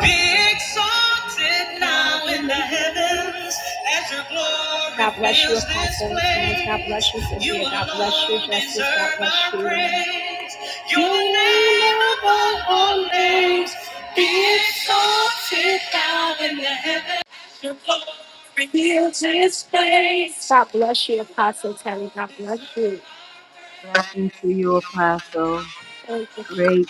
Be exalted now in the heavens as your glory. God bless you, fills this Apostle. God bless you, Cynthia. God bless you, Justice. God bless you. our praise. Your name above all names. Be exalted now in the heavens. Reveals his face. God bless you, Apostle Terry. God bless you. Thank you, Jesus.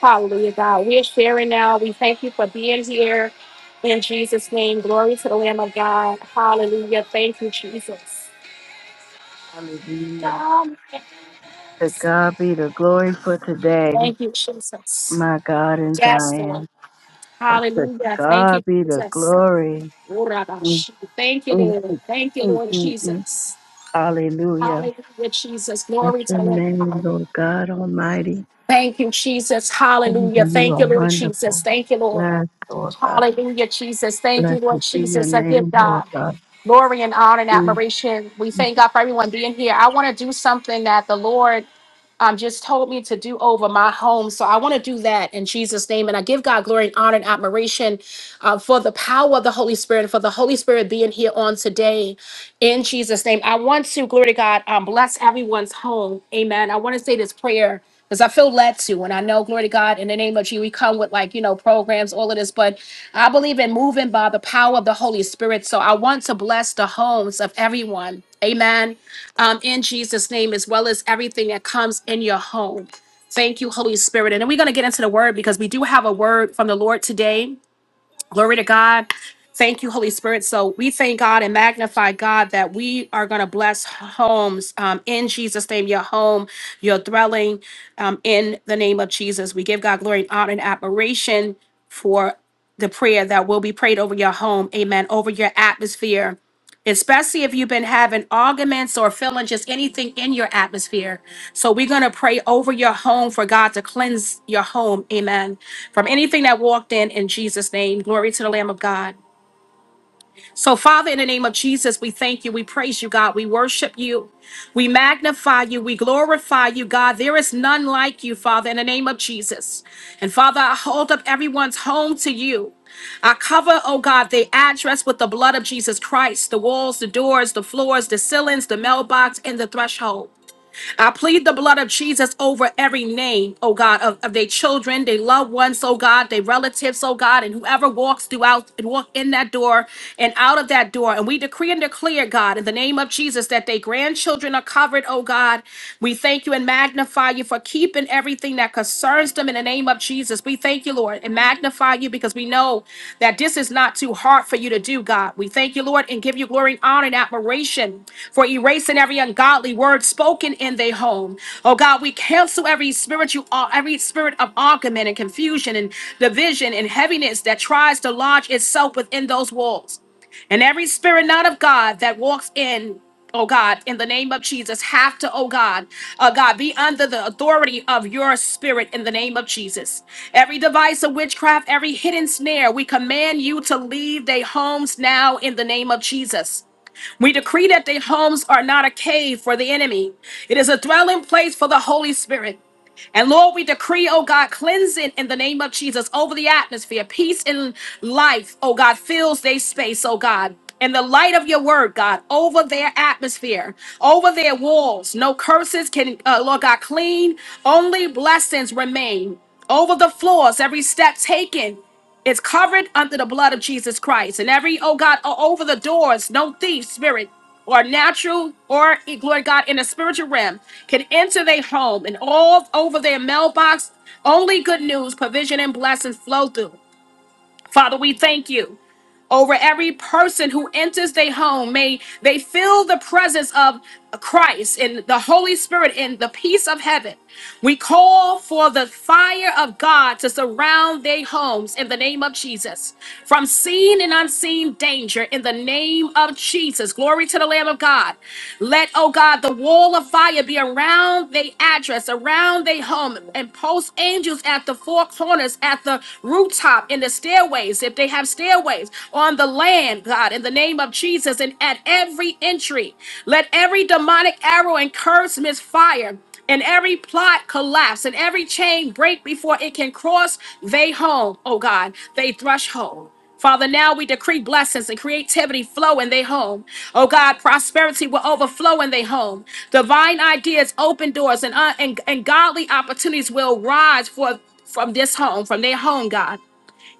Hallelujah, God. We are sharing now. We thank you for being here. In Jesus' name, glory to the Lamb of God. Hallelujah. Thank you, Jesus. God, yes. Thank you, Jesus. Yes, Lord. Hallelujah. Thank you, Jesus. Urabash. Thank you, Lord. Thank you, Lord Jesus. Hallelujah, Jesus. Glory to the Lamb of God. Thank you, Jesus. Hallelujah. Thank you, Lord Jesus. Thank you, Lord. Hallelujah, Jesus. Thank you, Lord Jesus. I give God glory and honor and admiration. We thank God for everyone being here. I want to do something that the Lord um, just told me to do over my home. So I want to do that in Jesus' name. And I give God glory and honor and admiration uh, for the power of the Holy Spirit, for the Holy Spirit being here on today in Jesus' name. I want to, glory to God, um, bless everyone's home. Amen. I want to say this prayer because I feel led to, and I know, glory to God, in the name of Jesus, we come with like, you know, programs, all of this, but I believe in moving by the power of the Holy Spirit. So I want to bless the homes of everyone. Amen. Um, in Jesus' name, as well as everything that comes in your home. Thank you, Holy Spirit. And then we're going to get into the word because we do have a word from the Lord today. Glory to God. Thank you, Holy Spirit. So we thank God and magnify God that we are going to bless homes um, in Jesus' name, your home, your dwelling um, in the name of Jesus. We give God glory and honor and admiration for the prayer that will be prayed over your home. Amen. Over your atmosphere especially if you've been having arguments or feeling just anything in your atmosphere. So we're going to pray over your home for God to cleanse your home. Amen. From anything that walked in in Jesus name. Glory to the Lamb of God. So, Father, in the name of Jesus, we thank you. We praise you, God. We worship you. We magnify you. We glorify you, God. There is none like you, Father, in the name of Jesus. And Father, I hold up everyone's home to you. I cover, oh God, the address with the blood of Jesus Christ, the walls, the doors, the floors, the ceilings, the mailbox, and the threshold. I plead the blood of Jesus over every name, oh God, of, of their children, their loved ones, oh God, their relatives, oh God, and whoever walks throughout and walk in that door and out of that door. And we decree and declare, God, in the name of Jesus, that their grandchildren are covered, oh God. We thank you and magnify you for keeping everything that concerns them in the name of Jesus. Jesus. We thank you, Lord, and magnify you because we know that this is not too hard for you to do, God. We thank you, Lord, and give you glory, honor, and admiration for erasing every ungodly word spoken in their home. Oh God, we cancel every spiritual, every spirit of argument and confusion and division and heaviness that tries to lodge itself within those walls. And every spirit not of God that walks in, oh God, in the name of Jesus, have to, oh God, uh, God, be under the authority of your spirit in the name of Jesus. Every device of witchcraft, every hidden snare, we command you to leave their homes now in the name of Jesus. We decree that their homes are not a cave for the enemy, it is a dwelling place for the Holy Spirit. And Lord, we decree, oh God, cleansing in the name of Jesus over the atmosphere. Peace and life, oh God, fills their space, oh God. And the light of your word, God, over their atmosphere, over their walls. No curses can, uh, Lord God, clean. Only blessings remain. Over the floors, every step taken. It's covered under the blood of Jesus Christ. And every, oh God, o- over the doors, no thief, spirit, or natural, or eh, glory to God, in the spiritual realm can enter their home and all over their mailbox. Only good news, provision, and blessings flow through. Father, we thank you over every person who enters their home. May they feel the presence of Christ and the Holy Spirit and the peace of heaven. We call for the fire of God to surround their homes in the name of Jesus. From seen and unseen danger in the name of Jesus. Glory to the Lamb of God. Let, oh God, the wall of fire be around their address, around their home, and post angels at the four corners, at the rooftop, in the stairways roofs, if they have stairways on the land, God, in the name of Jesus, and at every entry, let every demonic arrow and curse misfire. And every plot collapse and every chain break before it can cross they home, oh God, they threshold. Father, now we decree blessings and creativity flow in their home. Oh God, prosperity will overflow in their home. Divine ideas, open doors, and, uh, and, and godly opportunities will rise for, from this home, from their home, God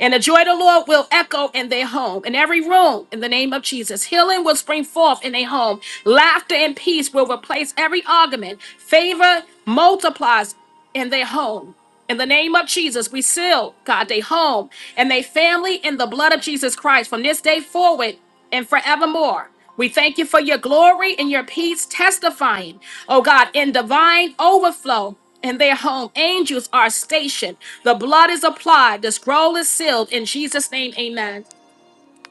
and the joy of the Lord will echo in their home, in every room, in the name of Jesus. Healing will spring forth in their home. Laughter and peace will replace every argument. Favor multiplies in their home. In the name of Jesus, we seal, God, their home and their family in the blood of Jesus Christ from this day forward and forevermore. We thank you for your glory and your peace testifying, oh God, in divine overflow in their home. Angels are stationed. The blood is applied. The scroll is sealed. In Jesus' name, amen.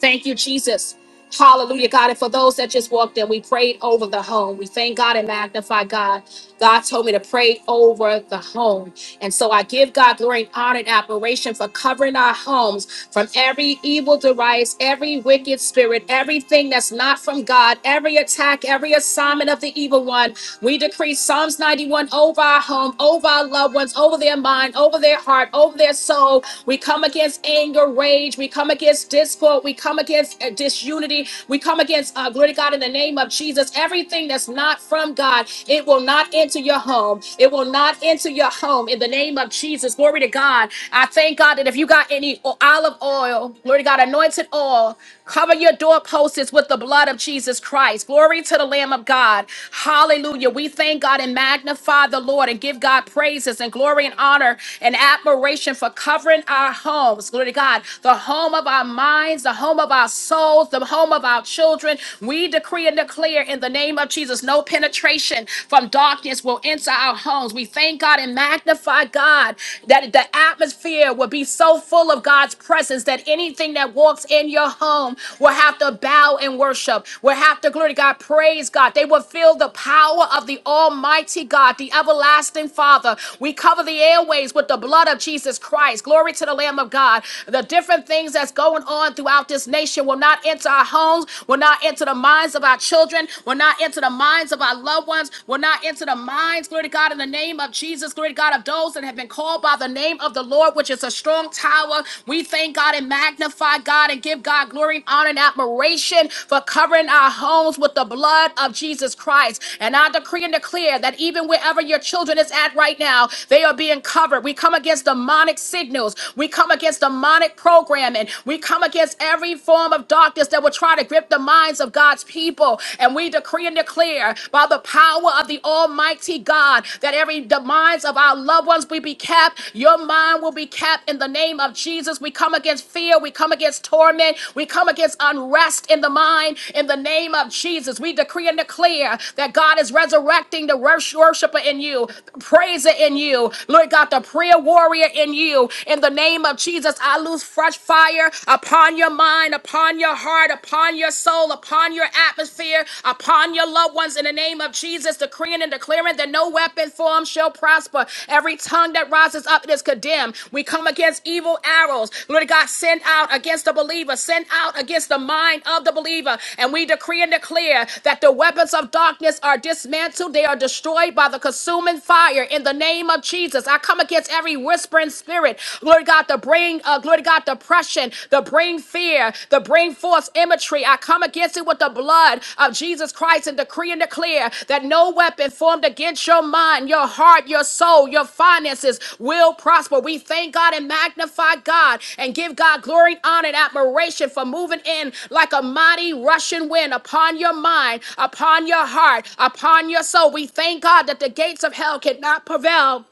Thank you, Jesus. Hallelujah, God. And for those that just walked in, we prayed over the home. We thank God and magnify God. God told me to pray over the home. And so I give God glory and honor and admiration for covering our homes from every evil device, every wicked spirit, everything that's not from God, every attack, every assignment of the evil one. We decree Psalms 91 over our home, over our loved ones, over their mind, over their heart, over their soul. We come against anger, rage. We come against against discord. We come against uh, disunity. We come against, uh, glory to God, in the name of Jesus. Everything that's not from God, it will not enter your home. It will not enter your home in the name of Jesus. Glory to God. I thank God that if you got any o- olive oil, glory to God, anointed oil, Cover your doorposts with the blood of Jesus Christ. Glory to the Lamb of God. Hallelujah. We thank God and magnify the Lord and give God praises and glory and honor and admiration for covering our homes. Glory to God. The home of our minds, the home of our souls, the home of our children. We decree and declare in the name of Jesus no penetration from darkness will enter our homes. We thank God and magnify God that the atmosphere will be so full of God's presence that anything that walks in your home will have to bow and worship, will have to glory to God, praise God. They will feel the power of the Almighty God, the everlasting Father. We cover the airways with the blood of Jesus Christ. Glory to the Lamb of God. The different things that's going on throughout this nation will not enter our homes, will not enter the minds of our children, will not enter the minds of our loved ones, will not enter the minds, glory to God, in the name of Jesus. Jesus, great God, of those that have been called by the name of the Lord, which is a strong tower. We thank God and magnify God and give God glory and honor and admiration for covering our homes with the blood of Jesus Christ. And I decree and declare that even wherever your children is at right now, they are being covered. We come against demonic signals. We come against demonic programming. We come against every form of darkness that will try to grip the minds of God's people. And we decree and declare declare by the power of the Almighty God that every the minds of our loved ones will be capped. Your mind will be capped in the name of Jesus. We come against fear. We come against torment. We come against unrest in the mind in the name of Jesus. We decree and declare that God is resurrecting the wors- worshiper in you, the praiser in you, Lord God, the prayer warrior in you. In the name of Jesus, I lose fresh fire upon your mind, upon your heart, heart, upon your soul, upon your atmosphere, upon your loved ones in the name of Jesus, decreeing and declaring that no weapon formed shall prosper. Every tongue that rises up is condemned. We come against evil arrows. Lord God, send out against the believer, send out against the mind of the believer. And we decree and declare that the weapons of darkness are dismantled, they are destroyed by the consuming fire in the name of Jesus. I come against every whispering spirit, Lord God, to bring bring, uh, glory to God, depression, the bring fear, the bring forth imagery. I come against it with the blood of Jesus Christ and decree and declare that no weapon formed against your mind, your heart, your soul, your finances will prosper. We thank God and magnify God and give God glory, honor, and admiration for moving in like a mighty rushing wind upon your mind, upon your heart, upon your soul. We thank God that the gates of hell cannot prevail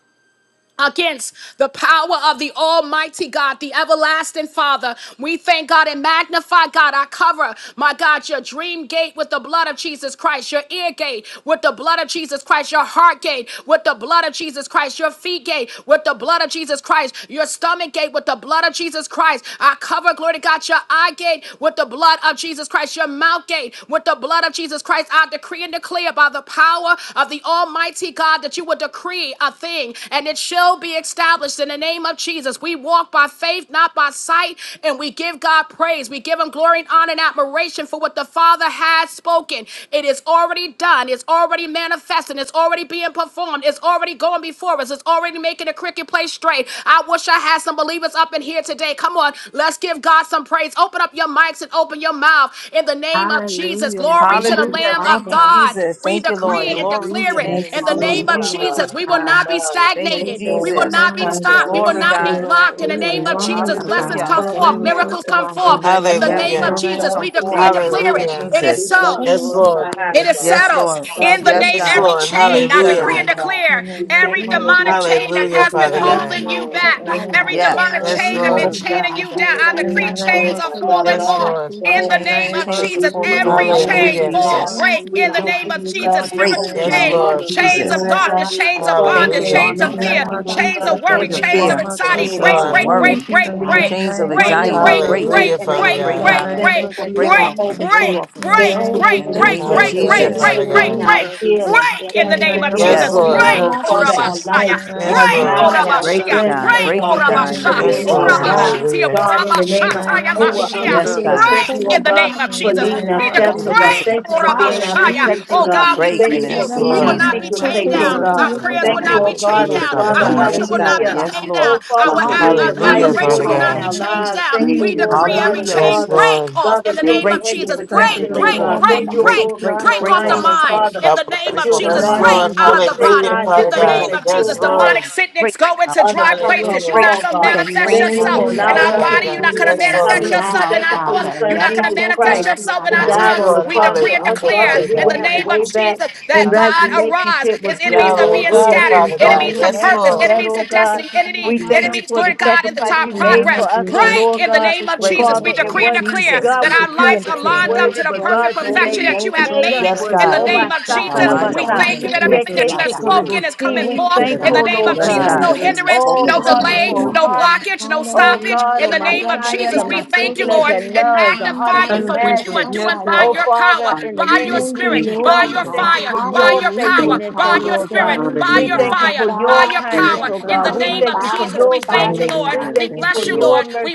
against the power of the Almighty God, the everlasting Father. We thank God and magnify God. I cover, my God, your dream gate with the blood of Jesus Christ, your ear gate with the blood of Jesus Christ, your heart gate with the blood of Jesus Christ, your feet gate with the blood of Jesus Christ, your stomach gate with the blood of Jesus Christ. I cover, glory to God, your eye gate with the blood of Jesus Christ, your mouth gate today with the blood of Jesus Christ. I decree and declare by the power of the Almighty God that you will decree a thing and it shall be established in the name of Jesus. We walk by faith, not by sight, and we give God praise. We give Him glory and honor and admiration for what the Father has spoken. It is already done, it's already manifesting, it's already being performed, it's already going before us, it's already making a cricket place straight straight. I wish I had some believers up in here today. Come on, let's give God some praise. Open up your mics and open your mouth in the name of Jesus. Hallelujah. Glory to the Thank you, Hallelujah. Lamb of Thank you, Father. God. Jesus. We Thank you, Thank decree Lord. it you, and Glory to declare your it Jesus. name. in the There's name of none Hallelujah. like you, Jesus. We will not Father. be Thank you, stagnated. Greater We will Jesus. than not Thank be you, us, stopped. We Jesus. will Glory, Thank not you, be God. Lord. blocked. In In the You the name of name of alone Jesus, are Jesus. blessings God. Hallelujah. come Thank you, forth. Thank you, Lord. Miracles come Father. forth. In the Thank Yes, you, In name the Hallelujah. of Father. miracles name Jesus, come we of decree forth and Jesus, in the we name declare of it. bless Hallelujah. your It is name, Jesus. God. so. We Yes, Thank you, glorify Lord. your It Father. is name, Yes, God. In settled Lord. the in name the of Yes, name Yes, Hallelujah. God. every Jesus. Lord. It chain. Thank is I you, settled. decree Hallelujah. and Father. In declare the Thank every name of you, demonic Jesus. chain that Hallelujah, has been Father Father. Yes, Thank you, God. holding you Lord. back, In the every name Yes. demonic of Yes, chain that been Lord. Jesus. chaining you down. I In decree the Father. name chains of are so falling Jesus. pleased Yes, to off. see Lord. you. Thank In In you, the the name Father. Change, name of of chains are Jesus, falling Jesus. off every in the In name the of chain Hallelujah. name fall, Jesus. of break. In Jesus. the name of Jesus, In the Break spiritual name in of the Yes, chains, name of Lord. Jesus. In chains the of Jesus. name of darkness, chains Jesus. of Change bondage, of Thank you, Hallelujah. chains of In the darkness. fear. name of Jesus. In Change the of fear. name of Yes, Jesus. Change of Lord. worry. In Father. the chains of name of You are a anxiety Jesus. very break, good Hallelujah, teacher break, Father In break the God. today, out of, name Father, of that God break Jesus. off will of, break support. off In of the us. name Right, of In the right, name Jesus. of right, In the right Hallelujah, in Jesus. the name Father of name God. of Jesus. Jesus. That In the that the name purpose of Yes, Yes, of in my the Lord. name Jesus. life of is not. Jesus. In the Thank Yes, name of you, Lord. Jesus. I Jesus. Break it, bring God. that that Break In the the it, God, in the name of name miracle Yes, of to Lord. Jesus. Jesus. Rabbi. Hallelujah. In the name oh, of the Yes, book Jesus. of God. so Yes, for the support, my mama, my In the mama, name In the my name of of mama. Lord. Jesus. Jesus. In the name of Hallelujah, Jesus. Jesus. I Hallelujah. Break take in the the name Yes, mama, of In the Jesus. Lord. mama, name so of for Jesus. city, That prayers I will may not be Rabbi. forgive chained Hallelujah, the down. those Father Thank Our who know you, God. that worship Yes, I will God. not Lord be Yes, chained God. down. Lord. Our, Hallelujah. a- We Hallelujah, thank Hallelujah, you, admiration Father will not Jesus. In Father. the be name God. of chained Jesus. down. Thank We you, Lord. decree Mm. every Hallelujah. chain Yes, Hallelujah. break Lord. off in the Thank name you, Thank of Break, Jesus. Jesus. you, Thank God. Break, Father, you, I break may break, Jesus. Lifting up off. my break, forgive the voice Break, those to break, keep break, the break break off the off. burden mind tight. in God the name Break bless. of off my Jesus. Yes, Thank you, mind. Break Mm. Lord. out of the Jesus. Break, body Hallelujah, Thank you, in Father the break Jesus. name off God. of my Yes, Jesus. mind. Demonic Lord. sickness Break, go break, into dry places. You're Hallelujah. break, not gonna In the manifest break. In yourself name in Hallelujah, our Father body. of You're God. not gonna Yes, Jesus, manifest Lord. yourself now, in our thoughts. Father. You're not gonna manifest break. the yourself in name our of Yamadakosia, Yes, tongues. Jesus. Lord. We decree and Hallelujah, Mm. declare Father in the Oh, God. name of God. Jesus that God rise. His Yes, enemies are being Thank Hallelujah, you, scattered. Father God. Enemies Thank Jesus. to you, Yes, Jesus. purpose. Thank Lord. Enemies to you, Jesus. destiny. Enemy. Jesus. Enemies, glory to Yamadakosia, God, in the top I Yamadakosia, progress. want Yamadakosia, Jesus. Break in the name of Break Jesus. in the We Yamadakosia, name decree of and declare Jesus. that We Yamadakosia. our decree lives and are declare. lined Pray, up to the pray, perfect who know pray, that I perfection am that pray, you have saved. pray, made it Yes, pray, in the God. I pray, may name of Our God. Jesus. forgive I minds are We got my working Thank in thank the you you, that knuckles everything perfection that Jesus. you you together. have have created. it. spoken is coming Thank forth you, the in God. the name of Thank Yes, those you, Jesus. who God. know No that Jesus. Everything you've hindrance, I am saved. spoken no is coming delay, forth. no Hallelujah. blockage, no stoppage the those who know in the Hallelujah. name of that Jesus. I We Adababa, thank you, Lord, dodododo. and Thank magnify you Thank you, you, for what Lord you are Jesus. doing Yes, by Messiah. Lord. your power, by your Hallelujah. Thank you, spirit, Thank you, by Lord by your Jesus. Thank God. you, fire, by Jesus. your power, Hallelujah, Thank you, by your Father. Jesus. spirit, Thank you, by your Hallelujah. Father. fire, by your By Thank power. your you, In Thank the you, Jesus. power, name of Jesus. by Jesus, your we thank fire, you, Lord. by Hallelujah. We your Thank bless you, spirit. you, Lord. We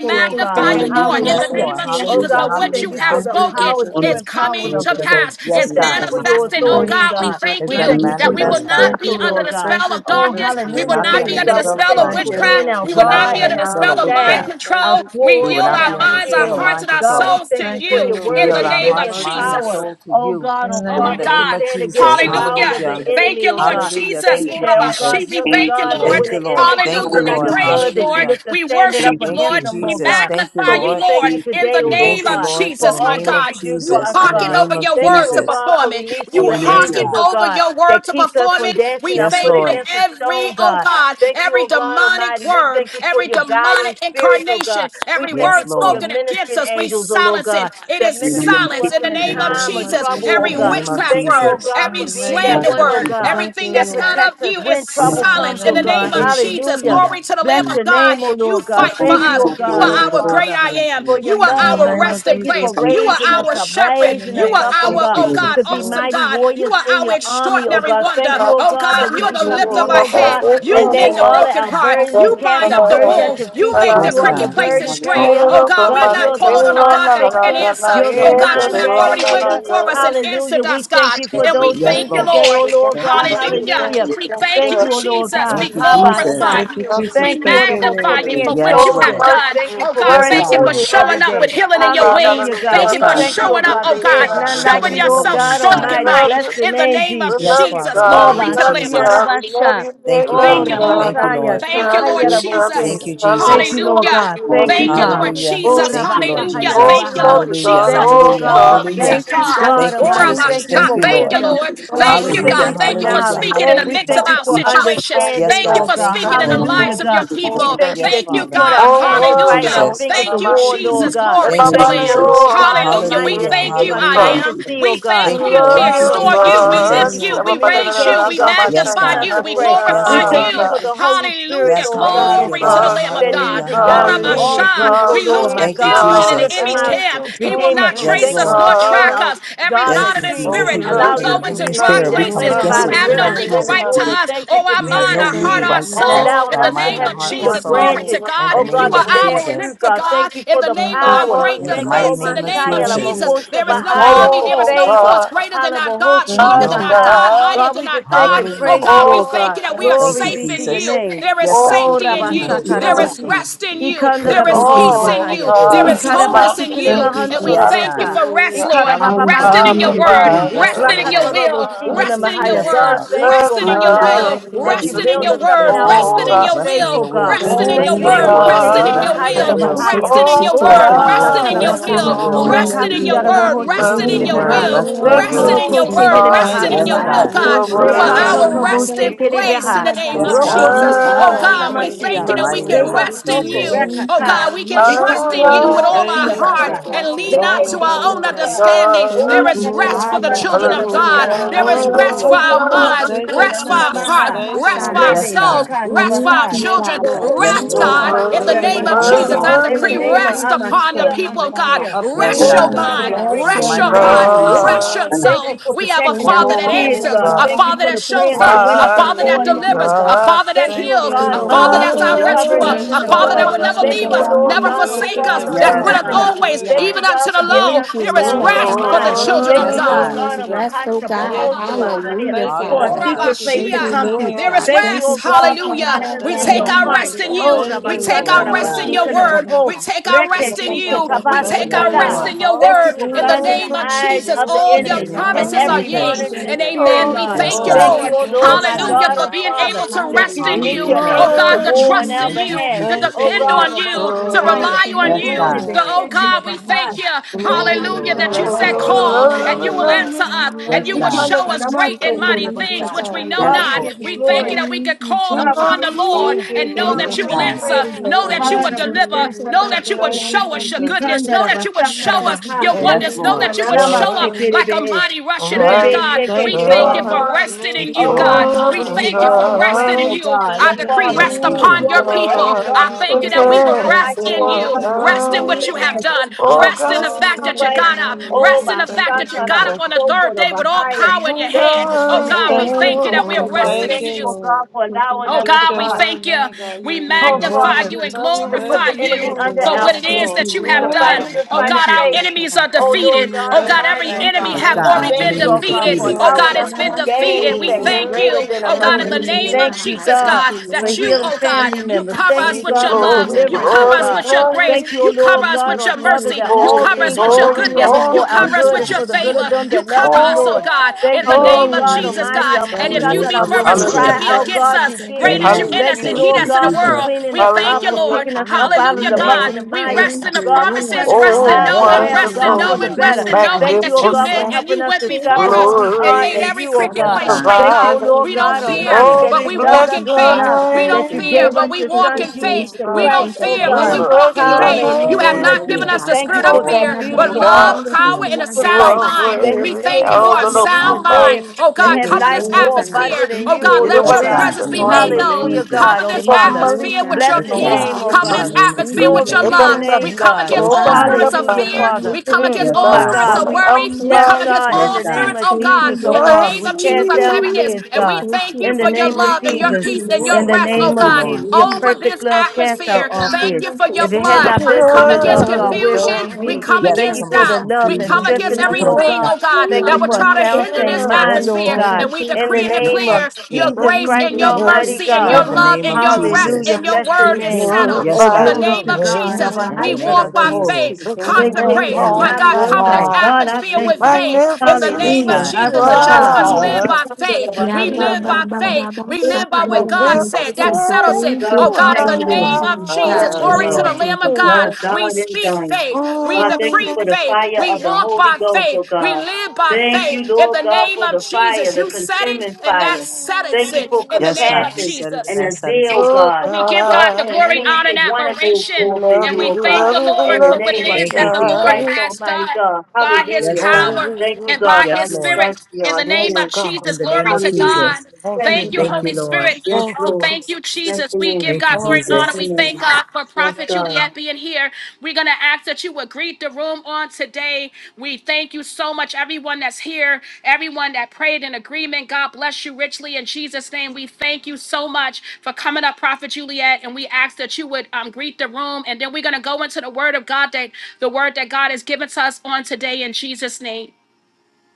Lord. magnify you, Lord, Hallelujah. in the Yes, name Lord. of So, Thank Jesus, Hallelujah. you, for what Jesus. you Hallelujah. have Thank you, Hallelujah. spoken Jesus. I'm not is coming prepared to to go pass. to Yes, It's food God. about It's my coming to manifesting. fear. Oh Thank pass. you, God, we Jesus. thank It's going to you Thank Thank you, you, that we will manifest, Jesus. Lord. God. not Thank you, be under the Lord. Thank spell you, of darkness. Hallelujah. Jesus. We We will will not be not Thank be under you, the under the spell Jesus. of spell of Thank you, darkness. witchcraft. Lord. We We will will not not be be Glory, under under the the spell spell of of mind hallelujah. witchcraft. Thank control. you, We We Jesus. will yield not be our Thank under you, the minds, our spell of Jesus. hearts, mind and our control. souls to Thank you, you We Lord. in In the yield our the name name of hearts, of mind, and Jesus. Jesus. soul to you In the Oh So, name in my of, the name God. of Jesus. my Hallelujah. Hallelujah. spirit Thank you, Lord Hallelujah. Jesus. Thank you, Urabashi. Jesus. We Thank thank you, you, Lord. Lord. Thank you, Lord. Thank Hallelujah. you, We Lord. Hallelujah. praise you, Lord. Hallelujah. We worship Thank you, you, Thank you, Lord. Jesus. We Jesus. Thank you, magnify you, Lord. Lord. Thank you, In the Jesus. name Thank you, of Lord. In Jesus, the my name of God. You Jesus. In the hearken over name of your word to Jesus. perform it. You Yes, hearken Hallelujah. God. over your word to perform it. We Yes, thank you that Lord. every, oh God, every demonic word, every demonic incarnation, every Yes, word Lord. spoken against us. We silence it. It is We're going to silence take in the the name in of the miserable name of food Jesus. and Every Jesus. In the The name food. of witchcraft word, Jesus. In every the name of slander Lord of word, Jesus. Jesus. Thank you, everything that's not Lord. of you is I'm not In the silence in the prepared name to of name of Jesus. Jesus. go to Glory to the Lamb food. of God. You I'm fight In for the coming name us. of for You are Jesus. fire at our about great I fear. Thank am. You are In the our name of resting place. Jesus. You you, are Jesus. our shepherd. In the You name are of Thank our, Jesus. oh you, Lord. God, Yes, Lord. awesome God. You are our extraordinary wonder. Thank Oh you, thank God, Thank you, you, you're thank you, thank the you, lift Thank you, of Jesus. thank our head. you, You Lord. mend the broken heart. You bind up the wound know. You make the Yes, cricket God. Hallelujah, places hallelujah. straight. Yes, Oh God, we're not calling on a God that can not yes, answer. yes, Oh God, you have already went before us and answered us, God. yes, And yes, we yes. Yes, thank you, Lord. Lord. Thank you, Lord. Hallelujah. thank you, Thank We thank you, Jesus. We Thank you, glorify Jesus. Thank you, you. thank you. We Jesus. Thank you, magnify you, you Lord. for what Yes, you Oh, we have Lord. worship done. you, Oh we God, thank you, thank you. Hallelujah. Yes, Yes, worship thank you, you God. for Lord. we showing up worship with you, healing oh in your God, wings. hallelujah, Thank Yes, bye you for bye, Thank God. you, showing up, hallelujah, oh God, Showing up with showing healing in your yourself wings, thank you, thank strong God. we and you, love mighty you. in the name We of Yes, love you, Jesus. Father, in the God. We name Glory of thank to the you, love you, Lamb of thank you. Jesus. God. God. We love you. We Thank you, love Thank you, you, Father. God. Lord. Hallelujah. Thank you, Lord. Hallelujah. Thank you, Lord Hallelujah. Thank you, Thank Jesus. you, Jesus. Hallelujah. Jesus. Hallelujah. Hallelujah. Hallelujah. Thank you, Hallelujah. Hallelujah, Lord Lord. Hallelujah. Hallelujah. Jesus. Worship Thank you, you, Lord Lord Hallelujah. Jesus. Oh, Jesus. we Thank you, love Lord you, Hallelujah. God. Jesus. Oh, Hallelujah. God. Glory to Hallelujah, Hallelujah. Thank you, Jesus. God. thank you, Thank you, Ora thank you, Jesus. basha. thank Thank you, you, Thank Lord. you, thank Lord. you, thank Thank Hallelujah, you, you, my Hallelujah. God. thank Jesus. you, Thank you for thank Hallelujah. you, speaking in the thank you, midst Hallelujah. of God. our Thank you. thank you, situations. thank you, Yes, Thank you God. thank for Thank you, speaking in Lord, the Lord. you, I'm not lives sure thank of your you, if you're the thank best. people. you. Yes, Thank You you, can- Father. God. Oh, Thank you, world, Hallelujah. oh, Jesus. son Thank of you, my. I'm not Jesus. sure if If Glory my Thank to you, the name is Lamb. Christ. Jesus. Thank I follow Hallelujah. We Hallelujah. thank you, I you, Hallelujah. am. you, Lord. We we thank Thank you, you. love We Lord. Thank We you, you extol thank adore you, Jesus. you. We Thank you, lift Jesus. first. Thank you. Lord. We raise you. We Yes, magnify God. you. We Yes, glorify Thank you, Lord. you. Jesus. Hallelujah. Yes, Thank you, you, hallelujah, Glory to the God. God. Jesus. Lamb of Thank you, God. Hallelujah, God. Ora Thank hallelujah. Hallelujah. you, God. Thank you, basha. Glory God. We to lose God. Thank you, Thank you, confusion in the Jesus. Jesus. enemy's Thank you, camp. He will thank not Thank Yes, you, you, trace us Lord. nor Jesus. God. track us. Every Thank you, monitoring Oh, Thank Jesus. we you, spirit, He will you Lord. love you. every go We into monitoring love dry you. spirit. We We come Glory. places. love you. against You it We with have the name no love you. of Hallelujah. We legal Jesus. right love to you. We- us. Oh, our You have mind, no our Thank heart, legal you, our right to Jesus. soul. us, Oh, we In our the worship mind, name you. our of We heart, or Jesus, Thank worship you, you. soul. glory We to Lord. In God. worship the you. Thank You We name you, are of our worship Jesus. you. Jesus. lifter, God. In the Thank name You of you, are our great worthy, In the Jesus. God, mighty defense to yes in name the be of name of Thy Jesus. Jesus. praised. glory. There is Thank no you, army, Jesus. there is Oh, no force God, greater than our God, Thank stronger you, mighty than Jesus. No. our God, God. mightier than our God. Oh Hallelujah. God, we Oh, thank you that we are thank Thank you, you. safe in Jesus. you. There is Yes, God, we're Oh, safety in we thanking Thank are you, you. you. thank We're There seeking Jesus. you, you. is the thanking best. you. rest in Thank you. We're Thank There is you, you. blessing peace you. Jesus. in Oh, you. There's There Very is God, peace much, in the you. wholeness Lord. in master you. Thank you, Hallelujah. teacher. And we Jesus. Yes, thank you God. for rest, Hallelujah. Lord. Hallelujah. Resting My in your Hallelujah. word, provider. Rested in resting your in your Oh, word. will, Thank God. you, resting in your Yes, Jesus. word, I God. love resting in your Hallelujah. will, God. Thank you, Prince Lord. of resting Hallelujah. in your Thank peace. you, word, Resting in Jesus. your Oh, resting in will, God. your resting in will, your will, Thank resting in you, Thank your resting in you, word, your Jesus. word, word, Thank rested you, in God. your resting in Jesus. your Father, will, I Thank will, so you, rested in Oh, your Jesus. appreciate you, consider resting in word, that your rested word, in your resting God. in blessing your will, will, in Thank Oh, your you, rested in your Jesus. we word, word love resting rested in you. in your and We your your love word, you. will, We resting in will, your oh rested Thank will. love in you, your you, Father. word, Jesus. God. Thank rested you, in Yes, your will, Lord. Yamano God. You Yes, God. are You Yes, Lord. Kosia are In Lord. the our name of Damando resting worthy. Jesus. place in the Kokonya name of Yes, God, Baba, you're God. you Jesus. worthy to Oh are be Worthy a God, we to praised. be blessing, In thank the you Jesus, that praise we mighty you're of can name God. of worthy praised. rest to in be Jesus. you. praised. Thank Oh you, God, we can Hallelujah. Jesus, trust for in you you are with Hallelujah. the all Thank our peace you, that heart Jesus. and surpasses lean Bless not all to your our own holy understanding. name. understanding. There Thank is you, Glory rest to for the your Father. children name, Thank of you, God. God. Hallelujah. There Father. is rest for Hallelujah. our Baba, minds, so Thank you, rest for Hallelujah. our consider Jesus. hearts hearts, that Thank you, rest for our Lord. Messiah. Yes, souls, God. rest for our Praise you, Yes, children, Father. Lord. Yes, Thank rest, you, Glory. You're Lord. God, in Father. the You worthy, Hallelujah. name did of all my Yes, worthy, Jesus. I mouth, Lord. so decree so Thank so so rest you, worthy. so upon the Jesus. people of God. so I Yes, praise Rest your your God. so name, so. Yes, mind, Oh, God. I yes, In the your rest mighty your glorify name your of heart, mind. name, rest Jesus. God. your God. soul. We have a Thank you, Father that Oh, answers, a God. Father Father. that shows up, a Father that Mighty Thank delivers, a you, God. Father that Thank heals, you, so a Lord. Father we that's can our rest rescuer, in the Bless a your Father that Father. will holy never Give leave name, us us, our God. never You're mama, give forsake worthy, us us, our Heavenly that's Yes, with children, us Father. God. You're Father, always, worthy, yeah. Ah, even unto Abba. the low. Thank you, There is Love Lord Glory. rest God. for the Hallelujah. Thank children you of Yes, for Thank God. you, you, God. there is Jesus. rest, oh God. Yes, Lord. I Hallelujah, thank you, Abba. Father. I Hallelujah. thank you, Thank Jesus. you, I Orabashia. thank you, Lord There is God. Holy Thank Ghost. you rest. for such a Hallelujah. I bad We thank God. take you, My our mother, Jesus. rest in I God, you. thank thank you, We you for take Lord. Yes, our coming to rest in God. see your your Hallelujah. word. We God. take our rest Your Thank in you, God, God, you. Jesus. God, We Thank take Yes, you, our my rest Lord. Lord. mama, in God, your thank word. you In for the Hallelujah. name seeking of God. Jesus, all Glory In In the your the to name God. of promises name are Thank of you, yea Jesus. and Jesus, Jesus. amen. oh We God, Yes, thank God, Oh, you, God. Lord. bless your thank you, Yes, holy God. Lord Hallelujah, name. for God. being able to Hallelujah. rest in Hallelujah, you. Thank Hallelujah. you, Oh Father. God, to Thank Jesus. love you, trust in Thank Jesus. you, you, to Thank depend you, Jesus. depend Lord. on you, Thank you, to Hallelujah. Jesus. rely on Thank Yes, Thank you, you, you. God. So, Jesus. oh Lord. Thank God, we you, thank Jesus. you, Thank Thank you, Glory you, to Lord hallelujah, your Lord. that you Thank name, God. you, said God. Lord. you, call and Hallelujah. you will Hallelujah. love answer us and Yes, you will God. Hallelujah. you. show us Thank great you, and Thank mighty you, Naman things which we Jesus. know Sataya. Yes, Thank not. you, Lord. We thank you Jesus. that we can Thank you, call upon Oh the Jesus. Lord Thank you, and know Thank you, Yes, that Jesus. you you will God. Thank answer, Baba you, know Jesus. that you Sataya. will My deliver, favorite know God, that you God, would Thank God, God, you, show us your Jesus. God, God, God, goodness, know God, that you would show us and your Yes, Thank wonders, know Lord. that you, you would show up God. like a mighty rushing wind, Almighty God. Thank We you, thank you Father. God. for resting Glory God, Thank in to you, God, you, your Lord. God. Full name, of We God. thank you God, for God, God, resting in love. you. I Thank Thank you, decree Yes, Heavenly rest Father. Oh, upon Jesus. your You're people. worthy of I God. our thank Oh, you that praise. we will thank rest You're in you. worthy of our Rest in what God. glory, you have God. done. Oh, Rest in God. the fact that you Hallelujah. got up. Rest in Hallelujah. the Thank fact you, that you got Jesus. up on the third day with all power in Oh, your hand. Oh God, we Thank you, thank you that Jesus. we're resting Thank in you. you, you. God. Lord. Thank you, Oh Lord Bless God, your we God. holy thank you. Thank name, God. you, We You're Love magnify worthy. you you, and love you, Thank love glorify you, you you, Jesus. for what Yes, it is Lord. that you have Lord Glory, oh, done. God. Abba. God. Oh Thank Thank God, you, you, our Lord Jesus. enemies are God. Thank you, Lord God. Thank you, defeated. Lord Oh God. Thank you, Lord Thank God, you, every Abba. enemy Yes, God. have Thank God. you, Our already been enemy Jesus. Thank is you, defeated. Thank Lord you, defeated. Oh God. Holy God, it's Ghost. been Thank Thank you, defeated. you, We You're thank you. worthy. Oh God, in the name Hallelujah. Lord. of Jesus, God, that Lord. you, oh God, you cover us Thank with your you, love. Glory, Jesus. You cover us glory, with your grace. glory. You cover us with your mercy. You Thank you, cover Holy, us with your holy, goodness. You God. holy. cover Yes, us with God. your favor favor. You Hallelujah. cover Thank you, us, oh Lord. God, Oh, in the name Hallelujah, of God. Jesus, holy. God. And In the Thank if you name you, be of for us, who Jesus. can be Jesus. Hallelujah. against us? Great is Amen. you In in us and Hallelujah. the he name that's of in the world. Jesus. We thank you, Hallelujah. Lord. Hallelujah, God. Thank We you. rest Thank in you, the Lord. promises, rest Oh, in Yes, God, there knowing, God. is rest in none wonderful, Hallelujah. like knowing, you, rest O in God. knowing that There is you've been none and magnificent, you went like you. before us and made every glorious Lord, I cricket Yes, place want God. to straight, thank God. you, provider. for We the don't Lord, Yes, God. fear, Lord. Oh, but we we Thank walk bless you, in your faith. Father, for We don't making fear, name. but every we walk in crooked place faith. free We don't We in no the fear, Don't but we fear. name walk bless in We your walk of faith. in You faith. We have name. don't not Jesus, given fear, us the Father. but spirit we of Thank you, walk in fear, Lord, God. Thank faith. but Oh, God, love, you, power, Fear and a Lord, you God. sound are Thank mind. you, We worthy. of thank you power. for Oh, a the love Lord, God. Um, sound of my mind. Oh God, Thank you, cover this Lord God. Lord. atmosphere. Oh Thank you, God, You don't let Lord Yes, your believe God. God. presence In in be the Thank you, made name what? of known. Lord Jesus. God. Cover You this Thank don't you, Lord atmosphere God. believe with your Yes, in Thank peace. God. you, what? Lord In Cover the this God. name of Thank atmosphere you, with your Jesus. It's Lord a love. God. We number. come Your against So Yes, all open partner God. it spirits up did of I'm and fear. on you the We come coach, against believe your Yes, all that you're God. God, spirits going of I'm to the worry. am We coach, come my your against Yes, all God. God. spirits, oh Thank God, you, in the Lord name of God. Jesus Take that, blessing. heaviness. I'm And the we coach, thank your you God. for Thank your love and your you, peace and your Lord rest, God. oh Thank you, God, Lord. over Hallelujah. this Thank atmosphere. Thank you for you, your blood. You We come against are Lord the confusion. God. God. We Thank you, come Yes, we Lord against come You against doubt. God. We Thank you, come confusion. against Lord We come against are everything, God. doubt oh God, Yeah, that would man, try I to just hinder thank this you, God, my the atmosphere. Father, And God. just we thank you, decree and in this God. declare your atmosphere. Love grace Thank and you, you, your love Lord mercy you, and God. In love your the love you. name and We of Thank your rest you, Jesus. and your God. that We word There's is none settled. like Yes, In you. glorify the God. your name of From the name. Jesus, In the we rising name walk of of the by sun to the Jesus. faith Put going your down of the name consecrate, sun, my on God, your covenant's high. name is atmosphere with worthy to be faith. In the praised. Magnificent Look Yes, name how of God. to In you the Jesus, the name of just this must is. live Jesus. are. by faith. Yeah, We ba, live ba, by ba, ba, faith. ba, We live shaka, ba, by ba, what ba, ba, God ba. said. That settles it. Magnificent Thank you, you Oh God, in Jesus, the name of Jesus, Jesus, God. Yes, glory to are. the Lord. Lamb of God. We speak faith. We decree Mm. faith. We walk by faith. We live by Oh faith. In the name of Jesus, you said it, and that settles it. In the Yes, name God. of You said it and Jesus. that settles it. We give God the glory, God, honor, and admiration. we love And you, we we thank love the you, we Lord for love what you, it yes, is Thank that you, the Lord Jesus. God. has done by his Yes, Holy God. power Ghost, and by Yes, his Lord. spirit. In the name yes, of God. In Jesus, the name glory of to God. Jesus. Thank Thank you, you, Thank you, Holy Lord. Spirit. thank Oh, you, thank you, Jesus. Jesus. We give Thank you, God glory Thank and you, honor. Jesus. We Jesus. thank God for Prophet Juliet being here. We we're going to ask that you would greet the room on today. We thank you so much, everyone that's here, everyone that prayed in agreement. God bless you richly in Jesus' name. We thank you so much for coming up, Prophet Juliet, and we ask that you would um, greet the room. And then we're going to go into the word of God that the word that God has given to us on today in Jesus' name.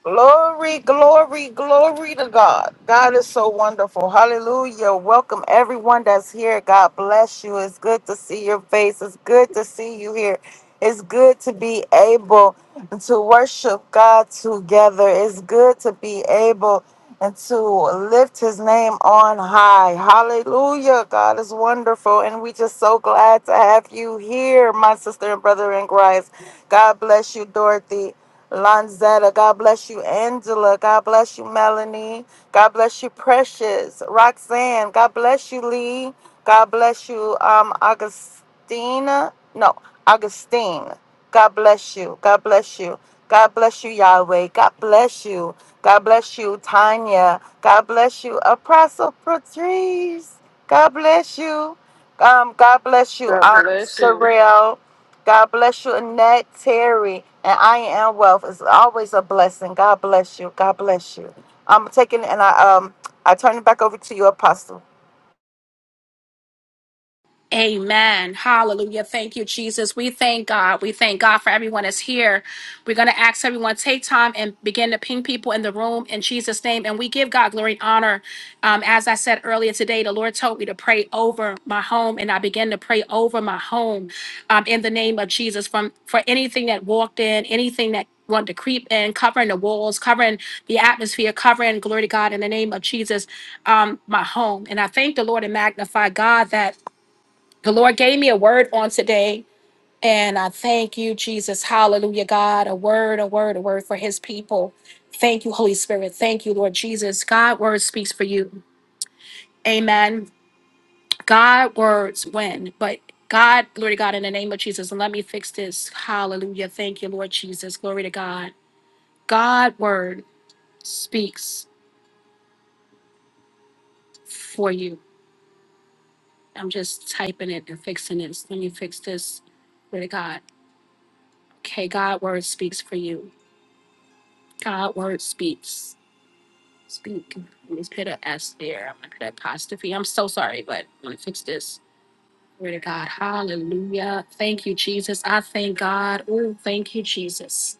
Glory, glory, glory to God. God is so wonderful. Hallelujah. Welcome everyone that's here. God bless you. It's good to see your face. It's good to see you here. It's good to be able to worship God together. It's good to be able and to lift his name on high. Hallelujah. God is wonderful. And we just so glad to have you here, my sister and brother in Christ. God bless you, Dorothy. Lanzetta, God bless you. Angela, God bless you. Melanie, God bless you. Precious, Roxanne, God bless you. Lee, God bless you. Um, Augustina, no, Augustine, God bless you. God bless you. God bless you, Yahweh. God bless you. God bless you, Tanya. God bless you, Apostle Patrice. God bless you. Um, God bless you, God um, bless you. Surreal. God bless you, Annette, Terry, and I am wealth. It's always a blessing. God bless you. God bless you. I'm taking and I um I turn it back over to you, Apostle. Amen. Hallelujah. Thank you, Jesus. We thank God. We thank God for everyone that's here. We're going to ask everyone take time and begin to ping people in the room in Jesus' name. And we give God glory and honor. Um, as I said earlier today, the Lord told me to pray over my home, and I began to pray over my home um, in the name of Jesus. From for anything that walked in, anything that wanted to creep in, covering the walls, covering the atmosphere, covering glory to God in the name of Jesus, um, my home. And I thank the Lord and magnify God that. The Lord gave me a word on today, and I thank you, Jesus. Hallelujah, God. A word, a word, a word for his people. Thank you, Holy Spirit. Thank you, Lord Jesus. God word speaks for you. Amen. God words win, but God, glory to God, in the name of Jesus. And let me fix this. Hallelujah. Thank you, Lord Jesus. Glory to God. God word speaks for you. I'm just typing it and fixing this. Let me fix this. Glory to God. Okay, God word speaks for you. God word speaks. Speak. Let me put an S there. I'm gonna put an apostrophe. I'm so sorry, but I'm gonna fix this. Glory to God. Hallelujah. Thank you, Jesus. I thank God. Oh, thank you, Jesus.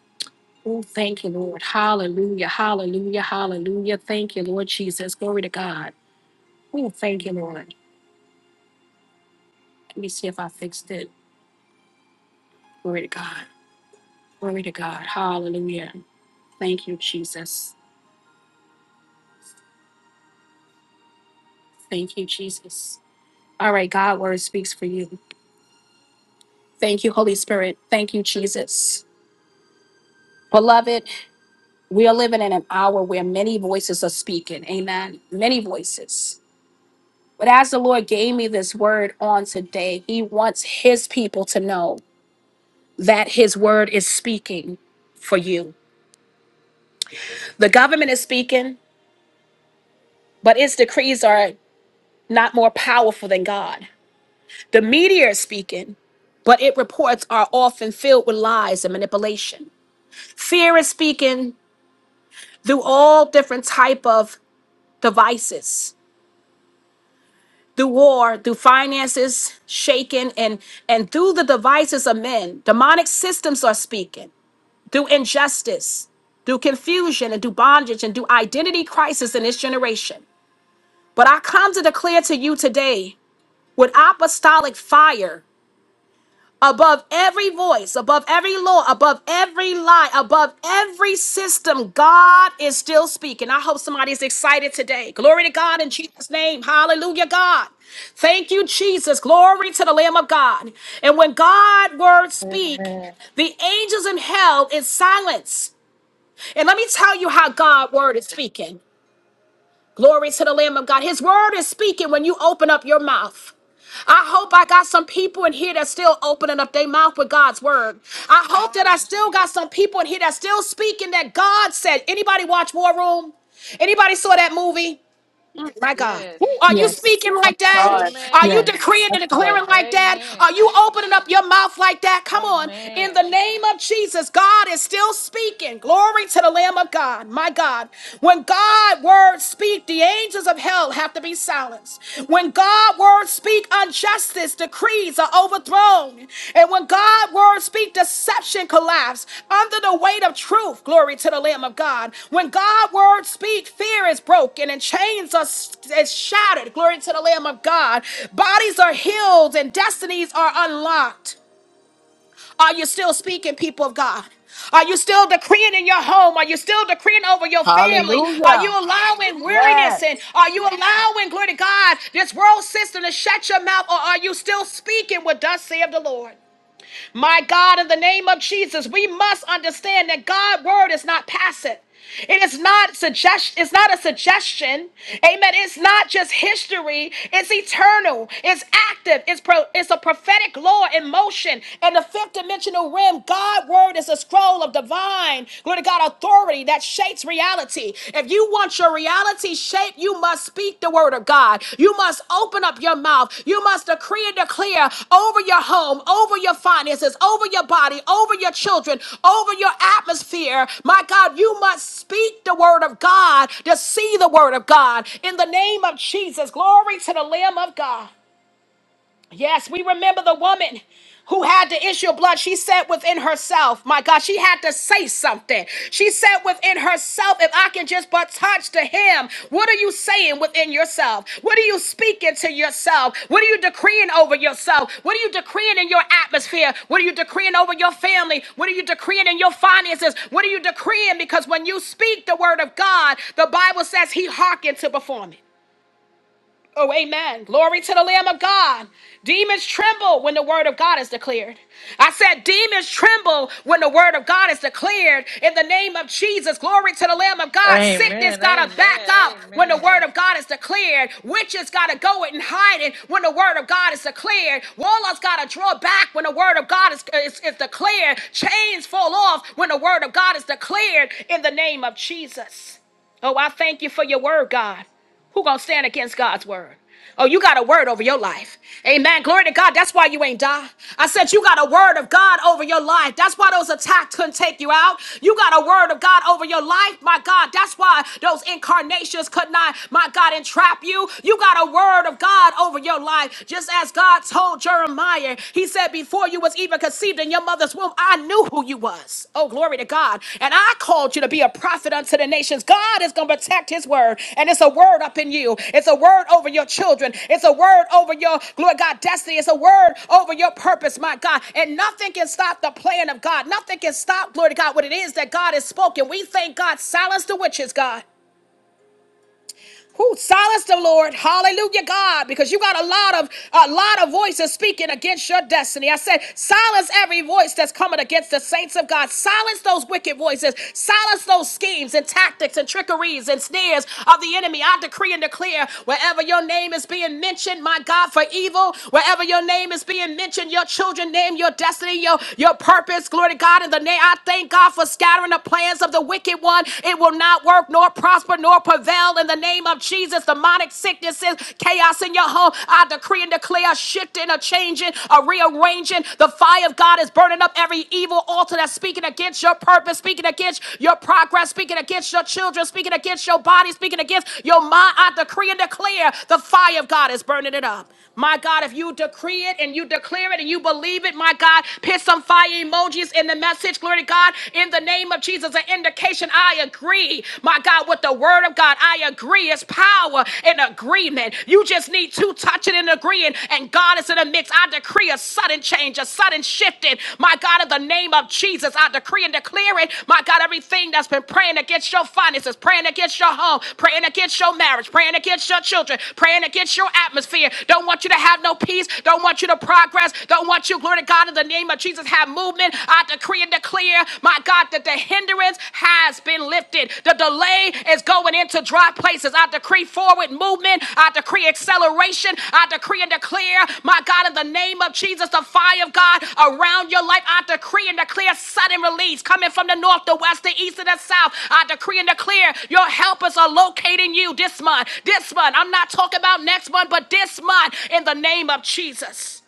Oh, thank you, Lord. Hallelujah. Hallelujah. Hallelujah. Thank you, Lord Jesus. Glory to God. Oh, thank you, Lord. Let me see if I fixed it. Glory to God. Glory to God. Hallelujah. Thank you, Jesus. Thank you, Jesus. All right, God word speaks for you. Thank you, Holy Spirit. Thank you, Jesus. Beloved, we are living in an hour where many voices are speaking. Amen. Many voices. But as the Lord gave me this word on today, He wants His people to know that His word is speaking for you. The government is speaking, but its decrees are not more powerful than God. The media is speaking, but its reports are often filled with lies and manipulation. Fear is speaking through all different type of devices through war through finances shaken and and through the devices of men demonic systems are speaking through injustice through confusion and through bondage and through identity crisis in this generation but I come to declare to you today with apostolic fire, every law, above every lie, above every system, God is still speaking. I hope somebody is excited today. Glory to God in Jesus' name. Hallelujah. Jesus, glory to the Lamb of God. And when God word speak, Amen. hell is silent. And let me tell you how God word is speaking. Glory to the Lamb of God. His word is speaking when you open up your mouth. I hope I got some people in here that's still opening up their mouth with God's word. I hope that I still got some people in here that's still speaking that God said. Anybody watch War Room? Anybody saw that movie? My God. Yes. Are you Yes. speaking like that? Are you Amen. Yes. decreeing and declaring like that? Amen. Are you opening up your mouth like that? Come on. In Amen. the name of Jesus, God is still speaking. Glory to the Lamb of God. My God. When God words speak, the angels of hell have to be silenced. When God words speak, speak injustice, decrees are overthrown. And when God words speak, deception collapse under the weight of truth. Glory to the Lamb of God. When God words speak, fear is broken and chains are s- is shattered. Glory to the Lamb of God. Bodies are healed and destinies are unlocked. Are you still speaking, people of God? Are you still decreeing in your home? Are you still decreeing over your family? Are you Hallelujah. allowing Yes. weariness and are you allowing, glory to God, this world system to shut your mouth? Or are you still speaking what thus saith the Lord? My God, in the name of Jesus, we must understand that God's word is not passive. It is not suggest it's not a suggestion. Amen. It's not just history. It's eternal. It's active. It's pro- it's a prophetic law in motion. And the fifth dimensional realm, God's word is a scroll of divine, glory to God, authority that shapes reality reality. If you want your reality shaped, you must speak the word of God. You must open up your mouth. You must decree and declare over your home, over your finances, over your body, over your children, over your atmosphere. My God, you must speak the word of God to see the word of God. In the name of Jesus, glory to the Lamb of God. Yes, we remember the woman who had the issue of blood. She said within herself, my God, she had to say something. She said within herself, if I can just but touch the hem, what are you saying within yourself? What are you speaking to yourself? What are you decreeing over yourself? What are you decreeing in your atmosphere? What are you decreeing over your family? What are you decreeing in your finances? What are you decreeing? Because when you speak the word of God, the Bible says he hearkened to perform it. Oh, amen. Glory to the Lamb of God. Demons tremble when the word of God is declared. I said, demons tremble when the word of God is declared. In the name of Jesus, glory to the Lamb of God. Sickness Amen. got to back Amen. up when the Amen. word of God is declared. Witches got to go it and hide it when the word of God is declared. Warlocks got to draw back when the word of God is, is, is declared. Chains fall off when the word of God is declared. In the name of Jesus. Oh, I thank you for your word, God. Who gonna stand against God's word? Oh, you got a word over your life. Amen. Glory to God. That's why you ain't die. I said you got a word of God over your life. That's why those attacks couldn't take you out. You got a word of God over your life. My God, that's why those incarnations could not, my God, entrap you. You got a word of God over your life. Just as God told Jeremiah, he said, before you was even even conceived in your mother's womb, I knew who you was. Oh, glory to God. And I called you to be a prophet unto the nations. God is going to protect his word. And it's a word up in you. It's a word over your children. It's a word over your, glory to God, destiny. It's a word over your purpose, my God. And nothing can stop the plan of God. Nothing can stop, glory to God, what it is that God has spoken. We thank God. Silence the witches, God. Who silence the Lord? Hallelujah, God, because you got a lot of a lot of voices speaking against your destiny. I said, silence every voice that's coming against the saints of God. Silence those wicked voices. Silence those schemes and tactics and trickeries and snares of the enemy. I decree and declare wherever your name is being mentioned, my God, for evil, wherever your name is being mentioned, your children name, your destiny, your your purpose. Glory to God in the name. I thank God for scattering the plans of the wicked one. It will not not work, nor prosper, nor prevail in the name of Jesus. Demonic sicknesses, chaos in your home. I decree and declare a shifting, a changing, a rearranging. The fire of God is burning up every evil altar that's speaking against your purpose, speaking against your progress, speaking against your children, speaking against your body, speaking against your mind. I decree and declare the fire of God is burning it up. My God, if you decree it and you declare it and you believe it, my God, put some fire emojis in the message. Glory to God. in in the name of Jesus. An indication I agree, my God, with the word of God. I agree. It's power in agreement. You just need to touch it and agreeing, and God is in the mix. I decree a sudden change, a sudden shifting, my God, in the name of Jesus. I decree and declare it, my God, everything that's been praying against your finances, praying against your home, praying against your marriage, praying against your children, praying against your atmosphere. Don't want you to have no peace. Don't want you to progress. Don't want you, glory to God, in the name of Jesus businesses have movement. I decree and declare, my God, that the hindrance has been lifted. The delay is going into dry places. I decree forward movement. I decree acceleration. I decree and declare, my God, in the name of Jesus, the fire of God around your life. I decree and declare sudden release coming from the north, the west, the east, and the south. I decree and declare your helpers are locating you this month. This month. I'm not talking about next month, but this month in the name of Jesus.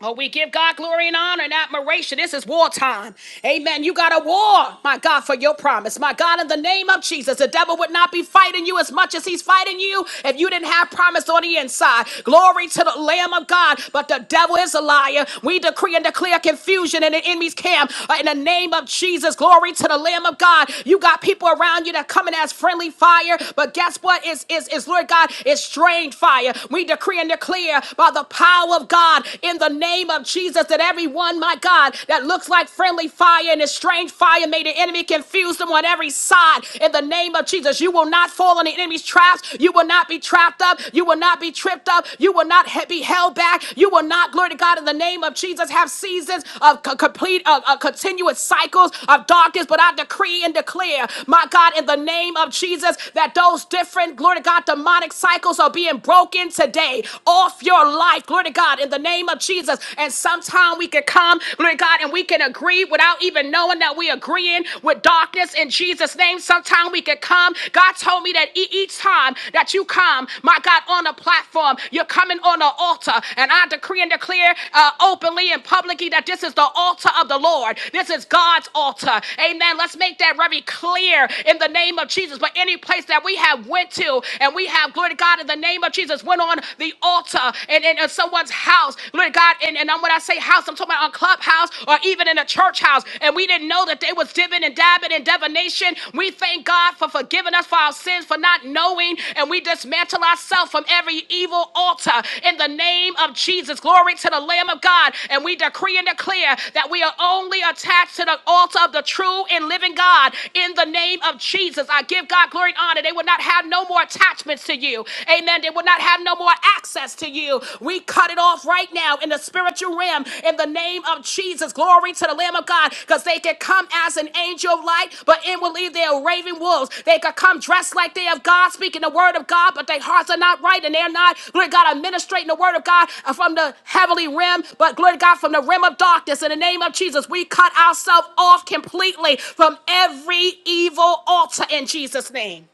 Oh, we give God glory and honor and admiration. This is wartime. Amen. You got a war, my God, for your promise. My God, in the name of Jesus, the devil would not be fighting you as much as he's fighting you if you didn't have promise on the inside. Glory to the Lamb of God. But the devil is a liar. We decree and declare confusion in the enemy's camp. Uh, In the name of Jesus, glory to the Lamb of God. You got people around you that coming as friendly fire. But guess what? Is is is Lord God? It's strange fire. We decree and declare by the power power of God in the name of Jesus that everyone, my God, that looks like friendly fire and is strange fire, may the enemy confuse them on every side in the name of Jesus. You will not fall on the enemy's traps. You will not be trapped up. You will not be tripped up. You will not he- be held back. You will not, glory to God, in the name of Jesus, have seasons of co- complete, of, of continuous cycles of darkness. But I decree and declare, my God, in the name of Jesus, that those different, glory to God, demonic cycles are being broken today weight off your life, glory to God, in the name of Jesus. And sometimes we can come, glory to God, and we can agree without even knowing that we agreeing with darkness in Jesus' name. Sometimes we can come. God told me that e- each time that you come, my God, on a platform, you're coming on an altar. And I decree and declare uh, openly and publicly that this is the altar of the Lord. This is God's altar. Amen. Let's make that very clear in the name of Jesus. But any place that we have went to and we have, glory to God, in the name of Jesus went on the altar and in uh, someone's house. Lord God, and, and when I say house, I'm talking about on clubhouse or even in a church house. And we didn't know that they was divin' and dabbing and divination. We thank God for forgiving us for our sins, for not knowing, and we dismantle ourselves from every evil altar in the name of Jesus. Glory to the Lamb of God. And we decree and declare that we are only attached to the altar of the true and living God in the name of Jesus. I give God glory and honor. They would not have no more attachments to you. Amen. They will not have no more access to you. We cut it off right now in the spiritual realm in the name of Jesus. Glory to the Lamb of God because they can come as an angel of light, but inwardly they are raving wolves. They could come dressed like they have God, speaking the word of God, but their hearts are not right and they're not, glory to God, administrating the word of God from the heavenly realm, but glory to God, from the realm of darkness. In the name of Jesus, we cut ourselves off completely from every evil altar in Jesus' name.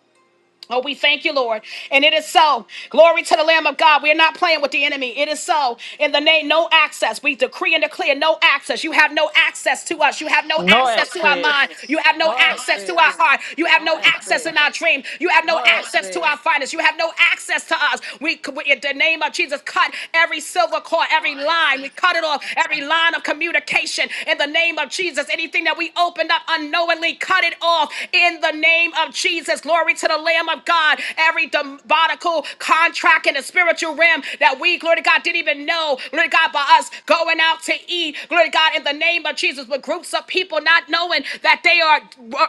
Oh, we thank you, Lord. And it is so. Glory to the Lamb of God. We are not playing with the enemy. It is so. In the name, no access. We decree and declare no access. You have no access to us. You have no No access to our access. mind. You have no No access to access. our heart. You have No no access access. in our dream. You have no No access to access. our finances. You have no access to us. We, we in the name of Jesus, cut every silver cord, every line. We cut it off, every line of communication. In the name of Jesus, anything that we opened up unknowingly, cut it off. In the name of Jesus. Jesus. Glory to the Lamb of God. Every demonical contract in the spiritual realm that we, glory to God, didn't even know. Glory to God, by us going out to eat. Glory to God, in the name of Jesus, with groups of people not knowing that they are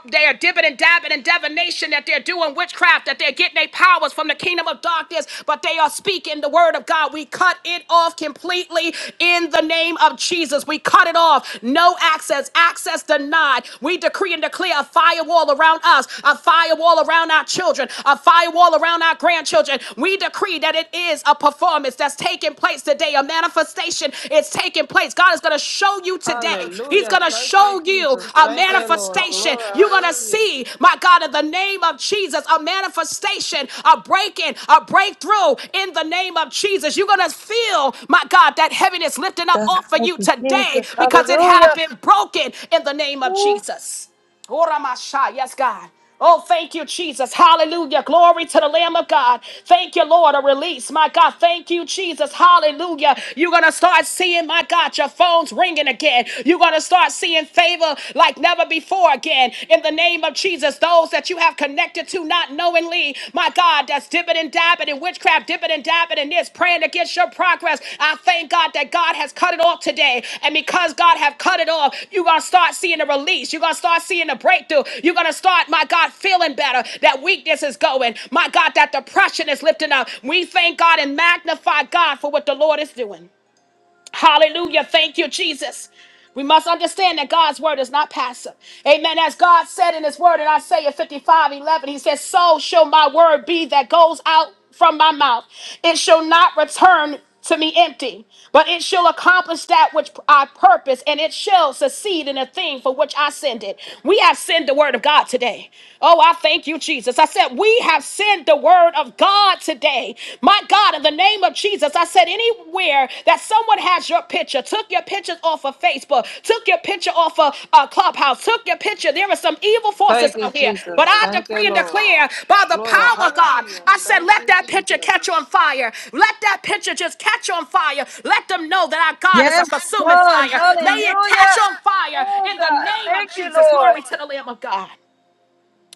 they are dipping and dabbing in divination, that they're doing witchcraft, that they're getting their powers from the kingdom of darkness, but they are speaking the word of God. We cut it off completely in the name of Jesus. We cut it off. No access. Access denied. We decree and declare a firewall firewall around us, a firewall around our children, a firewall around our grandchildren. We decree that it is a performance that's taking place today, a manifestation is taking place. God is going to show you today. He's Hallelujah. going to Thank you, show you Jesus. a Thank you, Lord. manifestation. Glory. You're going to Hallelujah. see, my God, in the name of Jesus, a manifestation, a breaking, a breakthrough in the name of Jesus. You're going to feel, my God, that heaviness lifting up off of you today because it had been broken in the name of Jesus. Oramasha, yes, God. Oh, thank you, Jesus. Hallelujah. Glory to the Lamb of God. Thank you, Lord. A release, my God. Thank you, Jesus. Hallelujah. You're going to start seeing, my God, your phones ringing again. You're going to start seeing favor like never before again. In the name of Jesus, those that you have connected to not knowingly, my God, that's dipping and dabbing in witchcraft, dipping and dabbing in this, praying against your progress. I thank God that God has cut it off today. And because God have cut it off, you're going to start seeing a release. You're going to start seeing a breakthrough. You're going to start, my God, feeling better. That weakness is going. My God, that depression is lifting up. We thank God and magnify God for what the Lord is doing. Hallelujah. Thank you, Jesus. We must understand that God's word is not passive. Amen. As God said in his word in Isaiah 55 11, he says, So shall my word be that goes out from my mouth. It shall not return to me empty, but it shall accomplish that which I purpose, and it shall succeed in the thing for which I send it. We have sent the word of God today. Oh, I thank you, Jesus. I said, We have sent the word of God God today. My God, in the name of Jesus, I said anywhere that someone has your picture, took your pictures off of Facebook, took your picture off of uh, Clubhouse, took your picture. There are some evil Thank forces you, out here. But Jesus. I Thank you, decree and Lord. declare by the Glory. power of God, Hallelujah. I said, Thank let you, that picture Jesus. catch on fire. Let that picture just catch on fire. Let them know that our God is a consuming fire. May it catch on fire in the name of Jesus. Glory to the Lamb of God.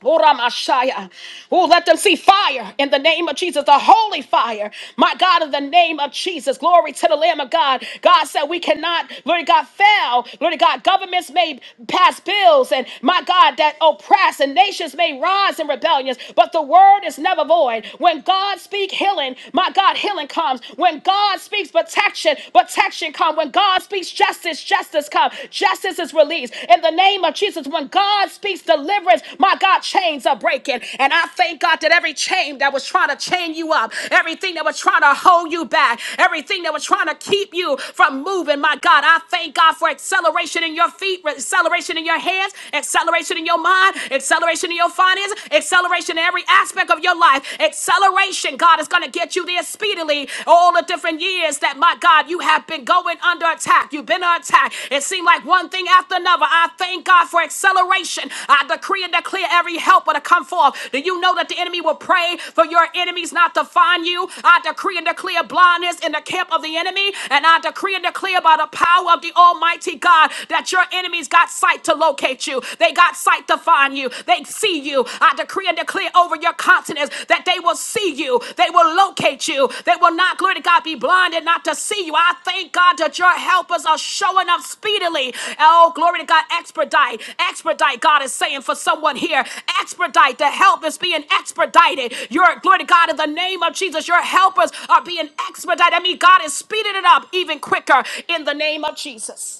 Ora Mashaya. Oh, let them see fire in the name of Jesus, the holy fire. My God, in the name of Jesus, glory to the Lamb of God. God said we cannot, Lord God, fail. Lord God, governments may pass bills, and my God, that oppress, and nations may rise in rebellions, but the word is never void. When God speaks healing, my God, healing comes. When God speaks protection, protection comes. When God speaks justice, justice justice comes. Justice is released. In the name of Jesus, when God speaks deliverance, my God, chains are breaking. And I thank God that every chain that was trying to chain you up, everything that was trying to hold you back, everything that was trying to keep you from moving, my God, I thank God for acceleration in your feet, acceleration in your hands, acceleration in your mind, acceleration in your finances, acceleration in every aspect of your life. Acceleration, God, is going to get you there speedily all the different years that, my God, you have been going under attack. You've been under attack. It seemed like one thing after another. I thank God for acceleration. I decree and declare every helper to come forth. Do you know that the enemy will pray for your enemies not to find you? I decree and declare blindness in the camp of the enemy. And I decree and declare by the power of the Almighty God that your enemies got sight to locate you. They got sight to find you. They see see you. I decree and declare over your continents that they will see you. They will locate you. They will not, glory to God, be blinded not to see you. I thank God that your helpers are showing up speedily. Oh, glory to God, expedite, expedite. God is saying for someone here, expedite. The help is being expedited. Your glory to God in the name of Jesus. Your helpers are being expedited. I mean, God is speeding it up even quicker in the name of Jesus.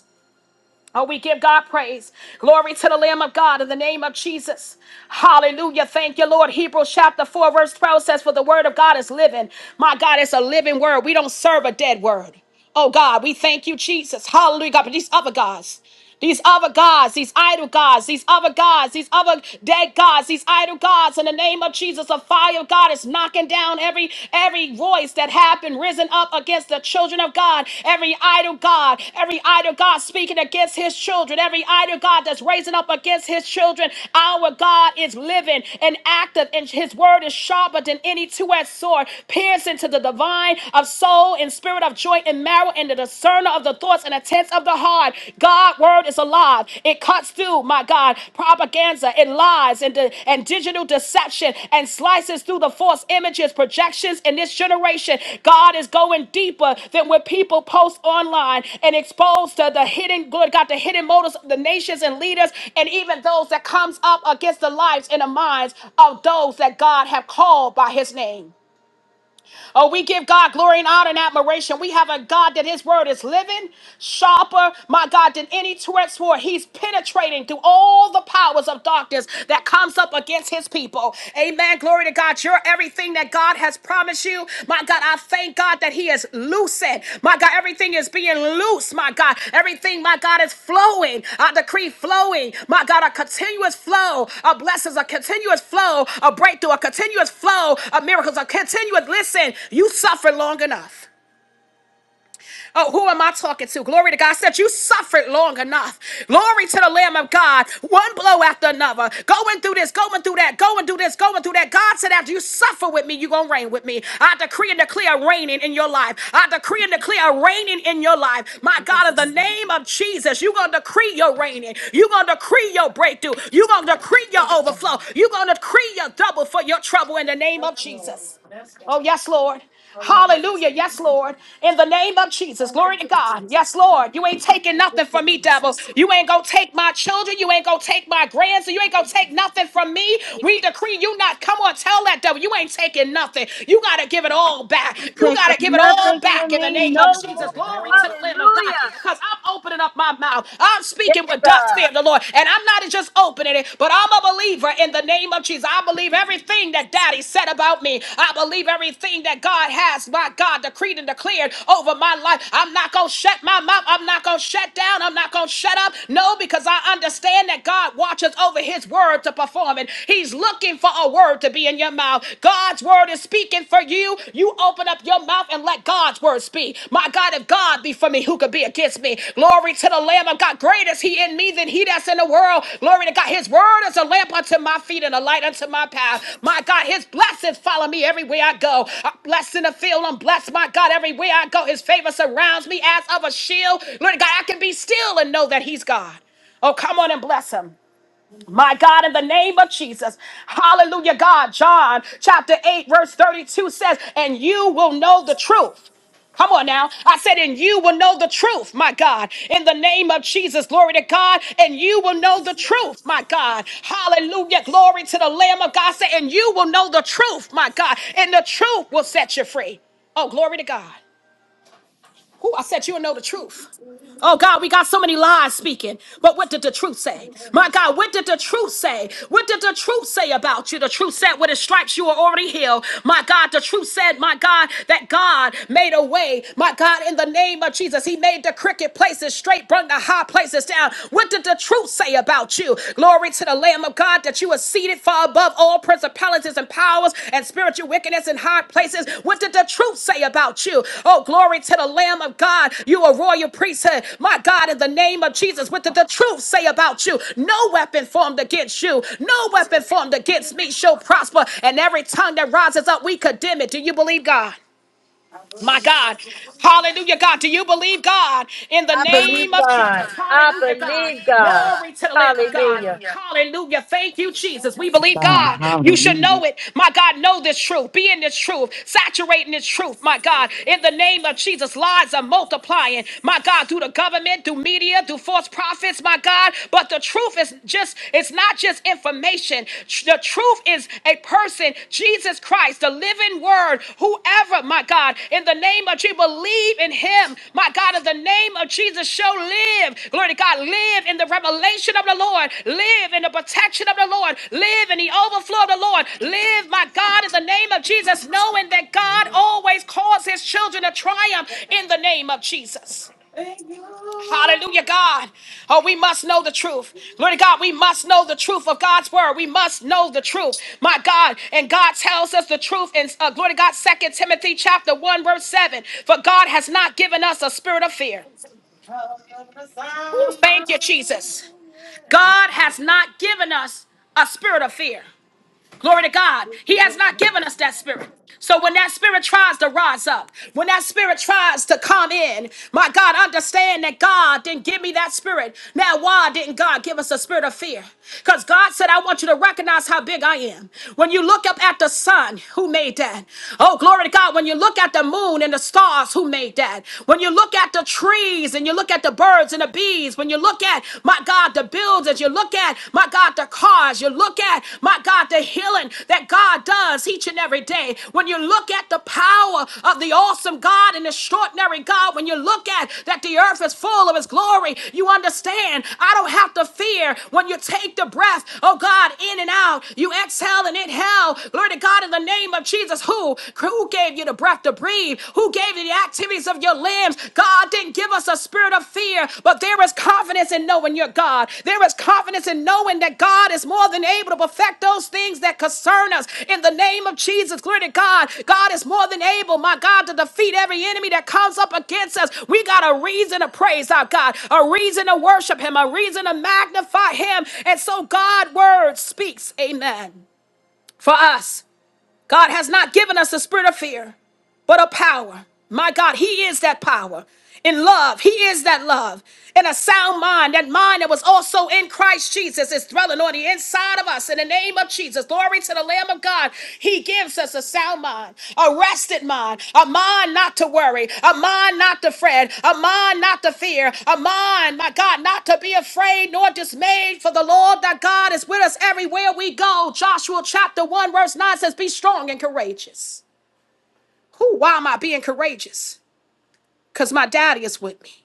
Oh, we give God praise. Glory to the Lamb of God in the name of Jesus. Hallelujah. Thank you, Lord. Hebrews chapter 4, verse 12 says, For the word of God is living. My God, it's a living word. We don't serve a dead word. Oh, God, we thank you, Jesus. Hallelujah, God, but these other gods these other gods, these idol gods, these other gods, these other dead gods, these idol gods. In the name of Jesus, the fire of God is knocking down every every voice that have been risen up against the children of God. Every idol god, every idol god speaking against His children. Every idol god that's raising up against His children. Our God is living and active, and His word is sharper than any two-edged sword, piercing to the divine of soul and spirit of joint and marrow and the discerner of the thoughts and intents of the heart. God word is alive. It cuts through, my God, propaganda and lies and, di- and digital deception and slices through the false images, projections in this generation. God is going deeper than what people post online and expose to the hidden good, God, the hidden motives of the nations and leaders and even those that comes up against the lives and the minds of those that God have called by his name. Oh, we give God glory and honor and admiration. We have a God that his word is living, sharper, my God, than any two-edged sword. He's penetrating through all the powers of darkness that comes up against his people. Amen. Glory to God. You're everything that God has promised you. My God, I thank thank God that He is loosened. My God, everything is being loose. My God, everything, my God, is flowing. I decree flowing. My God, a continuous flow of blessings, a continuous flow of breakthrough, a continuous flow of miracles, a continuous listen. You suffered long enough. Oh, who am I talking to? Glory to God said, You suffered long enough. Glory to the Lamb of God. One blow after another. Going through this, going through that, going through this, going through that. God said, After you suffer with me, you're going to reign with me. I decree and declare reigning in your life. I decree and declare reigning in your life. My God, in the name of Jesus, you're going to decree your reigning. You're going to decree your breakthrough. You're going to decree your overflow. You're going to decree your double for your trouble in the name of Jesus. Oh, yes, Lord. Hallelujah. Yes, Lord. In the name of Jesus. Glory to God. Yes, Lord. You ain't taking nothing from me, devil. You ain't going to take my children. You ain't going to take my grandson. You ain't going to take nothing from me. We decree you not. Come on, tell that devil. You ain't taking nothing. You got to give it all back. You got to give it all back in the name of Jesus. Glory to the Lamb of God. Because I'm opening up my mouth. I'm speaking with dust fear of the Lord. And I'm not just opening it, but I'm a believer in the name of Jesus. I believe everything that Daddy said about me. I believe everything that God has, my God, decreed and declared over my life. I'm not going to shut my mouth. I'm not going to shut down. I'm not going to shut up. No, because I understand that God watches over his word to perform it. He's looking for a word to be in your mouth. God's word is speaking for you. You open open up your mouth and let God's words be. My God, if God be for me, who could be against me? Glory to the Lamb of God. Great is he in me than he that's in the world. Glory to God. His word is a lamp unto my feet and a light unto my path. My God, his blessings follow me everywhere I go. I'm blessed in the field. I'm blessed, my God, everywhere I go. His favor surrounds me as of a shield. Lord God, I can be still and know that he's God. Oh, come on and bless him. My God, in the name of Jesus. Hallelujah, God. John chapter 8, verse 32 says, And you will know the truth. Come on now. I said, and you will know the truth, my God, in the name of Jesus. Glory to God. And you will know the truth, my God. Hallelujah. Glory to the Lamb of God. Say, and you will know the truth, my God. And the truth will set you free. Oh, glory to God. Who I said you'll know the truth. Oh God, we got so many lies speaking. But what did the truth say? My God, what did the truth say? What did the truth say about you? The truth said with his stripes you are already healed. My God, the truth said, my God, that God made a way. My God, in the name of Jesus, he made the crooked places straight, brought the high places down. What did the truth say about you? Glory to the Lamb of God that you are seated far above all principalities and powers and spiritual wickedness in high places. What did the truth say about you? Oh, glory to the Lamb of God. You are royal priesthood. My God, in the name of Jesus, what did the truth say about you? No weapon formed against you, no weapon formed against me shall prosper. And every tongue that rises up, we condemn it. Do you believe God? My God. Hallelujah, God. Do you believe God in the name of Jesus? Hallelujah, God. Glory to the Lamb of God. Hallelujah. Thank you, Jesus. We believe God, God. You should hallelujah. know it. My God, know this truth. Be in this truth. Saturate in this truth. My God, in the name of Jesus, lies are multiplying. My God, through the government, through media, through false prophets. My God, but the truth is just, it's not just information salvation. The truth is a person, Jesus Christ, the living word. Whoever, my God, in the name of Jesus, believe in him. My God, in the name of Jesus, shall live. Glory to God. Live in the revelation of the Lord. Live in the protection of the Lord. Live in the overflow of the Lord. Live, my God, in the name of Jesus, knowing that God always calls his children to triumph in the name of Jesus. Hallelujah, God. Oh, we must know the truth. Glory to God. We must know the truth of God's word. We must know the truth. My God. And God tells us the truth in uh, glory to God, Second Timothy chapter 1, verse 7. For God has not given us a spirit of fear. Thank you, Jesus. God has not given us a spirit of fear. Glory to God. He has not given us that spirit. So when that spirit tries to rise up, when that spirit tries to come in, my God, understand that God didn't give me that spirit. Now, why didn't God give us a spirit of fear? Because God said, I want you to recognize how big I am. When you look up at the sun, who made that? Oh, glory to God. When you look at the moon and the stars, who made that? When you look at the trees and you look at the birds and the bees, when you look look at, my God, the buildings, you look at, my God, the cars, you look at, my God, the healing that God does each and every day. When you look at the power of the awesome God and extraordinary God, when you look at that the earth is full of his glory, you understand. I don't have to fear when you take the breath, oh God, in and out. You exhale and inhale. Glory to God in the name of Jesus. Who, who gave you the breath to breathe? who gave you the activities of your limbs. God didn't give us a spirit of fear, but there is confidence in knowing your God. There is confidence in knowing that God is more than able to perfect those things that concern us. In the name of Jesus, glory to God. God is more than able, my God, to defeat every enemy that comes up against us. We got a reason to praise our God, a reason to worship Him, a reason to magnify Him. And so God's word speaks. Amen. For us, God has not given us a spirit of fear but a power. My God, He is that power. In love, He is that love. In a sound mind, that mind that was also in Christ Jesus is dwelling on the inside of us. In the name of Jesus, glory to the Lamb of God. He gives us a sound mind, a rested mind, a mind not to worry, a mind not to fret, a mind not to fear, a mind, my God, not to be afraid nor dismayed. For the Lord thy God is with us everywhere we go. Joshua chapter 1, verse 9 says, Be strong and courageous. Who? Why am I being courageous? Because my daddy is with me.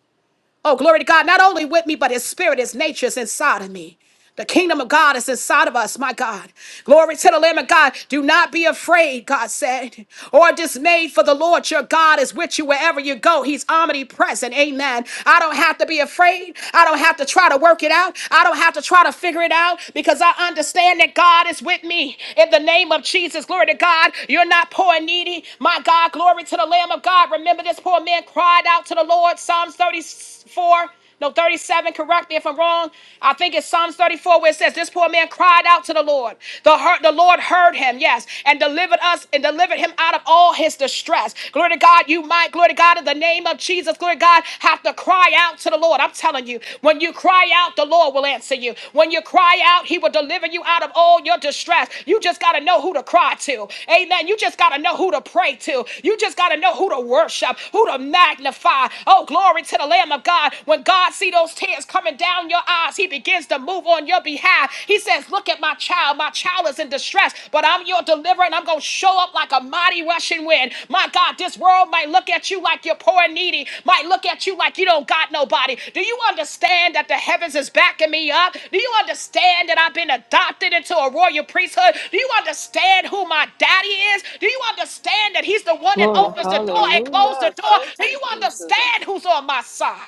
Oh, glory to God, not only with me, but his spirit, his nature is inside of me. The kingdom of God is inside of us, my God. Glory to the Lamb of God. Do not be afraid, God said, or dismayed, for the Lord your God is with you wherever you go. He's omnipresent. Amen. I don't have to be afraid. I don't have to try to work it out. I don't have to try to figure it out because I understand that God is with me. In the name of Jesus, glory to God. You're not poor and needy. My God, glory to the Lamb of God. Remember this poor man cried out to the Lord. Psalms 30. 34, no, 37, correct me if I'm wrong. I think it's Psalms 34 where it says, This poor man cried out to the Lord. The, heart, the Lord heard him, yes, and delivered us and delivered him out of all his distress. Glory to God, you might, glory to God, in the name of Jesus, glory to God, have to cry out to the Lord. I'm telling you, when you cry out, the Lord will answer you. When you cry out, he will deliver you out of all your distress. You just got to know who to cry to. Amen. You just got to know who to pray to. You just got to know who to worship, who to magnify. Oh, glory to the Lamb of God. God, when God see those tears coming down your eyes, he begins to move on your behalf. He says, look at my child. My child is in distress, but I'm your deliverer and I'm going to show up like a mighty rushing wind. My God, this world might look at you like you're poor and needy, might look at you like you don't got nobody. Do you understand that the heavens is backing me up? Do you understand that I've been adopted into a royal priesthood? Do you understand who my daddy is? Do you understand that he's the one that Glory. opens the door and closes the Hallelujah. door? Thank Do you, you Jesus. understand who's on my side?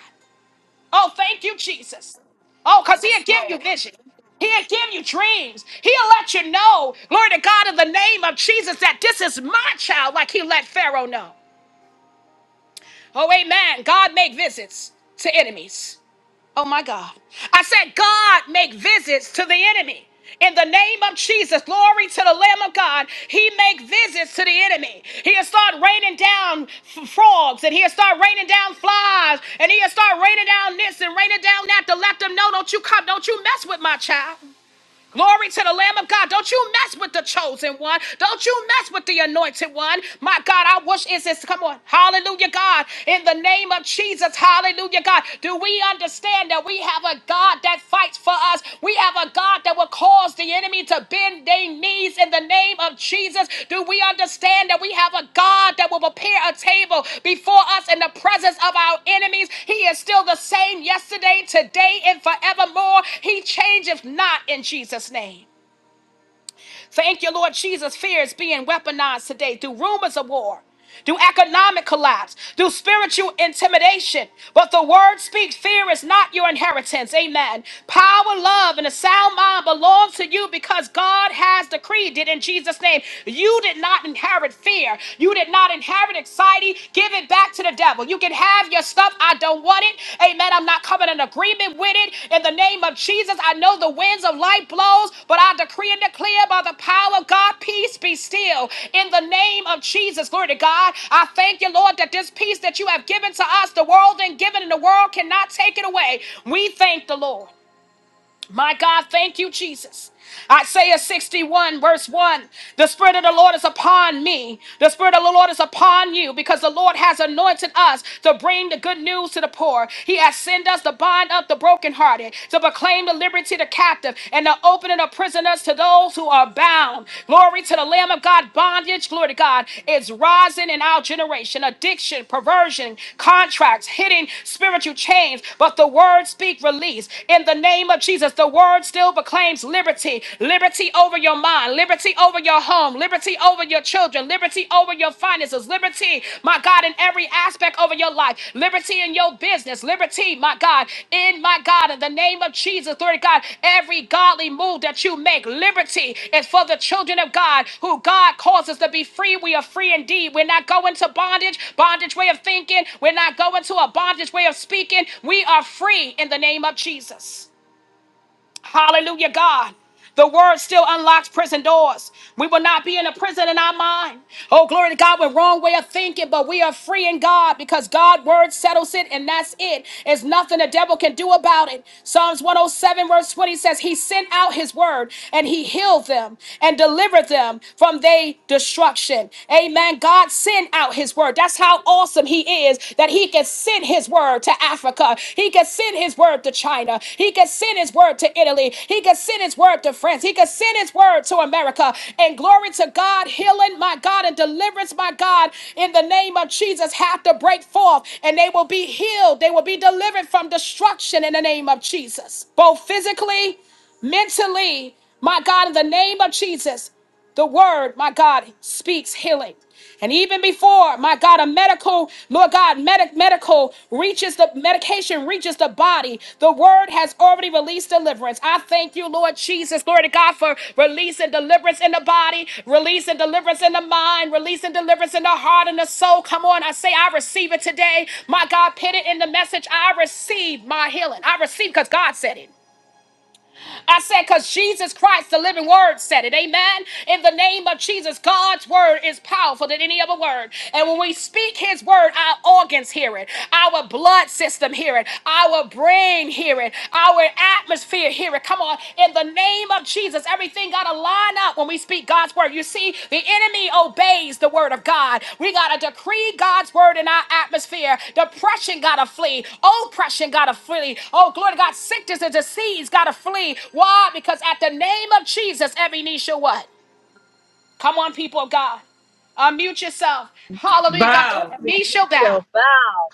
Oh, thank you, Jesus. Oh, because he'll give you vision. He'll give you dreams. He'll let you know, glory to God, in the name of Jesus, that this is my child, like he let Pharaoh know. Oh, amen. God make visits to enemies. Oh my God. I said, God make visits to the enemy. In the name of Jesus, glory to the Lamb of God. He make visits to the enemy. He'll start raining down f- frogs and he'll start raining down flies and he'll start raining down this and raining down that to let them know, don't you come, don't you mess with my child. Glory to the Lamb of God. Don't you mess with the chosen one. Don't you mess with the anointed one. My God, I wish it's this. Come on. Hallelujah, God. In the name of Jesus. Hallelujah, God. Do we understand that we have a God that fights for us? We have a God that will cause cause the enemy to bend their knees in the name of Jesus? Do we understand that we have a God that will prepare a table before us in the presence of our enemies? He is still the same yesterday, today, and forevermore. He changeth not in Jesus' name. Thank you, Lord Jesus. Fear is being weaponized today through rumors of war, through economic collapse, through spiritual intimidation. But the word speaks fear is not your inheritance. Amen. Power, love, and a sound mind belongs to you because God has decreed it in Jesus' name. You did not inherit fear, you did not inherit anxiety. Give it it back to the devil. You can have your stuff. I don't want it. Amen. I'm not coming in agreement with it. In the name of Jesus, I know the winds of life blows, but I decree and declare by the power of God, peace be still. In the name of Jesus, glory to God. I thank you, Lord, that this peace that you have given to us, the world and given, and the world cannot take it away. We thank the Lord. My God, thank you, Jesus. Isaiah 61, verse 1 The Spirit of the Lord is upon me. The Spirit of the Lord is upon you because the Lord has anointed us to bring the good news to the poor. He has sent us to bind up the brokenhearted, to proclaim the liberty to the captive, and the opening of prisoners to those who are bound. Glory to the Lamb of God. Bondage, glory to God, is rising in our generation. Addiction, perversion, contracts, hitting spiritual chains. But the word speak release in the name of of Jesus, the word still proclaims liberty liberty over your mind, liberty over your home, liberty over your children, liberty over your finances, liberty, my God, in every aspect over your life, liberty in your business, liberty, my God, in my God, in the name of Jesus, glory to God, every godly move that you make, liberty is for the children of God who God calls us to be free. We are free indeed. We're not going to bondage, bondage way of thinking, we're not going to a bondage way of speaking. We are free in the name of Jesus. Hallelujah, God. The word still unlocks prison doors. We will not be in a prison in our mind. Oh, glory to God, we're wrong way of thinking, but we are free in God because God's word settles it, and that's it. It's nothing the devil can do about it. Psalms 107, verse 20 says, He sent out his word and he healed them and delivered them from their destruction. Amen. God sent out his word his word. That's how awesome he is that he can send his word to Africa. He can send his word to China. He can send his word to Italy. He can send his word to France. He can send his word to America. And glory to God, healing, my God, and deliverance, my God, in the name of Jesus, have to break forth and they will be healed. They will be delivered from destruction in the name of Jesus, both physically mentally, my God, in the name of Jesus the word, my God, speaks healing. And even before, my God, a medical, Lord God, medic, medical reaches the medication reaches the body. The word has already released deliverance. I thank you, Lord Jesus, glory to God, for releasing deliverance in the body, releasing deliverance in the mind, releasing deliverance in the heart and the soul. Come on, I say, I receive it today. My God, put it in the message. I receive my healing. I receive because God said it. I said, because Jesus Christ, the living word, said it. Amen. In the name of Jesus, God's word is powerful than any other word. And when we speak his word, our organs hear it, our blood system hear it, our brain hear it, our atmosphere hear it. Come on. In the name of Jesus, Everything got to line up when we speak God's word. You see, the enemy obeys the word of God. We got to decree God's word in our atmosphere. Depression got to flee. Oppression got to flee. Oh, glory to God. Sickness and disease got to flee. Why? Because at the name of Jesus, every knee shall what? Come on, people of God. Unmute yourself. Hallelujah, God. Bow. Every knee shall bow.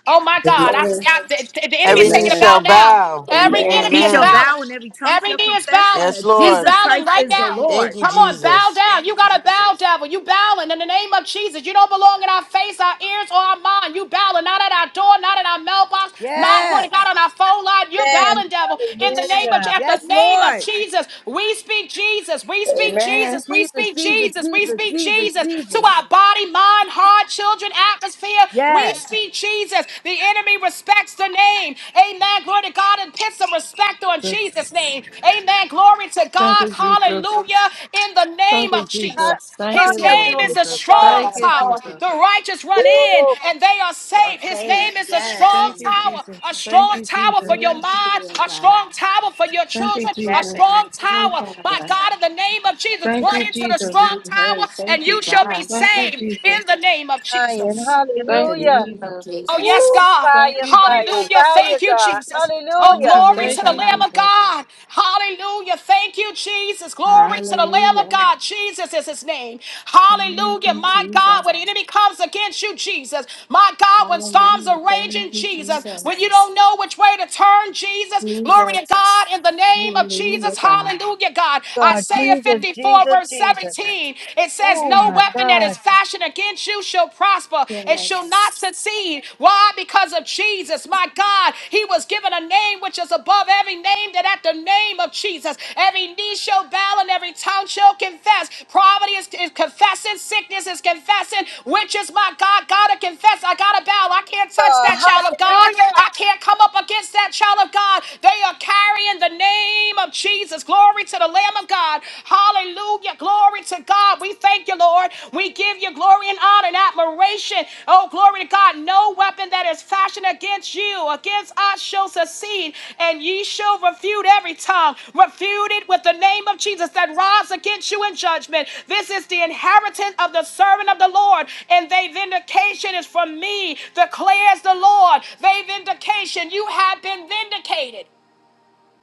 Oh, my God. I, Amen. I- the, the enemy Every is knee taking a Amen. bow shall now. bow. Every Amen. enemy He is shall Amen. bowing. bow and every tongue Every shall knee is confess bowing. Yes, that It's Lord. Jesus bowing Christ right is the now. Thank Lord. you, Come on, bow Jesus. down. You got to bow, devil. You bowing in the name of Jesus. You don't belong in our face, our ears, or our mind. You bowing not at our door, not at our mailbox, not putting God on Yes. our phone line. You're bowing, devil. In the name of at the Yes, name of Lord. Jesus, we speak Jesus. We speak Amen. Jesus. We Jesus, speak Jesus, Jesus. We Jesus, speak Jesus, Jesus to Jesus. our body, mind, heart, children, atmosphere. We Yes. speak Jesus. The enemy respects the name name. Amen. Glory to God and put some respect on Jesus' Jesus. name. Amen. Glory to Thank God. you, Jesus. Hallelujah. In the Thank name you, of Jesus. Jesus. Thank His you, Lord name is a Jesus. strong Thank you, tower. Jesus. The righteous run in and they are saved. His Okay. name is a Yes, strong Thank Father. you, tower. Jesus. A Thank strong you, tower for Jesus. your Thank you, mind. Lord A God. strong tower for your Thank you, children. A Yes. Jesus. strong Lord tower. My Father. God, in the name of Jesus, Thank run you, into the Jesus. strong tower Hey, thank and you, you shall be God. Thank you, saved in Jesus. the name of Jesus. In the Thank you, name of Jesus. Oh, yes, Jesus. God. Thank you, Jesus. Hallelujah. Thank you, Jesus. Oh, Thank you, glory Lord Thank to the you, Lamb God. of Jesus. God. Hallelujah. Thank you, Jesus. Thank Glory you, to the Jesus. Lamb of Hallelujah. God. Jesus is his name. Thank Hallelujah. you, My Jesus. God, when the enemy comes against you, Jesus. My God, when storms Hallelujah. are Thank raging, you, Jesus. When you Jesus. don't know which way to turn, Jesus. Glory to Jesus. God in the name of Hallelujah, Jesus. God. Hallelujah, God. Isaiah 54, verse 17. It says, No weapon that is fashioned against you shall prosper and shall not Yes. succeed. Why? Because of Jesus. My God, he was given a name which is above every name, that at the name of Jesus, every knee shall bow and every tongue shall confess. Poverty is, is confessing, sickness is confessing, witches, my God, gotta confess. I gotta bow. I can't touch that child of God. I can't come up against that child of God. They are carrying the name of Jesus. Glory to the Lamb of God. God. Hallelujah. Glory to God. We thank you, Lord. We give you glory and honor and admiration. Oh, glory to God. No weapon that is fashioned against you, against us, shall succeed, and ye shall refute every tongue. Refute it with the name of Jesus that rise against you in judgment. This is the inheritance of the servant of the Lord, and they vindication is from me, declares the Lord. They vindication. You have been vindicated.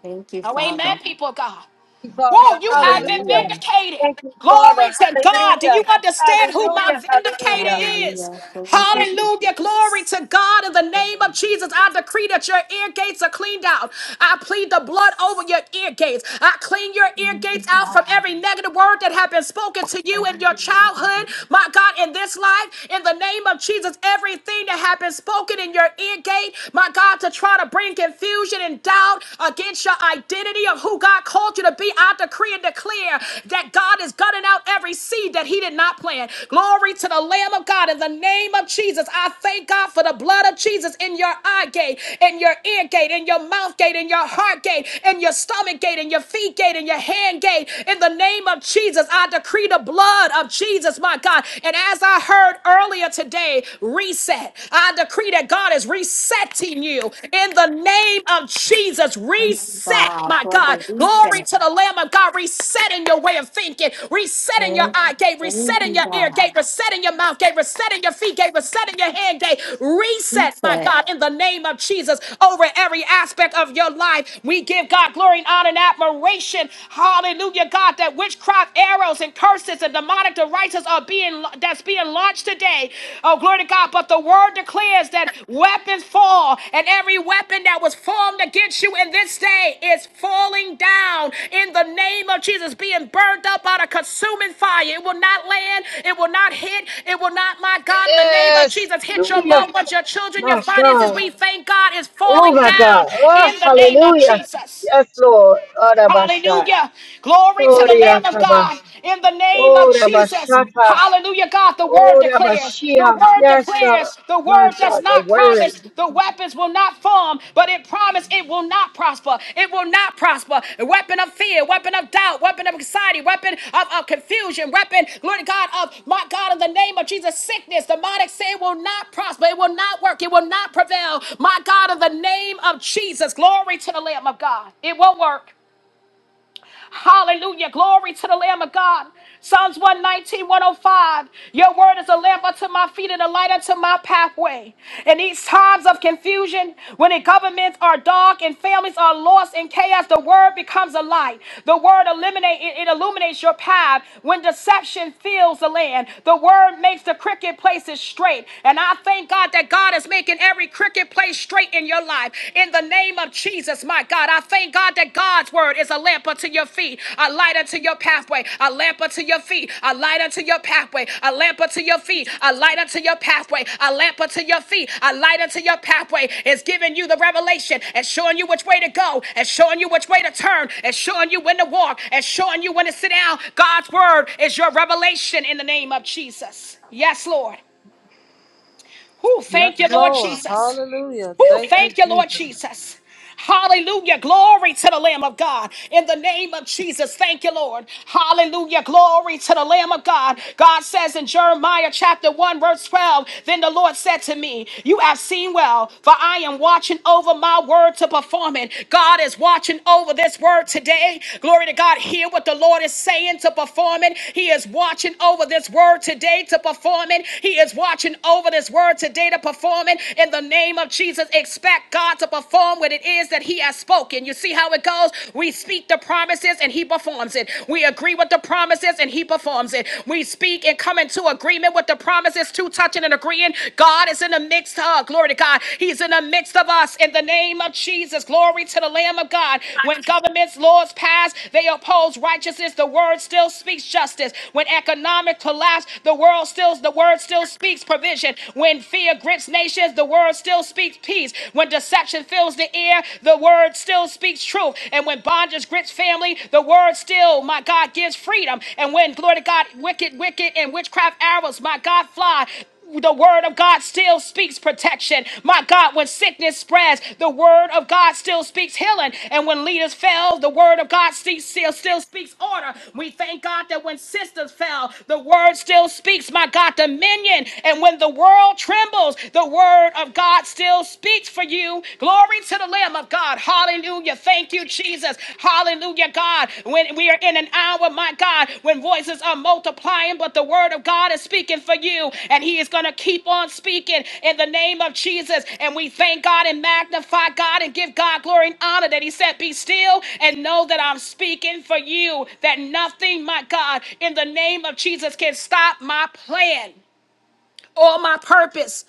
Thank you, Oh, amen, Father. people of God. Whoa, you are been Hallelujah. vindicated. Glory to God. Do you understand who my vindicator is? Hallelujah. Thank you, Hallelujah. Jesus. Glory to God. In the name of Jesus, I decree that your ear gates are cleaned out. I plead the blood over your ear gates. I clean your ear Thank you, gates out God. from every negative word that have been spoken to you in your childhood. My God, in this life, in the name of Jesus, everything that have been spoken in your ear gate, my God, to try to bring bring confusion and doubt against your identity of who God called you to be. I decree and declare that God is gutting out every seed that He did not plant. Glory to the Lamb of God. In the name of Jesus, I thank God for the blood of Jesus in your eye gate, in your ear gate, in your mouth gate, in your heart gate, in your stomach gate, in your feet gate, in your hand gate. In the name of Jesus, I decree the blood of Jesus, my God. And as I heard earlier today, a reset. I decree that God is resetting you in the name of Jesus. Reset, my for God. the Glory reset. to the Lamb of God. Resetting your way of thinking, resetting your Lord. eye gate, Thank resetting you, your ear God. gate, resetting your mouth gate, resetting your feet gate, resetting your hand gate. Reset, my Reset. God, in the name of Jesus over every aspect of your life. We give God glory and honor and admiration. Hallelujah, God, that witchcraft arrows and and curses and demonic devices are being that's being launched today. Oh, glory to God. But the word declares that weapons fall, and every weapon that was formed against you in this day is falling down in the name of Jesus, being burned up out of consuming fire. It will not land, it will not hit, it will not, my God, in the name of Jesus, hit your Hallelujah. loved ones, your children, your My finances. God. We thank God is Oh, falling my God. down Oh, in the name of hallelujah. Jesus. Yes, Lord. Oh, Rabasha. Hallelujah. Glory to Oh, the Lamb of Riataba. God in the name of Oh, Jesus. Rabashata. Hallelujah, God. The word Oh, declares. The Rabashia. word Yes, God. declares. The word My does God. The not word. promise the weapons will not form, but it promised it will not prosper. It will not prosper. A weapon of fear, weapon of doubt, weapon of anxiety, weapon of, of confusion, weapon, glory to God, of my God, in the name of Jesus, sickness, demonic sin will not prosper. It will not work. It will not prevail. My God, in the name of Jesus, glory to the Lamb of God. It will work. Hallelujah. Glory to the Lamb of God. Psalms one nineteen one o five. Your word is a lamp unto my feet and a light unto my pathway. In these times of confusion, when the governments are dark and families are lost in chaos, the word becomes a light. The word illuminate it it illuminates your path. When deception fills the land, the word makes the crooked places straight. And I thank God that God is making every crooked place straight in your life in the name of Jesus, my God. I thank God that God's word is a lamp unto your feet, a light unto your pathway, a lamp unto your feet, a light unto your pathway, a lamp unto your feet, a light unto your pathway, a lamp unto your feet, a light unto your pathway is giving you the revelation and showing you which way to go and showing you which way to turn and showing you when to walk and showing you when to sit down. God's word is your revelation in the name of Jesus. Yes, Lord. Who Yes, thank you, Lord Lord. Jesus. Hallelujah. Who Thank you, thank you, Lord Jesus. Jesus. Hallelujah. Glory to the Lamb of God. In the name of Jesus, thank you, Lord. Hallelujah. Glory to the Lamb of God. God says in Jeremiah chapter 1, verse 12, Then the Lord said to me, You have seen well, for I am watching over my word to perform it. God is watching over this word today. Glory to God. Hear what the Lord is saying to perform it. He is watching over this word today to perform it. He is watching over this word today to perform it. In the name of Jesus, expect expect God to perform what it is that He has spoken. You see how it goes? We speak the promises and He performs it. We agree with the promises and He performs it. We speak and come into agreement with the promises, to touching and agreeing. God is in the midst of, glory to God. He's in the midst of us in the name of Jesus. Glory to the Lamb of God. When governments, laws pass, they oppose righteousness. The word still speaks justice. When economic collapse, the world still the word still speaks provision. When fear grips nations, the the word still speaks peace. When deception fills the air, the word still speaks truth. And when bondage grits family, the word still, my God, gives freedom. And when, glory to God, wicked, wicked, and witchcraft arrows, my God, fly, the word of God still speaks protection. My God, when sickness spreads, the word of God still speaks healing. And when leaders fell, the word of God still, still, still speaks order. We thank God that when sisters fell, the word still speaks, my God, dominion. And when the world world trembles, the word of God still speaks for you. Glory to the Lamb of God. Hallelujah. Thank you, Jesus. Hallelujah, God. When we are in an hour, my God, when voices are multiplying, but the word of God is speaking for you, and He is going to keep on speaking in the name of Jesus. And we thank God and magnify God and give God glory and honor that He said, Be still and know that I'm speaking for you, that nothing, my God, in the name of Jesus can stop my plan all my purpose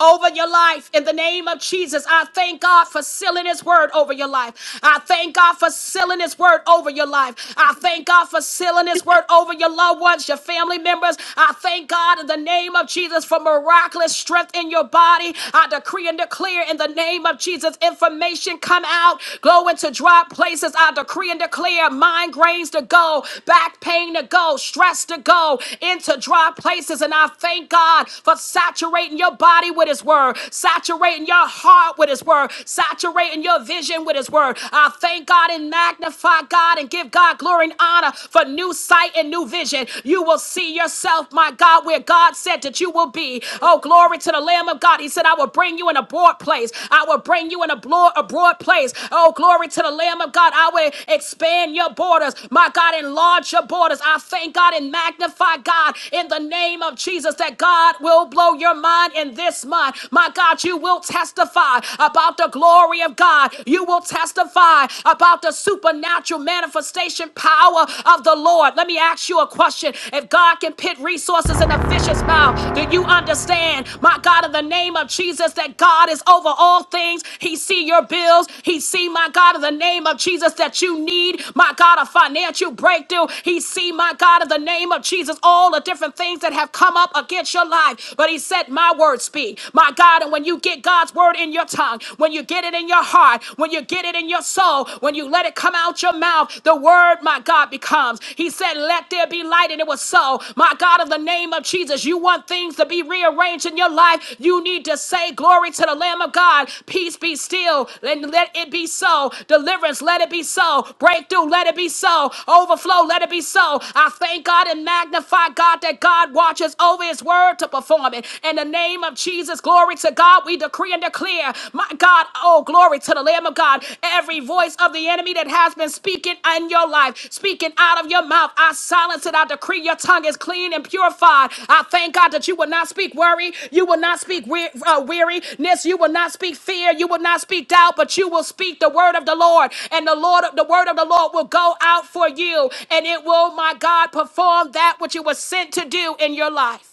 over your life in the name of Jesus. I thank God for sealing his word over your life. I thank God for sealing his word over your life. I thank God for sealing his word over your loved ones, your family members. I thank God in the name of Jesus for miraculous strength in your body. I decree and declare in the name of Jesus information come out, go into dry places. I decree and declare migraines to go, back pain to go, stress to go into dry places. And I thank God for saturating your body with His word, saturating your heart with His word, saturating your vision with His word. I thank God and magnify God and give God glory and honor for new sight and new vision. You will see yourself, my God, where God said that you will be. Oh, glory to the Lamb of God. He said, I will bring you in a broad place. I will bring you in a broad, a broad place. Oh, glory to the Lamb of God. I will expand your borders. My God, enlarge your borders. I thank God and magnify God in the name of Jesus that God. God will blow your mind in this month. My God, you will testify about the glory of God. You will testify about the supernatural manifestation power of the Lord. Let me ask you a question. If God can pit resources in a fish's mouth, do you understand, my God, in the name of Jesus, that God is over all things? He see your bills. He see, my God, in the name of Jesus, that you need, my God, a financial breakthrough. He see, my God, in the name of Jesus, all the different things that have come up against you at your life, but he said, My word speak. My God, and when you get God's word in your tongue, when you get it in your heart, when you get it in your soul, when you let it come out your mouth, the word, my God, becomes. He said, Let there be light, and it was so. My God, in the name of Jesus, you want things to be rearranged in your life. You need to say, Glory to the Lamb of God. Peace be still, and let it be so. Deliverance, let it be so. Breakthrough, let it be so. Overflow, let it be so. I thank God and magnify God that God watches over his word to perform it. In the name of Jesus, glory to God, we decree and declare, my God, oh, glory to the Lamb of God, every voice of the enemy that has been speaking in your life, speaking out of your mouth, I silence it. I decree your tongue is clean and purified. I thank God that you will not speak worry, you will not speak we- uh, weariness, you will not speak fear, you will not speak doubt, but you will speak the word of the Lord, and the Lord, the word of the Lord will go out for you, and it will, my God, perform that which it was sent to do in your life.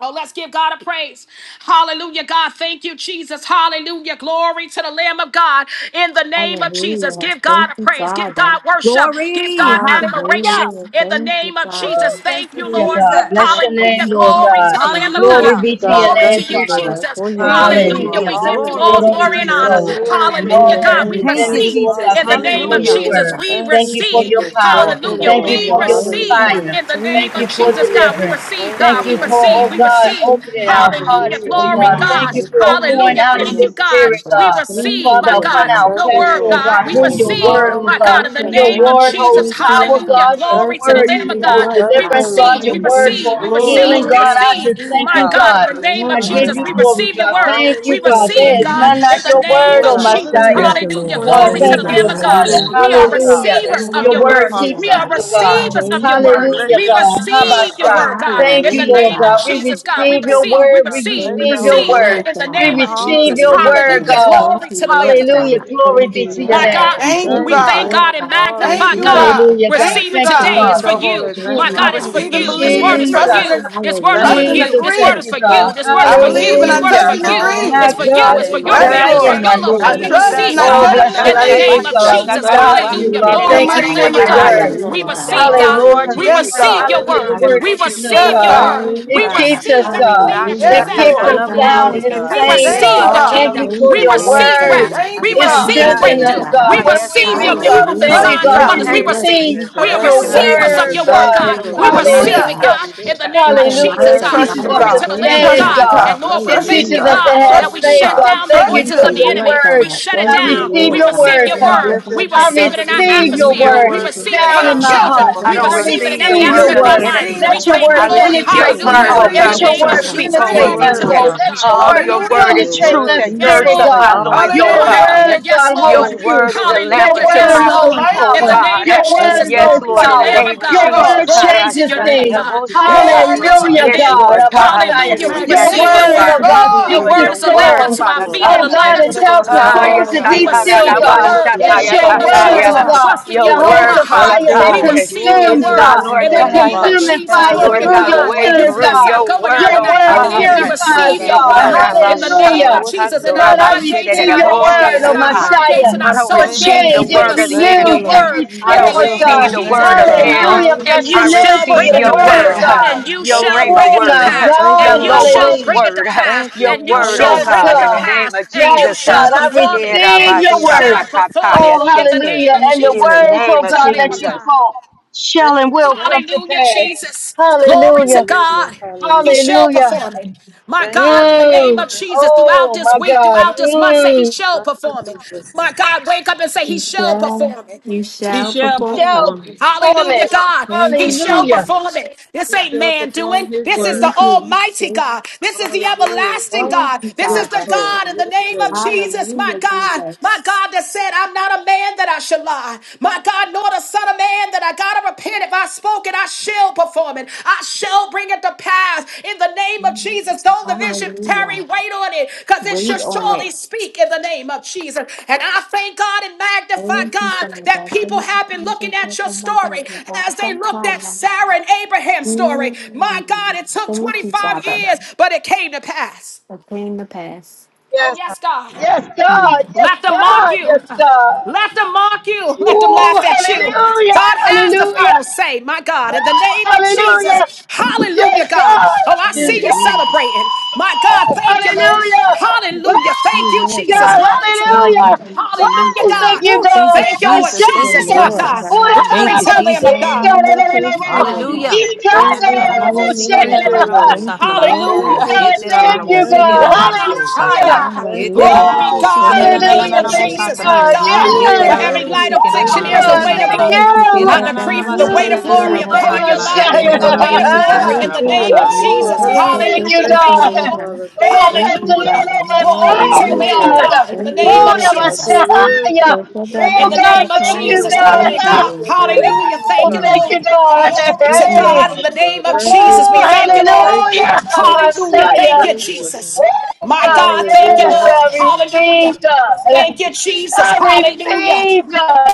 Oh, let's give God a praise. Hallelujah, God. Thank you, Jesus. Hallelujah. Glory to the Lamb of God. In the name of Jesus, Hallelujah. give God Thank a you, praise. Give Father. God worship. Give Glory. God admiration. Hallelujah. Hallelujah. In the Thank name you, of Father. Woo. Jesus, Thank thank you, you, Hallelujah, Lord. God. Jesus. Bless your name, Hallelujah. Thank Lord Glory you, to God. the Jesus. Lamb of God. Thank Glory Hallelujah. you, be to God. your Glory to name, Thank Thank you, you, you, Father. Jesus. Lord, Jesus. for your Thank Thank you, you, Hallelujah. Lord. word. Hallelujah. We Jesus. give Bless you the Glory all Lord, to oh Thank you, Hallelujah. you, glory my and honor. Lord, Jesus. soul, Glory God, and to for your all Hallelujah, your that God. name, is We word, Thank within God. you, God. me, receive Lord Thank Jesus. God. in the you Thank you for name Hallelujah. for of your your Hallelujah. word, Jesus. word. God. We Thank Thank you, you for Thank receive, your you, Jesus. power. Thank you, hallelujah. Father, Thank for you Lord. We your for your word, receive Hallelujah. fire. God. in the name Thank Thank of you you, Thank for you, Jesus, God. God. Jesus. We deliverance. receive, Thank you, Thank God. you We Thank for, Lord. receive, oh we you, God, receive, opening our God. hallelujah. hearts, Hallelujah. Hallelujah. Lord Glory, God. Thank God. Thank you you, Jesus. for pouring Hallelujah. Thank out you, of Thank your Lord. you, God. spirit, We God. Thank receive, you, Father, my upon God, Jesus. our Thank your you, flesh, word, Lord. Lord God. God, We through your receive, word, Lord my God, God. in the Hallelujah. Your name Thank of word you, holds Jesus, Jesus. power, hallelujah. God. Your Glory Thank to the you, word Lamb of Jesus. God. holds We Thank you, deliverance, God. receive, Lord. Your we word receive, we holds receive Glory, I receive, healing, we God. believe and I receive, just receive thank my you, God, God God. in the within name of I my give Jesus, you we family. glory, receive your God. word. Thank We you, Hallelujah. God. Thank you, receive, There Thank is God, you, none in Jesus. like the your Jesus. name word, of oh Glory. Jesus. Messiah. Thank Hallelujah. you, Hallelujah. Lord. God, Glory Thank to the thank you, Hallelujah. you, Lamb oh of Jesus. Father. God. You're Hallelujah. We are worthy, God. Hallelujah. receivers You're of Your your worthy, word word. Father keeps We us, are God. oh You're worthy. God. receivers of your I word. bless Hallelujah, We your God. name, God. I receive your honor Habasha. word, you, God, God. Thank in I you, the thank Lord name you, of God. We Jesus. Jesus, God. Thank We receive you, your receive, Father we word. We God. receive, Thank we you, Thank receive you, your Holy receive word. Lord Ghost. in the We name God. of Thank you, receive Jesus. your Lord Hallelujah. word, Hallelujah. God. Thank God. you, Thank Glory you, to the Jesus. Lamb Lord of God. Thank Hallelujah. God. you, Glory Thank be to Jesus. you, your My Lord name. God. God, Thank you, Thank Thank we you, Mm-mm-mm. you, God. thank Lord God Lord. and God. Thank Thank magnify you, you, Hallelujah. God. Lord God. God. Hallelujah, God. Thank Receive you, it Thank you, God. today. Thank Bless It's you, for Father. your God. you. holy Thank My name. you, I I God, it's God. for receive believe and and you. Thank you, This believe receive word it, Lord and is for trust Jesus. Lord. God. you. and This word is Thank for trust Hallelujah. and you, you. Jesus, This Jesus. agree. word thank is you, for God. you. Thank This word you, is I for Lord. believe you. and This I Hallelujah. word is Hallelujah. touch for and Thank you, you. Lord agree. My It's for God. you. God It's Thank you, Hallelujah. for is your Yes, Lord Hallelujah. family. It's Hallelujah. for dying, Lord. Thank my your God. you, loved I ones. Lord. We trust Hallelujah. and Hallelujah. Jesus. receive I Oh, Thank God touch you, bless and your Thank in God. the you, agree name name, of God. Jesus. Jesus. We Thank love you, you, Thank Hallelujah. you, Lord. Jesus. in the Glory Lord Thank to you the mighty for Lamb name God. of of your Thank God. Christ you, Atatalalabashandakalobashidedebonshakataya. word. Lord. We Jesus. Hallelujah, God. receive Thank you, God. Lord Hallelujah. We Hallelujah. Yes, Jesus. God. receive Thank your you, Hallelujah. Your I word. Hallelujah. word Jesus. We Thank you, keeps receive us, Lord. I your receive Yes, your God. Thank God. word. you, receive, word, It We Father Jesus. God. God. keeps us, receive Thank you, God. everything that you Jesus. It Yes, Hallelujah. We said is keeps us Thank Lord. receive rightfully your sound word, you, ours. and We God. Rashatakalabosiketala- staying, Thank you, God. receive the God. Thank kingdom. you for Thank We Hallelujah. you, your Lord receive yesekatalaboshedededede. word. Hallelujah. rest. God. I Thank We you, It Yes, God. receive your receive Thank God. you, strengthens word, us, breakthrough. Yes, Jesus. God. We God. God. Thank When Yes, we you, We receive God. your read, Lord. believe God, miracles and and thank Hallelujah. you, trust you, signs In God. and the Thank God. you, wonders. We Hallelujah. We name of Lord receive. receive Jesus. We are Yes, Jesus. Thank your you, God. Hallelujah. Thank receivers you, of Jesus. word, your word, Jesus. Thank God. God. you, We Lord. Hallelujah, Thank receive Hallelujah. it, Hallelujah. God. God, you, in Jesus. the For name of Rabashatalobosakatakashikata. the Hallelujah. We Jesus. It master, Thank In Ah, you, the trust teaches you, us name glory Lord. God. to of to God. the We Thank Thank Lamb you, of you, trust stand, you, Jesus. God. Jesus. God. Father. God. And We Thank Lord, we It trust you, you, thank you, teaches us Hallelujah. Lord. God. to We God, have that trust we you, faith, shut Hallelujah. God. We God. down the Thank trust you Thank voices you. for Thank of you, the your you, Jesus. enemy. Lord word. We God. shut it I Thank Thank you, you, down. receive We Lord Lord. your God. receive word, your Thank I you, word. Lord Father. bless your We I name. I receive it in our believe and receive your receive God. atmosphere. your word We word receive it today, for down Thank our in God. my you. children. heart. Thank For I We me and don't I my receive it in girls receive and the every you, receive your word aspect Believe of of and our the grandchildren, in word. life. receive the enemy. and We Let Lord name your of touch thank and word you, God. I Jesus. Lord. agree. receive your penetrate Trust and my Thank Hallelujah. word, I you, oh heart. In agree the Let God, Lord your and what believe name you of and God. touch word and receive speak Jesus. over your penetrate Glory agree. my Hallelujah. to me. word, the soul. Lamb God. of I Let God. your believe Oh, your and word word receive Hallelujah. your is penetrate truth my that word. Thank you, Lord God. Thank Yes, you, girds spirit, Jesus. up Lord. my God. loins, oh Your Hallelujah. Hallelujah. God. Hallelujah. word, Yes, God, Your Lord. holds Thank you, truth. word is a Jesus. Your lamp Hallelujah. unto Yes, word None my other holds Lord. feet, like oh In the power. you. God. name of Your Jesus, word Thank you, Yes, holds glory to Lord, the Jesus. in the Thank Lamb power. of name of you, Your God. word God. Jesus. Glory to changes your Thank name, things. you, God. Jesus. Thank you, Glory Thank to God. your you, Hallelujah, Yes, name. God Jesus. Lord of Thank God. Messiah. you, Hallelujah. We Lord. Your Yes, receive your Lord word, Magnificent God. oh word. Thank Thank God, you, you, Your speaks God. Lord. to word Jesus. Your is a Thank lamp word, unto storms. you, our Father Lord. feet and Oh a God. light God, it unto our tells the Ah, pathway. souls yes, to We be Hallelujah. still, Thank receive your you, God. word in the Jesus. It's satarabashataya your name of word, oh Jesus. kataya. We Thank God, trust you, in you that Your with all holds Jesus. our word, the Thank heart. Father fire you, that We Lord. God receive Glory your to is consumes, your word my God, name, in Lord the that Heavenly name God, of Father. consuming Jesus. uh, fire Glory to Lord Glory to through God, your your God. way You word, name, through bless our God. Jesus. your going out word, going out Your and our oh word I coming God. in. We worship you, purifies, God. receive I your Yes, God. word glorify in you, the God. I name of Hallelujah. worship Jesus you, in our God, I eye Jesus. gates, in receive our your ear word, gates, oh in arabashatakandorabashidedebosakata. our I Hallelujah. heart gates, Messiah, in our don't for soul Thank gate. you, receive the change. We It Jesus. word of the Thank receive you, your renews, enemy. it Lord. word I in the don't Bless Thank restores, your name of receive God. holy the Jesus. word name, of Glory to God. God. men. Hallelujah. And Bless I you your Hallelujah. name shall for bring receive it your you, to Thank your you, Lord word, word, pass. Father God. God. And God. you your Thank shall you, Rhema bring Oh it to word, my Savior. pass. Thank you, your And God. you Holy shall Logos Ghost. Hallelujah. bring it to word, pass. Thank you. your And you word, oh shall Yes, bring Hallelujah. it God, to in the God. name pass. of And Yes, you Jesus. shall God. Thank I you, perform it. Jesus. And receive Thank your you you, Lord. shall word. perform it Erabashatakataya Oh, in the seke. name hallelujah. of Thank And the In Jesus. you, the Lord. words, oh name Glory of to the God, Thank Lamb that of you, you Jesus. God. Jesus. spoke Thank shall and you, Jesus. will Yes. come to Hallelujah, pass. Jesus. Glory to Hallelujah. Hallelujah. God. He Hallelujah. shall Hallelujah. perform it. My Thank you, God, in the Yes, Jesus. name Mm. of Lord. Thank Jesus, throughout Oh, this my week, God. throughout this month, say he Mm. you, shall Thank perform it. you, Jesus. My God, wake up and say he You shall shall, perform it. you He shall shall Shall perform perform. it. form Hallelujah, it. God. Thank He you, shall Father. Hallelujah. perform it. This He ain't shall man doing. perform his This is the Thank word. you. Almighty God. This is the Hallelujah, everlasting Jesus. Thank God. you, This is Yes, the Father. Lord. God in the Yes, name of Lord. Jesus, my Hallelujah, God. My Jesus. God that said, I'm not a man that I shall lie. My God, nor the Son of Man that I gotta repent. If I spoke it, I shall perform it. I shall bring it to pass in the name of Jesus. Though the vision Hallelujah. tarry, wait on it, because it shall Wait on surely it. speak in the name of Jesus. And I thank God and magnify Thank you, God Father. that people Thank have been looking at you, your Father. story Thank you, as they looked at Father. Sarah and Abraham's story. My God, Mm. it took Thank you, 25 Father, years, but it came to pass. for came the pass. Oh, yes, God. Yes, Mm. God. Yes, Let them mock God. you. Yes, God. Let them mock you. Let them laugh Oh, at you. hallelujah. God has the final Hallelujah. say, my God, in the name of Hallelujah. Jesus. Hallelujah, Yes, God. God. Oh, I see Woo! you Hallelujah. celebrating. My God, thank you, Lord. Hallelujah. Woo! Hallelujah. You Thank you, Lord Jesus. God, God. Glory to God. Thank hallelujah. you, Jesus. Hallelujah, Oh, God. thank you, Thank Woo. Thank God. you, Thank you, Lord Jesus. you, Thank you, Jesus, my Messiah. Lord God. Jesus. Oh, God. Glory Thank you, to the God, Lamb of Jesus. Yeah, my God. Lord, yes, we are Yes. Hallelujah. God. Hallelujah. Thank you, Jesus. Hallelujah, Thank you, God. Lord. Thank you, Inanananabosikinananabosatala. Lord Thank God. Hallelujah. you, Jesus. thank you, Thank you, God. Hallelujah. Jesus. Hallelujah. Etelalalabosikinanananabosatala. Oramasaya. Thank you, Hallelujah. Glory, God. Jesus. Woo! God, in Thank the you, Thank you, name Lord Hallelujah. of God. Thank Jesus. you, Jesus, Etelalalabosikinanananabosatala. my God. God. Hallelujah. Glory. God. For Yes. every light Hallelujah. Thank affliction, Oh, you, there's a God, weight Hallelujah. of Jesus. thank Etelalalabosikinanananabosatala. Thank glory. you. Thank you. Thank I you. decree the weight of glory Hallelujah. Mm, oh, Thank upon your you, Inanananabasikinananabosatala. life, Messiah. Jesus. the weight of Hallelujah. glory Thank Thank in you, the you, name Woo! Father. Etelalalabosikinabosa. of Lord. Yes, I Glory. Jesus. got so Hallelujah. Thank close you, Hallelujah. to Thank you, you, Thank you, God. Heavenly Lord Lord. God. Father. Thank Oh, you, Thank bless the you, Jesus. Hallelujah. Father. Lord, Glory Thank to the oh, my Hallelujah, soul, you, Lamb of God. God. Lord. God in These the Thank you, name words, Oh, of Lord the God. Jesus. God. Your words, For Messiah. what the Jesus. In Oh, the about God, name such of thank I you, Jesus, glory God. Hallelujah. Thank to you, God. Bless Lord your holy God. Hallelujah. name, Thank Woo! you, God. Mm, Thank Lord. you, God. Glory to Thank you, Hey. God. In mm. the Father God. name of Thank you, Jesus, Oh, we thank Joshua. you, Lord. Thank you, hallelujah, Holy Lord. Hallelujah. Spirit. Thank Messiah. you, Yes, Thank you. Lord Jesus. God. Oh, My God, God, thank you, yes, Thank you, Hallelujah. Lord. Lord. I Hallelujah. Hallelujah. receive, Thank God. you, Jesus. I Hallelujah. receive, God.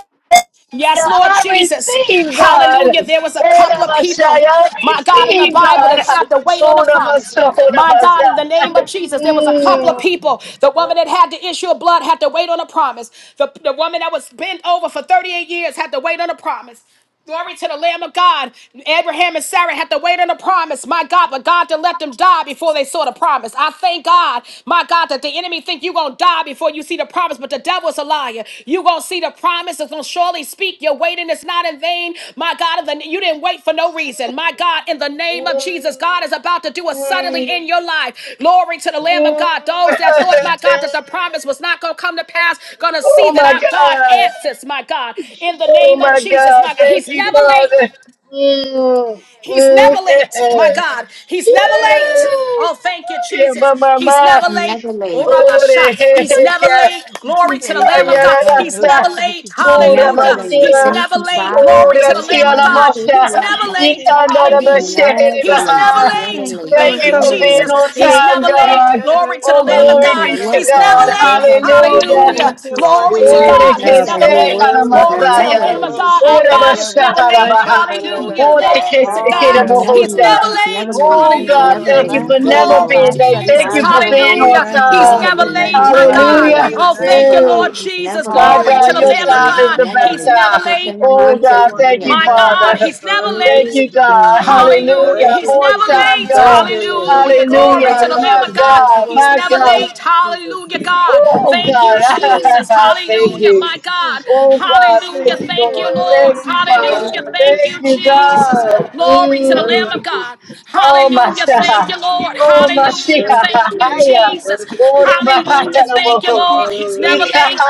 Yes, Yeah, Lord I Jesus. receive Hallelujah. God. There was a couple Ora of people, Messiah, I my God, in the receive Bible that God. had to wait on a Ora promise. Messiah, Ora My God, in the name of Messiah. Jesus, there was a couple of Mm, people. The woman that had the issue of blood had to wait on a promise. The, the woman that was bent over for 38 years had to wait on a promise. Glory to the Lamb of God. Abraham and Sarah had to wait on the promise, my God, but God didn't let them die before they saw the promise. I thank God, my God, that the enemy think you're going to die before you see the promise, but the devil's a liar. You're going to see the promise. It's going to surely speak. Your waiting is not in vain. My God, in the, you didn't wait for no reason. My God, in the name of mm, Jesus, God is about to do a suddenly mm, in your life. Glory to the Lamb of God. mm. Those that thought, my God, that the promise was not going to come to pass, going to see Oh that my our God God. answers, my God, in the Oh name of my Jesus, God. my God. Thank He's you, never late. Father. Mm, He's never mm, late. My yes. God. He's never late. Woo! Oh, thank you, Yeah, my, Jesus. my, He's my. never late. Never Oh, late. Rabba Shah. He's never Orejejas late. Glory y to the Thank you, Lamb of Lord. God. He's Hallelujah. never callarasa, Thank late. you, pura Jesus. Never Hallelujah. Thank you, late. He's Holy masía, Thank never you, Spirit. late. Thank Father. Glory you, to pura the Get Lord the Lamb tía of Jesus. la money Thank God. to you, mosha, He's you, out, never Lord. God. y late. Hallelujah. candada It's Hallelujah. never He's late. It's never basheba. never late. Thank you, late. Thank Lord. It's Thank you you, for never late. being Jesus. Hallelujah. on He's Thank you, time, never Lord. late. God. Glory to the Oh, Thank Lamb of glory God. you, God. be to Lord He's Hallelujah. never God. God. Blah, late. blah, Thank blah, you, blah, blah, Father. blah, Hallelujah. Thank Hallelujah. you, yeah. Lord Glory Your to Thank words you, are Ore God. He's que never Abba. Your Jesus. se late. para words He's are Glory Abba. to the Masaya. never Lamb of Thank you, late. God. Our Jesus. Ora God is never Jesus. Bashara late. Thank Baha. you, glory Hallelujah. to Ore God. que Glory to se quiera He's God. never He's Hallelujah. Bohosha. late. never He's never late. Thank you, late. Oh He's Jesus. God, never Hallelujah. thank you Thank for late. Yeah, you, never Lord. Glory, Baba being late. We Thank Jesus. you bless for Sataya. your being holy on Hallelujah. He's name, He's time. never God. never We late. late, He's my magnify never your God. Hallelujah. late. holy Oh, He's name, thank never you, Mm. God. Lord late. He's Jesus. never My late. Glory He's God, to the your Hallelujah. never Lamb of late. time Thank is He's you, God. the never best He's late. Jesus. never time. Yeah, late. Baba Oh Bless your God, thank wonderful you, Sataya. My name, God, God. Father. He's never Mm, Thank Hallelujah. you, late. mm, God. mm. Hallelujah. Hallelujah. Thank He's you, On never Jesus. time, late. Thank God. you, Lord. Hallelujah. Glory Hallelujah. to the Lamb My of Hallelujah. God. God, He's my never God. Thank late. you, Jesus. Hallelujah, God. Oh Thank you, Yes, God, Lord. Jesus. thank Hallelujah, my you. God. Oh God, Hallelujah. thank you, Thank you, Lord. Lord. Thank you, Thank Hallelujah. God. you, Jesus. Thank Thank you, you, Jesus. God. Glory to the Thank Lamb you, of Mm. God. Jesus. Oh my Hallelujah. Thank you, God. Lord. Oh my Shia. Hallelujah. Thank you, Thank you, Jesus. Jesus. Thank you, Jesus. Glory behind Hallelujah. the Thank you, Lord. Lord. He's never Hallelujah. late.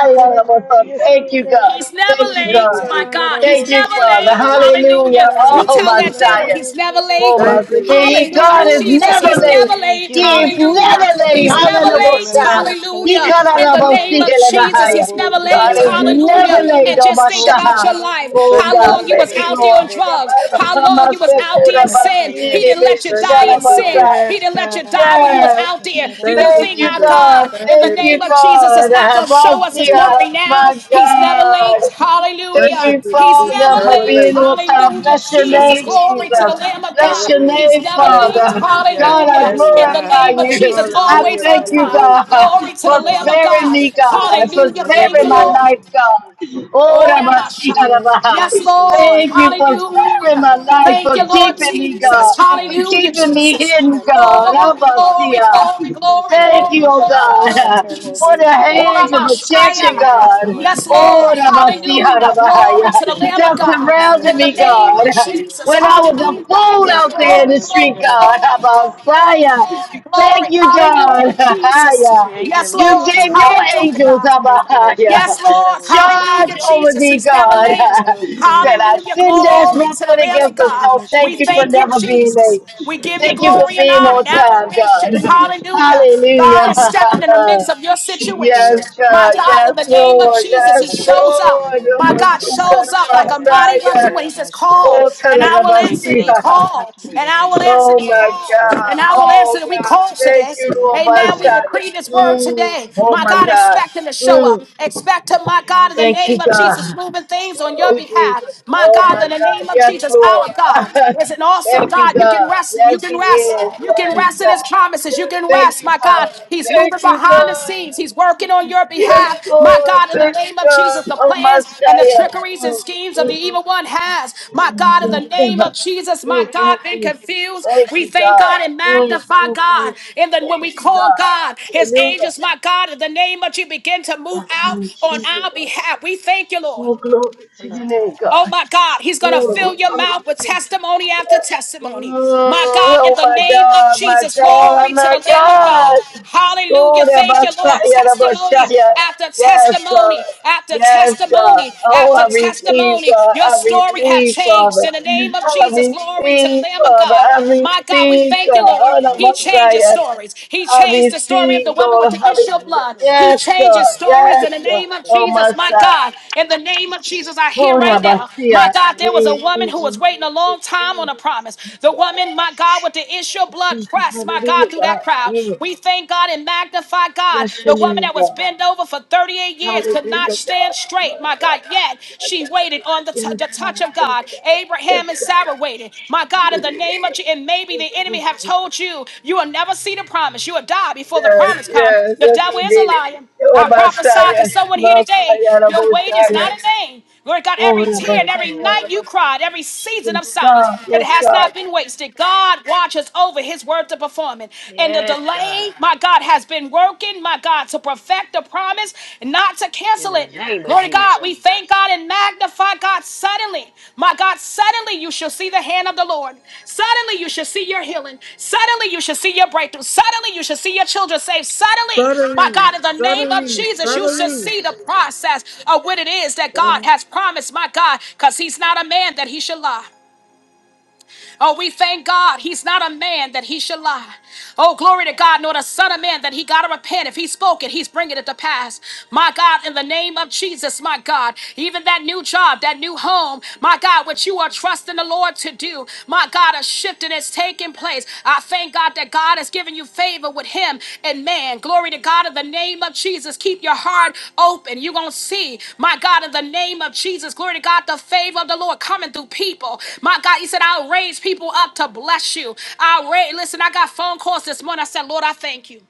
Thank you, God. He's never Thank you, Thank late. you, God. My Jesus. God, he's Thank you, never Father. late. Hallelujah. Hallelujah. You Thank Oh, you, tell that Jesus. devil Messiah. he's never Oh, late. Thank Master, you, Lord. yeah, Hallelujah, God is Glory to Jesus. never He's God. never late. late. He is Hallelujah. never late. He's never Thank you, late. Hallelujah. Jesus. He Hallelujah. In the name of Jesus, higher. Thank he's you, never late. God Jesus. is Thank you, Hallelujah. never late. Jesus. And Oh, just think about Mashaha. your life. Oh, How Thank you, God. long you was Thank Jesus. you, out there on Lord. drugs. How long you Master, was out oh, there in the sin. He Masini, didn't let you Thank die you, in Bishara, in sin. Jesus. Masai. He didn't let you die when you was Yes. out there. Do you Thank you, Thank think you, our Jesus. God, God. Thank in the Thank you, you, Lord. name of Jesus, is God. not going to show Thank us you, his Jesus. glory Master, now? my He's never late. God. Thank Thank you, Hallelujah. you, Jesus. He's He's never Father, for never late. being late. on top. Hallelujah. Bless your Jesus, Thank name, you, glory to Jesus. the Jesus. Lamb He's of Bless never God. your late. He's name, never Thank late. you, Father. Jesus. Thank God, I Hallelujah. you, In Lord. the glorify name of Jesus, you. I Hallelujah. always on thank you, time. Hallelujah. God, Glory to the for Lamb of sparing God. me, Thank you, God, for Jesus. Hallelujah. Thank Thank you, sparing you, my Lord. Lord. life, God. Oh, Oh, that my shot. Yes, Rabasiraba. Lord. Thank you for sparing Hallelujah. my life, Thank for you, Lord keeping me, Jesus. God, for Hallelujah, keeping Jesus. me hidden, God. Glory, glory, Rabasia. glory, glory, Thank you, glory, oh glory, God, for Jesus. the Oh, that hands of my protection, shot. God. Yes, Lord. Oh, Hallelujah. Glory to the Rabasihadabahaya, Lamb of that God. surrounded In the me, name God. of Jesus. When I was a Hallelujah. fool out there in Glory, glory, the street, glory, God, glory, glory, glory, Rabasaya. glory. Thank you, God. Hallelujah, Jesus. Haya. Yes, You Lord. gave your Hallelujah, angels, God. Rabahaya. Yes, Lord. Charge Hallelujah, over Jesus. thee, He's never God, late. that I Hallelujah. didn't dash Glory my to the foot Lamb of against the God. stone. We Thank you for thank you, never being Jesus. late. We give you Thank you for glory and being honor on and time, admiration. God. Hallelujah. God is stepping in the Hallelujah. midst of your situation. Yes, My God. God, Yes, in the name of Lord. Jesus, Yes, He shows up. Lord. My God Yamasuka shows up like a mighty rushing Rabasaya. wind. He says, Call, Oh, and I will answer thee. Tararabasiya. Call, and I will answer Oh, thee. my Call, God. and I will answer Oh, thee. We God. call Thank today. you, Lord Amen. We Messiah. decree this word Mm. today. Oh, My my God, God. expect him to show Mm. up. Expect him, my God, in the Thank name you, of God. Jesus, moving things on your Oh, Jesus. behalf. My Oh, God, my in the name God. of Yes, Jesus, our Lord. God is an awesome Thank you, God. You can God. rest. Yes, You He can rest. is. You can Yes, rest rest in God. his promises. You Yes, can Thank rest, you, my God. God. He's moving Thank you, behind the God. scenes. He's working on your Yes, behalf. My Lord. God, in the Thank name you, of Jesus, God. the Oh, my plans and the trickeries and Shia. schemes of the Mm, evil one has. My God, in the mm, name of mm. Jesus, my Yes, God. Thank God, thank been you. confused. Thank We you, thank God. God and Thank magnify you, God. And then when we thank you, call God. God, his Hallelujah. angels, my God, in the name of Jesus, begin to move Yes, out Lord on our Jesus. behalf. We thank you, Lord. Oh, glory to your name, Oh God. my God, he's going to Glory. fill your mouth with Hallelujah. testimony after testimony. My Mm, God, in oh, the my name of God, my Jesus, glory God, to the my Lamb of God. God. Hallelujah. Oh, the Thank you, Lord. Messiah, the Testimony Messiah. after Yes, God. testimony after Yes, God. testimony Oh, after I receive, testimony. God. Your I story have receive, changed Father. in the name of I Jesus. Glory to the receive, Lamb of Father. God. I My God, we receive, thank you, God. Lord. Oh, the He changes Messiah. stories. He I changed the story of receive, the woman with Lord. the issue of Hallelujah. blood. He Yes, God. changes stories Yes, in the God. name of Oh, Jesus, my my God. God. In the name of Jesus, I hear Oh, right now, Rabasia. my God, there was a Mm, woman mm, who was mm, mm, waiting a mm, long time on mm. a promise. Yes, The God. woman, my God, with the issue of blood Jesus, pressed, my hallelujah, God, through that God. crowd. Mm. We thank God and magnify God. Bless your The woman name, that was God. bent over for 38 years could not Hallelujah, stand God. My straight, my God, God. yet My she waited God. on the, t- Yes, the touch God. of God. Yes, God. God. Yes, Abraham and God. Sarah waited. My God, in the Hallelujah. name of Jesus, and maybe Mm, the enemy mm, have mm. told you you will never see the promise. You will die before the Yes, promise comes. yes, The yes, devil he is a did. liar. Oh, I prophesy to Messiah. someone here today, Messiah, your wait is not Raboshaya. in vain. Lord God, Oh, every tear and Yes, every Rabasasa, night Lord. you Rabasi. cried, every season Yes, of silence, God. it Yes, has God. not been wasted. God watches over his word to perform it. And the Yes, God. delay, my God, has been worked working, my God, to perfect the promise, not to In cancel the it. name of Glory to God. Jesus. We thank God and magnify God suddenly. My God, suddenly you shall see the hand of the Lord. Suddenly you shall see your healing. Suddenly you shall see your breakthrough. Suddenly you shall see your children saved. Suddenly, my Suddenly, God, in the name of Jesus, you shall suddenly, see the process of what it is that God suddenly. has promised, my God, because he's not a man that he should lie. Oh, we thank God. He's not a man that he should lie. Oh, glory to God, nor the son of man that he got to repent. If he spoke it, he's bringing it to pass. My God, in the name of Jesus, my God, even that new job, that new home, my God, what you are trusting the Lord to do, my God, a shifting is taking place. I thank thank God that God has given you favor with him and man. Glory to God in the name of Jesus. Keep your heart open. You're going to see, my God, in the name of Jesus. Glory to God, the favor of the Lord coming through people. My God, he said, I'll raise people up to bless you. I'll raise, listen, I got phone calls this morning. I said, Lord, I thank you.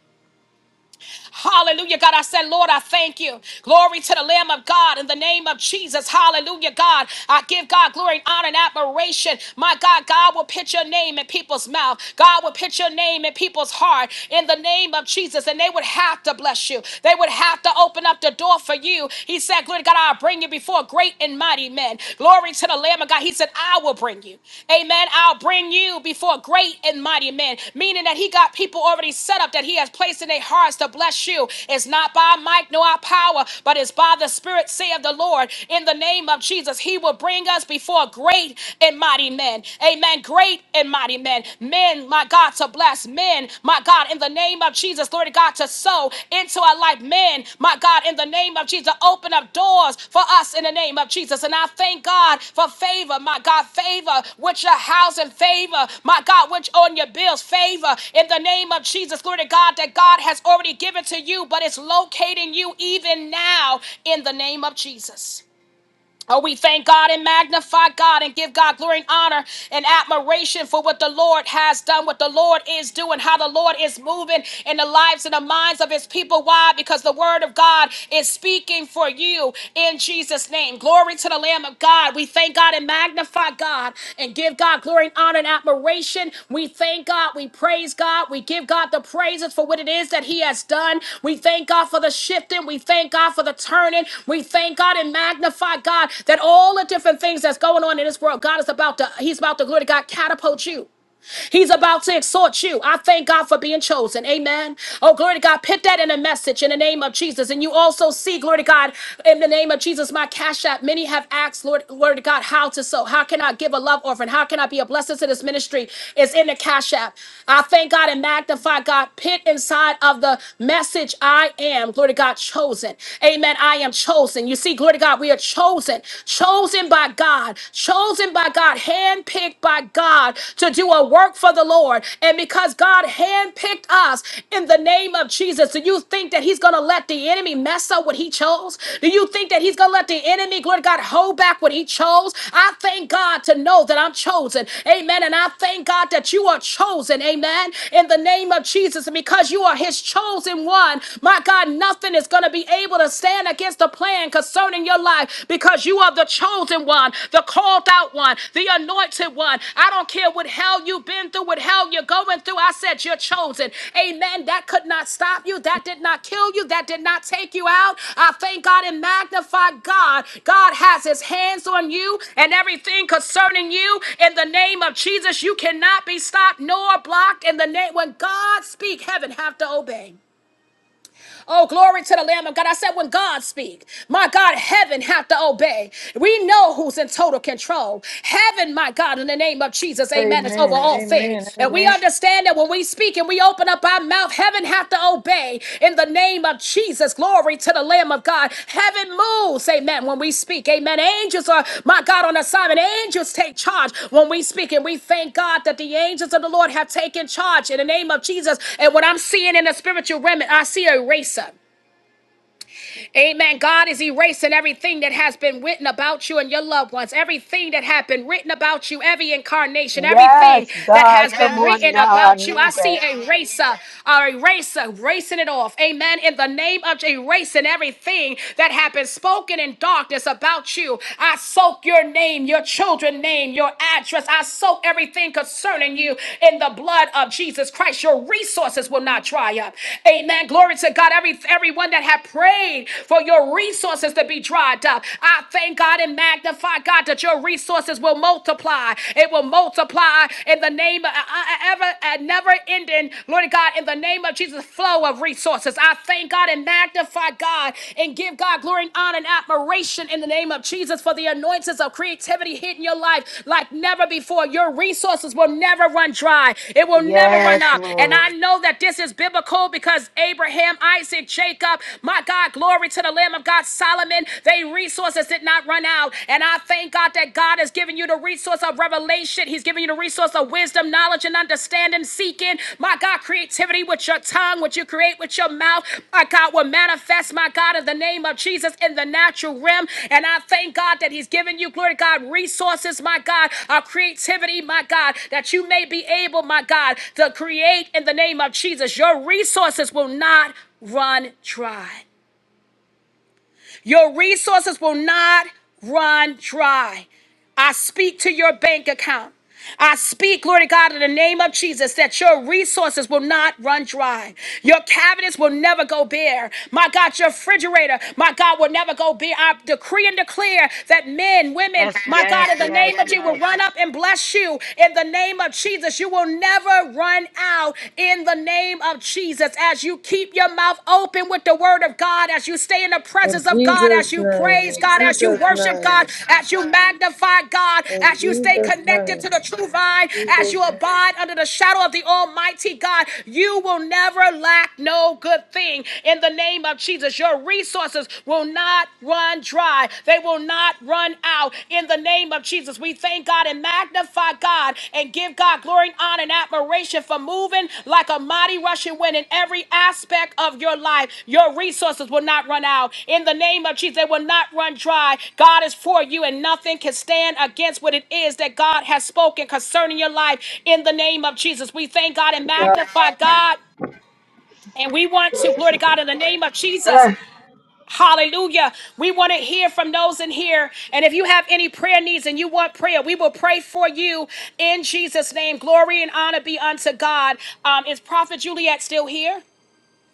Hallelujah, God. I said, Lord, I thank you. Glory to the Lamb of God in the name of Jesus. Hallelujah, God. I give God glory and honor and admiration. My God, God will put your name in people's mouth. God will put your name in people's heart in the name of Jesus. And they would have to bless you. They would have to open up the door for you. He said, Glory to God, I'll bring you before great and mighty men. Glory to the Lamb of God. He said, I will bring you. Amen. I'll bring you before great and mighty men, meaning that he got people already set up that he has placed in their hearts to bless you. It's not by might nor our power, but it's by the Spirit, saith the Lord. In the name of Jesus, he will bring us before great and mighty men. Amen. Great and mighty men. Men, my God, to bless men, my God, God, in the name of Jesus, glory to God, to sow into our life. Men, my God, in the name of Jesus, open up doors for us in the name of Jesus. And I thank God for favor, my God, favor with your house and favor, my God, which on your bills, favor in the name of Jesus, glory to God, that God has already given to you, but it's locating you even now in the name of Jesus. Oh, we thank God and magnify God and give God glory and honor and admiration for what the Lord has done, what the Lord is doing, how the Lord is moving in the lives and the minds of his people. Why? Because the word of God is speaking for you in Jesus' name. Glory to the Lamb of God. We thank God and magnify God. God and give God glory and honor and admiration. We thank God. We praise God. We give God the praises for what it is that He has done. We thank God for the shifting. We thank God for the turning. We thank God and magnify God that all the different things that's going on in this world, God is about to, He's about to glory to God catapult you. He's about to exhort you. I thank God for being chosen. Amen. Oh, glory to God. Put that in a message in the name of Jesus. And you also see, glory to God, in the name of Jesus, my cash app. Many have asked, Lord, glory to God, how to sow. How can I give a love offering? How can I be a blessing to this ministry? It's in the cash app. I thank God and magnify God. Put inside of the message, I am, glory to God, chosen. Amen. I am chosen. You see, glory to God, we are chosen, chosen by God, chosen by God, handpicked by God to do a work for the Lord. And because God handpicked us in the name of Jesus, do you think that He's going to let the enemy mess up what He chose? Do you think that He's going to let the enemy, Lord God, hold back what He chose? I thank God to know that I'm chosen. Amen. And I thank God that you are chosen. Amen. In the name of Jesus. And because you are His chosen one, my God, nothing is going to be able to stand against the plan concerning your life because you are the chosen one, the called out one, the anointed one. I don't care what hell you've been through, what hell you're going through. I said you're chosen. Amen. That could not stop you. That did not kill you. That did not take you out. I thank God and magnify God. God has his hands on you and everything concerning you. In the name of Jesus, you cannot be stopped nor blocked. In the name, when God speak, heaven have to obey. Oh, glory to the Lamb of God. I said, when God speak, my God, heaven have to obey. We know who's in total control. Heaven, my God, in the name of Jesus, amen, is over Amen. all Amen. things. And we Amen. understand that when we speak and we open up our mouth, heaven have to obey in the name of of Jesus. Glory to the Lamb of God. Heaven moves, amen, when we speak. Amen. Angels are, my God, on assignment. Angels take charge when we speak. And we thank God that the angels of the Lord have taken charge in the name of Jesus. And what I'm seeing in the spiritual realm, I see a racer. Amen. God is erasing everything that has been written about you and your loved ones, everything that had been written about you, every incarnation, everything Yes, that God, has come been written on now. I about you. I need see that. a eraser, a eraser, racing it off. Amen. In the name of erasing everything that had been spoken in darkness about you, I soak your name, your children's name, your address. I soak everything concerning you in the blood of Jesus Christ. Your resources will not dry up. Amen. Glory to God. Every everyone that had prayed need for your resources to be dried up. I thank God and magnify God that your resources will multiply. It will multiply in the name of uh, uh, ever uh, never ending, Lord God, in the name of Jesus, flow of resources. I thank God and magnify God and give God glory and honor and admiration in the name of Jesus for the anointings of creativity hitting your life like never before. Your resources will never run dry. It will never run out. And I know that this is biblical because Abraham, Isaac, Jacob, my God. God. Glory to the Lamb of God. Solomon, they resources did not run out. And I thank God that God has given you the resource of revelation. He's given you the resource of wisdom, knowledge, and understanding, seeking. My God, creativity with your tongue, what you create with your mouth. My God will manifest, my God, in the name of Jesus in the natural realm. And I thank God that He's given you, glory to God, resources, my God, of creativity, my God, that you may be able, my God, to create in the name of Jesus. Your resources will not run dry. Your resources will not run dry. I speak to your bank account. I speak, Lord God, in the name of Jesus, that your resources will not run dry. Your cabinets will never go bare. My God, your refrigerator, my God, will never go bare. I decree and declare that men, women, Yes, my yes, God, in the yes, name of Jesus, will yes. run up and bless you. In the name of Jesus, you will never run out in the name of Jesus. Jesus, as you keep your mouth open with the word of God, as you stay in the presence In of God, as Jesus' you praise name. God, In as you Jesus' worship God, name. as you magnify God, In as you stay Jesus' connected name. to the true vine, as Jesus' you name. abide under the shadow of the Almighty God, you will never lack no good thing. In the name of Jesus, your resources will not run dry, they will not run out in the name of Jesus. We thank God and magnify God and give God glory and honor and admiration for moving like a mighty rushing wind in every aspect of your life. Your resources will not run out. In the name of Jesus, they will not run dry. God is for you and nothing can stand against what it is that God has spoken concerning your life. In the name of Jesus, we thank God and Yes, God. magnify God. And we want to, glory to God, in the name of Jesus. Ah. Hallelujah. We want to hear from those in here. And if you have any prayer needs and you want prayer, we will pray for you in Jesus' name. Glory and honor be unto God. Um, is Prophet Juliet still here?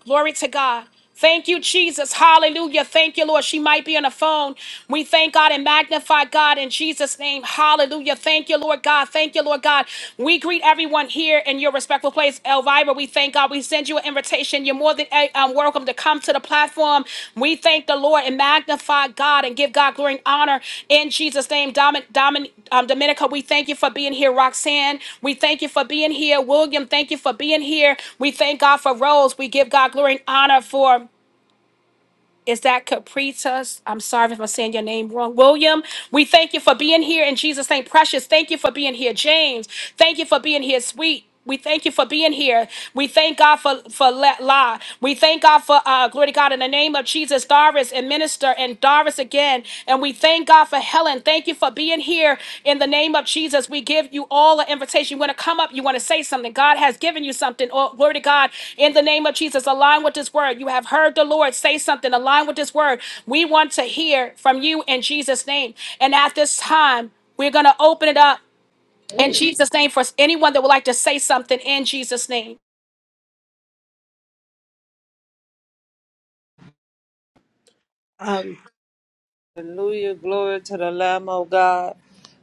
Glory to God. Thank you, Jesus. Hallelujah. Thank you, Lord. She might be on the phone. We thank God and magnify God in Jesus' name. Hallelujah. Thank you, Lord God. Thank you, Lord God. We greet everyone here in your respectful place. Elvira, we thank God. We send you an invitation. You're more than uh, um, welcome to come to the platform. We thank the Lord and magnify God and give God glory and honor in Jesus' name. Domin- Domin- um, Dominica, we thank you for being here. Roxanne, we thank you for being here. William, thank you for being here. We thank God for Rose. We give God glory and honor for. Is that Capritas? I'm sorry if I'm saying your name wrong. William, we thank you for being here in Jesus' name. Precious, thank you for being here. James, thank you for being here. Sweet. We thank you for being here. We thank God for for La. La. We thank God for uh, glory to God in the name of Jesus, Doris and Minister and Doris again. And we thank God for Helen. Thank you for being here in the name of Jesus. We give you all an invitation. You want to come up, you want to say something. God has given you something. Oh, word of God, in the name of Jesus, align with this word. You have heard the Lord say something, align with this word. We want to hear from you in Jesus' name. And at this time, we're going to open it up in Jesus' name for anyone that would like to say something in Jesus' name. Um, Hallelujah. Glory to the Lamb of God.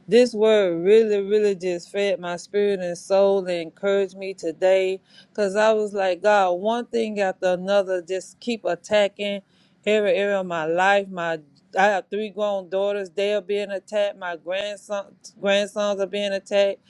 This word really, really just fed my spirit and soul and encouraged me today. Cause I was like, God, one thing after another, just keep attacking every area of my life. My I have three grown daughters, they are being attacked. My grandson grandsons are being attacked.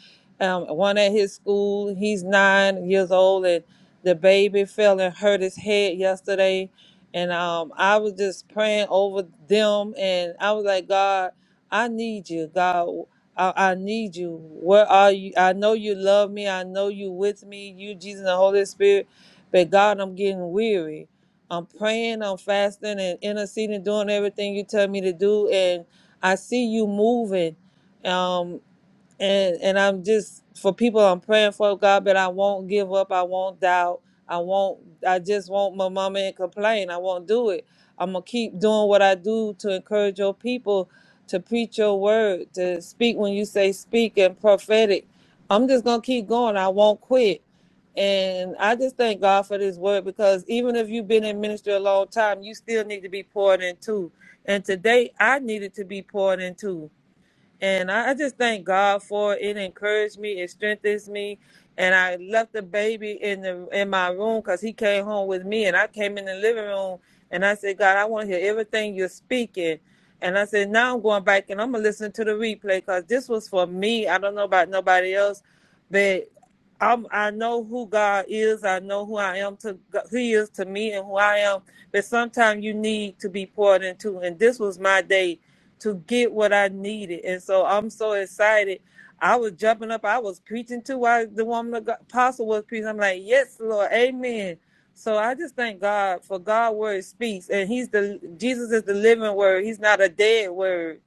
Um, one at his school, he's nine years old and the baby fell and hurt his head yesterday and um, I was just praying over them, and I was like, God, I need you, God, I, I need you. Where are you? I know you love me. I know you with me, you Jesus and the Holy Spirit, but God, I'm getting weary. I'm praying, I'm fasting, and interceding, doing everything you tell me to do, and I see you moving. Um, and and I'm just for people I'm praying for God, but I won't give up. I won't doubt. I won't. I just won't my mama and complain. I won't do it. I'm gonna keep doing what I do to encourage your people to preach your word, to speak when you say speak and prophetic. I'm just gonna keep going. I won't quit. And I just thank God for this word because even if you've been in ministry a long time, you still need to be poured into. And today I needed to be poured into. And I, I just thank God for it. It encouraged me, it strengthens me. And I left the baby in the in my room because he came home with me. And I came in the living room and I said, God, I want to hear everything you're speaking. And I said, now I'm going back and I'm gonna listen to the replay because this was for me. I don't know about nobody else, but I'm, I know who God is. I know who I am to Go- who He is to me and who I am. But sometimes you need to be poured into, and this was my day to get what I needed. And so I'm so excited. I was jumping up. I was preaching to while the woman of God, apostle was preaching. I'm like, yes, Lord, amen. So I just thank God for God word speaks. And he's the Jesus is the living word. He's not a dead word.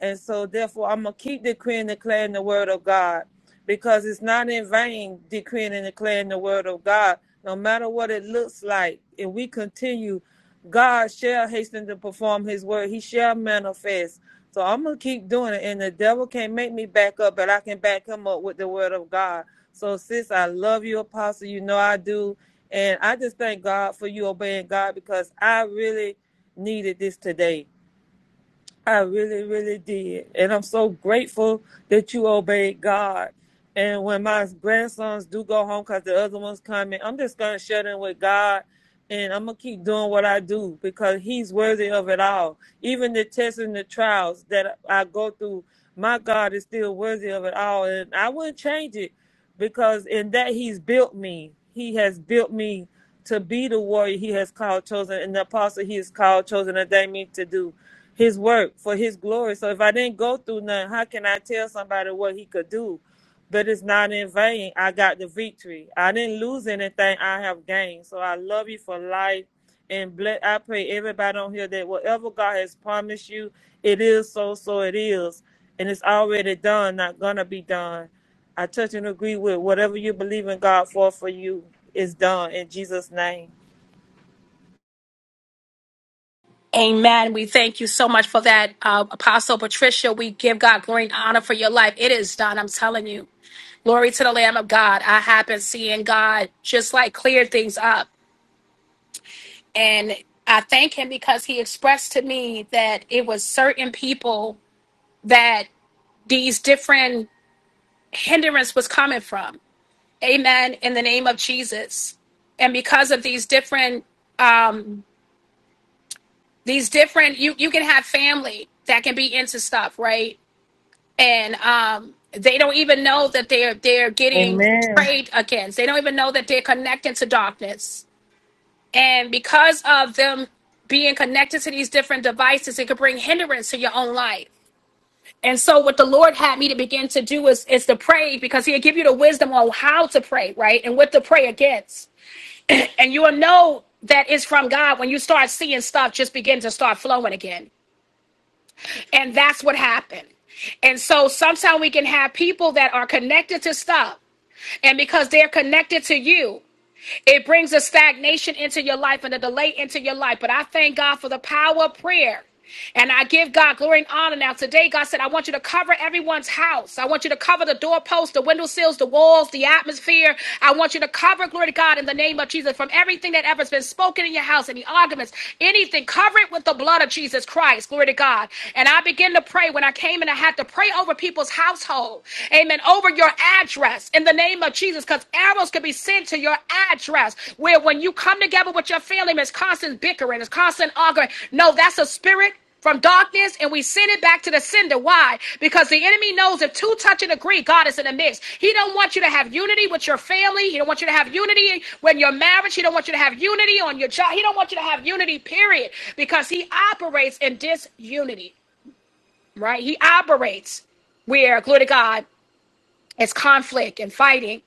And so, therefore, I'm going to keep decreeing and declaring the word of God because it's not in vain decreeing and declaring the word of God, no matter what it looks like. If we continue, God shall hasten to perform his word, he shall manifest. So, I'm going to keep doing it. And the devil can't make me back up, but I can back him up with the word of God. So, sis, I love you, Apostle. You know I do. And I just thank God for you obeying God because I really needed this today I really, really did. And I'm so grateful that you obeyed God. And when my grandsons do go home because the other one's coming, I'm just going to shut in with God and I'm going to keep doing what I do because He's worthy of it all. Even the tests and the trials that I go through, my God is still worthy of it all. And I wouldn't change it because in that He's built me. He has built me to be the warrior he has called chosen and the apostle he has called chosen and ordained me to do his work for his glory. So if I didn't go through nothing, how can I tell somebody what he could do? But it's not in vain. I got the victory. I didn't lose anything. I have gained. So I love you for life. And bless, I pray everybody on here that whatever God has promised you, it is so, so it is. And it's already done, not going to be done. I touch and agree with whatever you believe in God for for you is done in Jesus' name. Amen. We thank you so much for that, uh, Apostle Patricia. We give God glory and honor for your life. It is done. I'm telling you. Glory to the Lamb of God. I have been seeing God just like clear things up. And I thank him because he expressed to me that it was certain people that these different hindrance was coming from. Amen. In the name of Jesus. And because of these different um these different you you can have family that can be into stuff, right? And um they don't even know that they're they're getting Amen. prayed against. They don't even know that they're connected to darkness And because of them being connected to these different devices, it could bring hindrance to your own life. And so what the Lord had me to begin to do is is to pray because he'll give you the wisdom on how to pray, right? And what to pray against. And you'll know that it's from God when you start seeing stuff just begin to start flowing again. And that's what happened. And so sometimes we can have people that are connected to stuff. And because they're connected to you. It brings a stagnation into your life and a delay into your life. But I thank God for the power of prayer. And I give God glory and honor. Now, today, God said, I want you to cover everyone's house. I want you to cover the doorposts, the window sills, the walls, the atmosphere. I want you to cover, glory to God, in the name of Jesus, from everything that ever's been spoken in your house, any arguments, anything. Cover it with the blood of Jesus Christ. Glory to God. And I begin to pray when I came and I had to pray over people's household. Amen over your address in the name of Jesus because arrows could be sent to your address where when you come together with your family, it's constant bickering, it's constant arguing. No, that's a spirit from darkness and we send it back to the sender. Why? Because the enemy knows if two touch and agree, God is in the mix. He don't want you to have unity with your family. He don't want you to have unity when you're married. He don't want you to have unity on your job. He don't want you to have unity, period. Because he operates in disunity, right? He operates where, glory to God, it's conflict and fighting.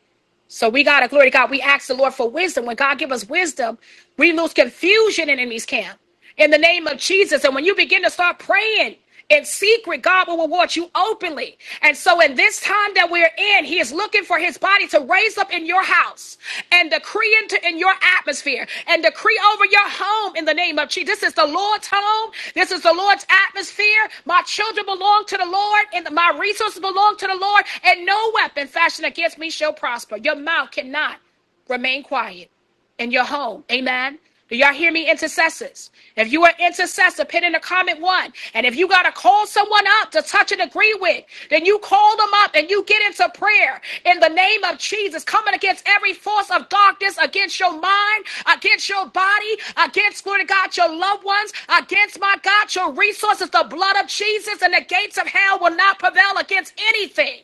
So we gotta glory to God. We ask the Lord for wisdom. When God give us wisdom, we lose confusion in enemy's camp. In the name of Jesus. And when you begin to start praying in secret, God will reward you openly. And so in this time that we're in, He is looking for His body to raise up in your house and decree into in your atmosphere and decree over your home in the name of Jesus. This is the Lord's home. This is the Lord's atmosphere. My children belong to the Lord and my resources belong to the Lord and no weapon fashioned against me shall prosper. Your mouth cannot remain quiet in your home. Amen. Do y'all hear me, intercessors? If you are intercessor, put in the comment one. And if you got to call someone up to touch and agree with, then you call them up and you get into prayer in the name of Jesus, coming against every force of darkness, against your mind, against your body, against, glory to God, your loved ones, against, my God, your resources. The blood of Jesus and the gates of hell will not prevail against anything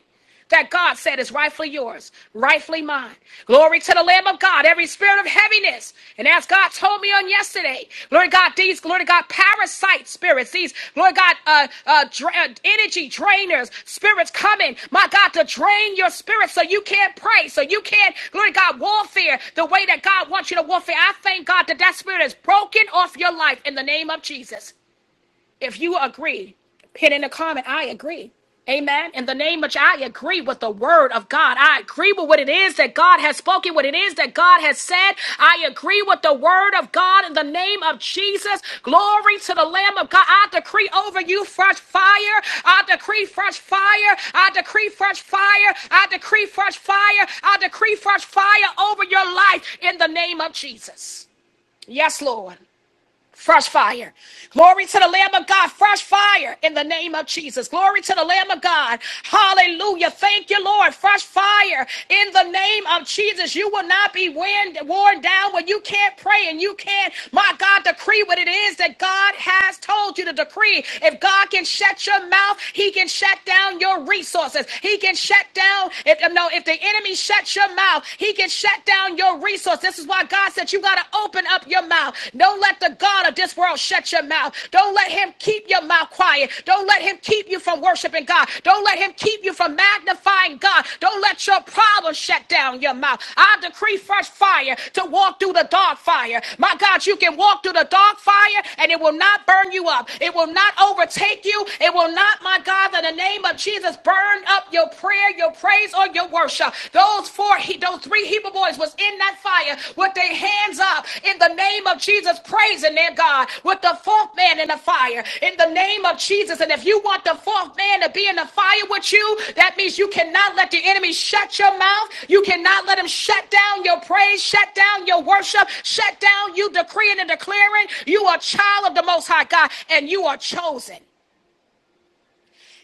that God said is rightfully yours, rightfully mine. Glory to the Lamb of God, every spirit of heaviness. And as God told me on yesterday, Lord God, these, glory to God, parasite spirits, these, Lord God, uh, uh, dra- uh, energy drainers, spirits coming, my God, to drain your spirit so you can't pray, so you can't, glory to God, warfare the way that God wants you to warfare. I thank God that that spirit is broken off your life in the name of Jesus. If you agree, hit in the comment, I agree. Amen. In the name of, I agree with the word of God. I agree with what it is that God has spoken, what it is that God has said. I agree with the word of God in the name of Jesus. Glory to the Lamb of God. I decree over you fresh fire. I decree fresh fire. I decree fresh fire. I decree fresh fire. I decree fresh fire over your life in the name of Jesus. Yes, Lord. Fresh fire. Glory to the Lamb of God. Fresh fire in the name of Jesus. Glory to the Lamb of God. Hallelujah. Thank you, Lord. Fresh fire in the name of Jesus. You will not be wind, worn down when you can't pray and you can't, my God, decree what it is that God has told you to decree. If God can shut your mouth, He can shut down your resources. He can shut down, if no, if the enemy shuts your mouth, He can shut down your your resource. This is why God said you got to open up your mouth. Don't let the God of this world shut your mouth. Don't let him keep your mouth quiet. Don't let him keep you from worshiping God. Don't let him keep you from magnifying God. Don't let your problems shut down your mouth. I decree fresh fire to walk through the dark fire. My God, you can walk through the dark fire and it will not burn you up. It will not overtake you. It will not, my God, in the name of Jesus, burn up your prayer prayer, your praise, or your worship. Those four, those three Hebrew boys was in that fire with their hands up in the name of Jesus, praising their God with the fourth man in the fire in the name of Jesus. And if you want the fourth man to be in the fire with you, that means you cannot let the enemy shut your mouth. You cannot let him shut down your praise, shut down your worship, shut down you decreeing and declaring. You are a child of the Most High God and you are chosen.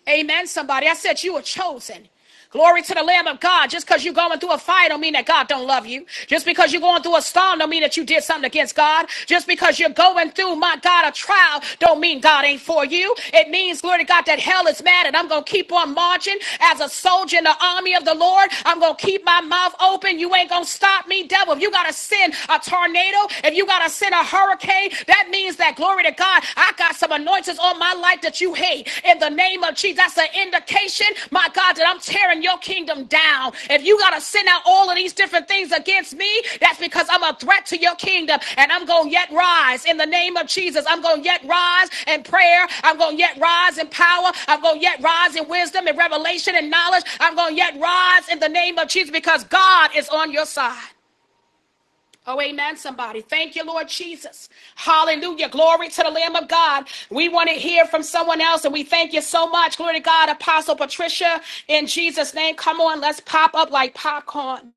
Amen, somebody. I said you were chosen. Glory to the Lamb of God. Just because you're going through a fire don't mean that God don't love you. Just because you're going through a storm don't mean that you did something against God. Just because you're going through, my God, a trial don't mean God ain't for you. It means, glory to God, that hell is mad and I'm going to keep on marching as a soldier in the army of the Lord. I'm going to keep my mouth open. You ain't going to stop me, devil. If you got to send a tornado, if you got to send a hurricane, that means means that, glory to God, I got some anointings on my life that you hate. In the name of Jesus, that's an indication, my God, that I'm tearing your kingdom down. If you got to send out all of these different things against me, that's because I'm a threat to your kingdom. And I'm going to yet rise in the name of Jesus. I'm going to yet rise in prayer. I'm going to yet rise in power. I'm going to yet rise in wisdom and revelation and knowledge. I'm going to yet rise in the name of Jesus because God is on your side. Oh, amen, somebody. Thank you, Lord Jesus. Hallelujah. Glory to the Lamb of God. We want to hear from someone else, and we thank you so much. Glory to God, Apostle Patricia, in Jesus' name. Come on, let's pop up like popcorn.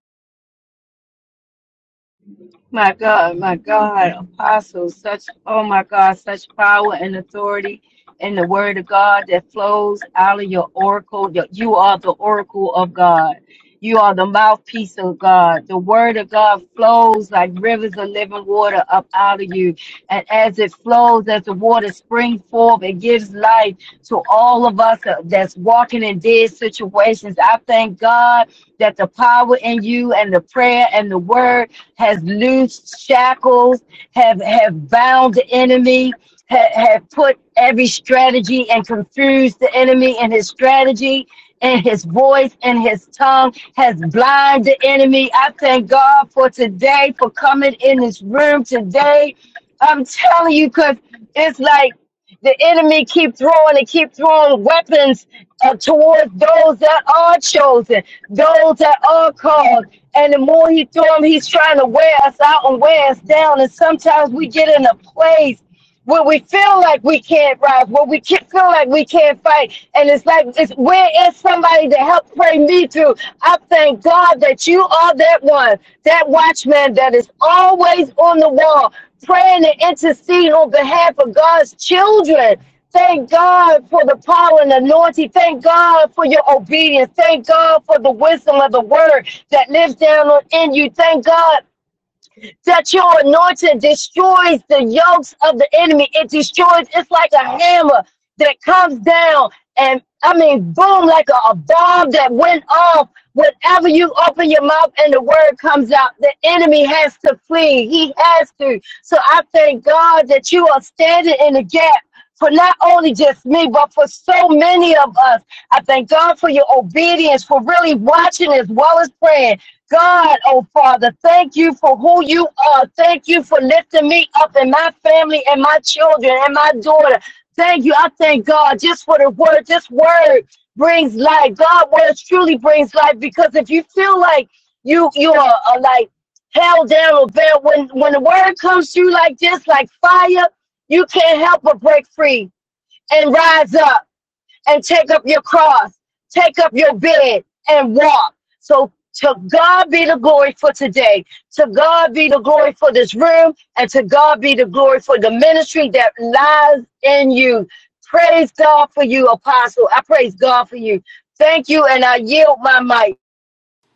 My God, my God, apostles, such, oh my God, such power and authority in the word of God that flows out of your oracle. Your- You are the oracle of God. You are the mouthpiece of God. The word of God flows like rivers of living water up out of you. And as it flows, as the water springs forth, it gives life to all of us that's walking in dead situations. I thank God that the power in you and the prayer and the word has loosed shackles, have, have bound the enemy, ha- have put every strategy and confused the enemy and his strategy and his voice and his tongue has blinded the enemy. I thank God for today, for coming in this room today. I'm telling you, because it's like the enemy keep throwing and keep throwing weapons uh, towards those that are chosen, those that are called, and the more he threw him, he's trying to wear us out and wear us down. And sometimes we get in a place where we feel like we can't rise, where we can't feel like we can't fight. And it's like, it's, where is somebody to help pray me through? I thank God that you are that one, that watchman that is always on the wall, praying and interceding on behalf of God's children. Thank God for the power and anointing. Thank God for your obedience. Thank God for the wisdom of the word that lives down on in you. Thank God that your anointing destroys the yokes of the enemy. It destroys, it's like a hammer that comes down and I mean boom, like a, a bomb that went off. Whenever you open your mouth and the word comes out, the enemy has to flee. He has to. So I thank God that you are standing in the gap for not only just me, but for so many of us. I thank God for your obedience, for really watching as well as praying. God, oh Father, thank you for who you are. Thank you for lifting me up and my family and my children and my daughter. Thank you. I thank God just for the word. This word brings life. God words truly brings life because if you feel like you you are, are like held down or bad, when when the word comes to you like this, like fire, you can't help but break free and rise up and take up your cross, take up your bed and walk. So to God be the glory for today. To God be the glory for this room and to God be the glory for the ministry that lies in you. Praise God for you, apostle. I praise God for you. Thank you and I yield my mic.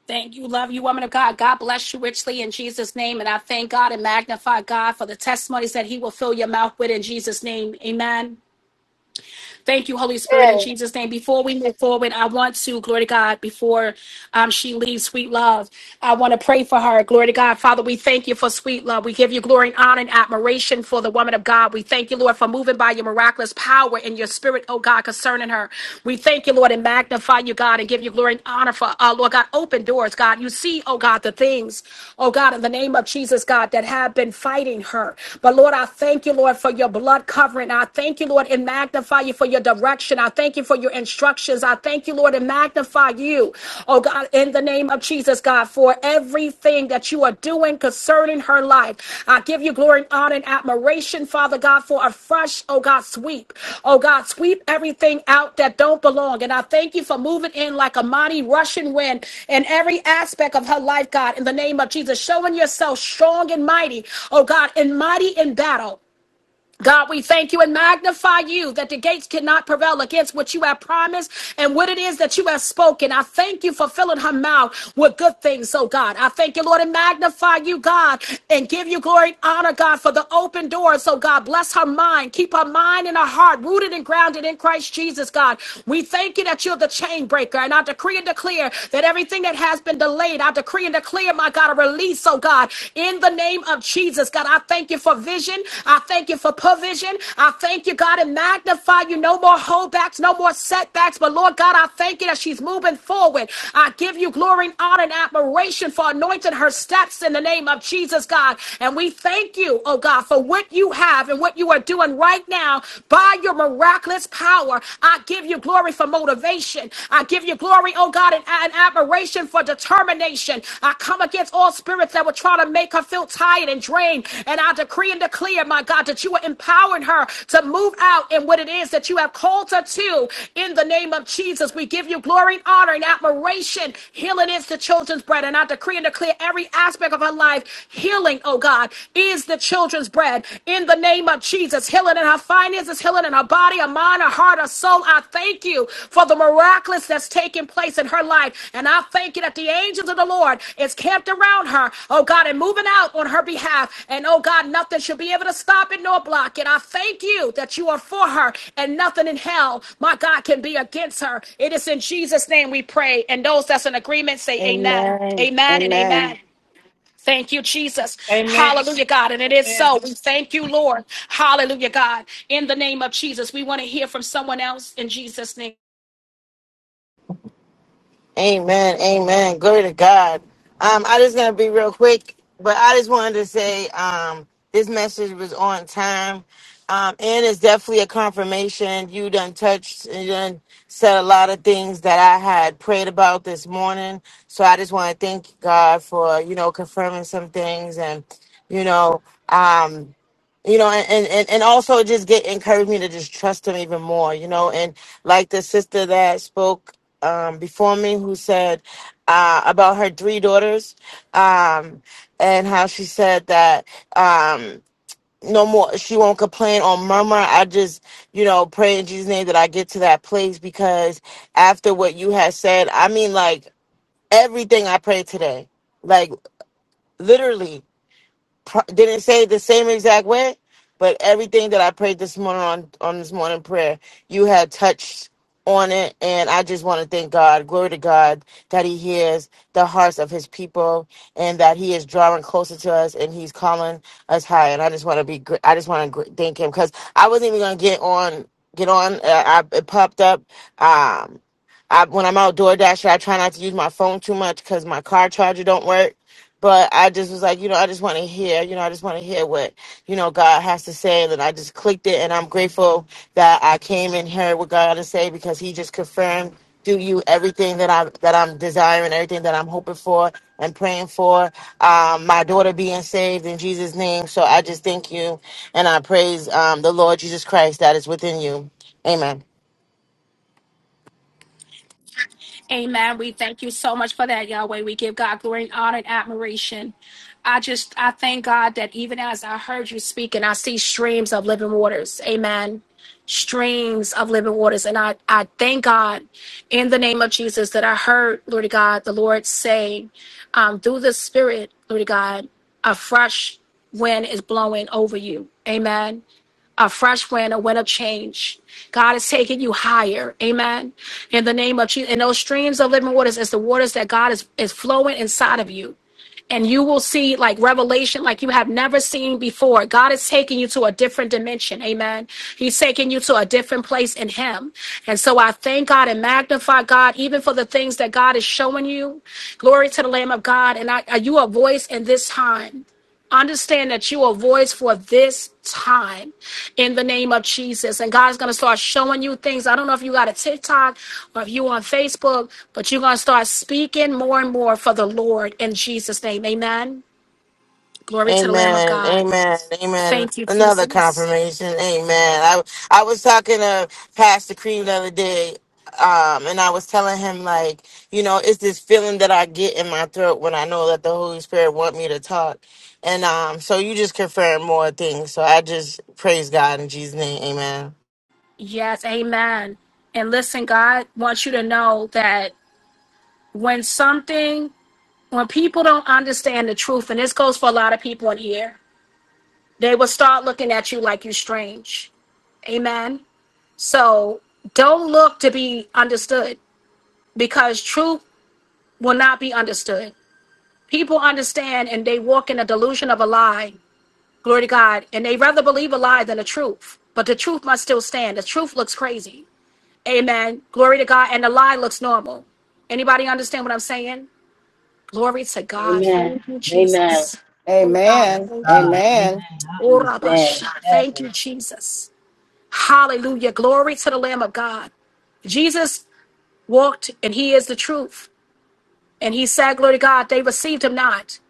Thank you, love you, woman of God. God bless you richly in Jesus' name. And I thank God and magnify God for the testimonies that He will fill your mouth with in Jesus' name. Amen. Thank you, Holy Spirit, in And Jesus' name. Before we move forward, I want to, glory to God, before um, she leaves Sweet Love, I want to pray for her. Glory to God. Father, we thank you for Sweet Love. We give you glory and honor and admiration for the woman of God. We thank you, Lord, for moving by your miraculous power and your spirit, oh God, concerning her. We thank you, Lord, and magnify you, God, and give you glory and honor for, uh, Lord God, open doors, God. You see, oh God, the things, oh God, in the name of Jesus, God, that have been fighting her. But Lord, I thank you, Lord, for your blood covering. I I thank you, Lord, and magnify you for your direction. I thank you for your instructions. I thank you, Lord, and magnify you, oh God, in the name of Jesus, God, for everything that you are doing concerning her life. I give you glory and honor and admiration, Father God, for a fresh, oh God, sweep. Oh God, sweep everything out that don't belong. And I thank you for moving in like a mighty Russian wind in every aspect of her life, God, in the name of Jesus, showing yourself strong and mighty, oh God, and mighty in battle. God, we thank you and magnify you that the gates cannot prevail against what you have promised and what it is that you have spoken. I thank you for filling her mouth with good things, oh God. I thank you, Lord, and magnify you, God, and give you glory and honor, God, for the open doors, oh God. Bless her mind. Keep her mind and her heart rooted and grounded in Christ Jesus, God. We thank you that you're the chain breaker, and I decree and declare that everything that has been delayed, I decree and declare, my God. God, a release, oh God, in the name of Jesus. God, I thank you for vision. I thank you for provision. I thank you, God, and magnify you. No more holdbacks, no more setbacks. But Lord God, I thank you that she's moving forward. I give you glory and honor and admiration for anointing her steps in the name of Jesus, God. And we thank you, oh God, for what you have and what you are doing right now by your miraculous power. I give you glory for motivation determination. I give you glory, oh God, and, and admiration for determination. I come against all spirits that would try to make her feel tired and drained. And I decree and declare, my God, that you are empowering her to move out in what it is that you have called her to. In the name of Jesus, we give you glory and honor and admiration. Healing is the children's bread. And I decree and declare every aspect of her life, healing, oh God, is the children's bread. In the name of Jesus. Healing in her finances, healing in her body, her mind, her heart, her soul. I thank you for the miraculous that's taking place in her life. And I thank you that the angels of the Lord is camped around her, oh God, and moving out on her behalf. And oh God, nothing should be able to stop it nor block it. I thank you that you are for her and nothing in hell, my God, can be against her. It is in Jesus' name we pray. And those that's in agreement say amen. Amen. Amen and Amen. amen. Thank you, Jesus. Amen. Hallelujah, God. And it is Amen. so. We thank you, Lord. Hallelujah, God. In the name of Jesus, we want to hear from someone else in Jesus' name. Amen. Amen. Glory to God. Um, I just gonna be real quick, but I just wanted to say um this message was on time. Um, and it's definitely a confirmation. You done touched and you done said a lot of things that I had prayed about this morning. So I just want to thank God for, you know, confirming some things and, you know, um, you know, and, and, and and also just get encourage me to just trust him even more, you know, and like the sister that spoke um, before me who said uh, about her three daughters um, and how she said that um, no more she won't complain or murmur i just you know pray in jesus name that i get to that place because after what you had said i mean like everything i prayed today like literally pro- didn't say it the same exact way, but everything that I prayed this morning on on this morning prayer, you had touched on it, and I just want to thank God, glory to God, that He hears the hearts of His people, and that He is drawing closer to us, and He's calling us high. And I just want to be, gr- I just want to thank Him because I wasn't even gonna get on, get on. Uh, I, it popped up. Um, I, when I'm out door dashing, I try not to use my phone too much because my car charger don't work but I just was like, you know, I just want to hear, you know, I just want to hear what, you know, God has to say. And then I just clicked it. And I'm grateful that I came and heard what God had to say because he just confirmed through you everything that I'm, that I'm desiring, everything that I'm hoping for and praying for. Um, my daughter being saved in Jesus name. So I just thank you. And I praise, um, the Lord Jesus Christ that is within you. Amen. Amen. We thank you so much for that, Yahweh. We give God glory and honor and admiration. I just, I thank God that even as I heard you speak and I see streams of living waters. Amen. Streams of living waters. And I, I thank God in the name of Jesus that I heard, Lord God, the Lord say, um, through the Spirit, Lord God, a fresh wind is blowing over you. Amen a fresh wind, a wind of change. God is taking you higher. Amen. In the name of Jesus. And those streams of living waters is the waters that God is, is flowing inside of you. And you will see like revelation like you have never seen before. God is taking you to a different dimension. Amen. He's taking you to a different place in Him. And so I thank God and magnify God even for the things that God is showing you. Glory to the Lamb of God. And I, are you a voice in this time? Understand that you are a voice for this time in the name of Jesus. And God's going to start showing you things. I don't know if you got a TikTok or if you on Facebook, but you're going to start speaking more and more for the Lord in Jesus' name. Amen. Glory to the Lamb of Amen. God. Amen. Amen. Thank you, Another Jesus. confirmation. Amen. I I was talking to Pastor Cream the other day, um, and I was telling him like, you know, it's this feeling that I get in my throat when I know that the Holy Spirit want me to talk. And um, so you just confirm more things. So I just praise God in Jesus' name. Amen. Yes, amen. And listen, God wants you to know that when something, when people don't understand the truth, and this goes for a lot of people in here, they will start looking at you like you're strange. Amen. So don't look to be understood because truth will not be understood. People understand and they walk in a delusion of a lie, glory to God, and they rather believe a lie than the truth. But the truth must still stand. The truth looks crazy. Amen. Glory to God. And the lie looks normal. Anybody understand what I'm saying? Glory to God. Thank you, Jesus. Amen. Oh God, Amen. thank you. Oh, Rabasha. Thank you, Jesus. Hallelujah. Glory to the Lamb of God. Jesus walked, and he is the truth. And he said, Glory to God, they received him not.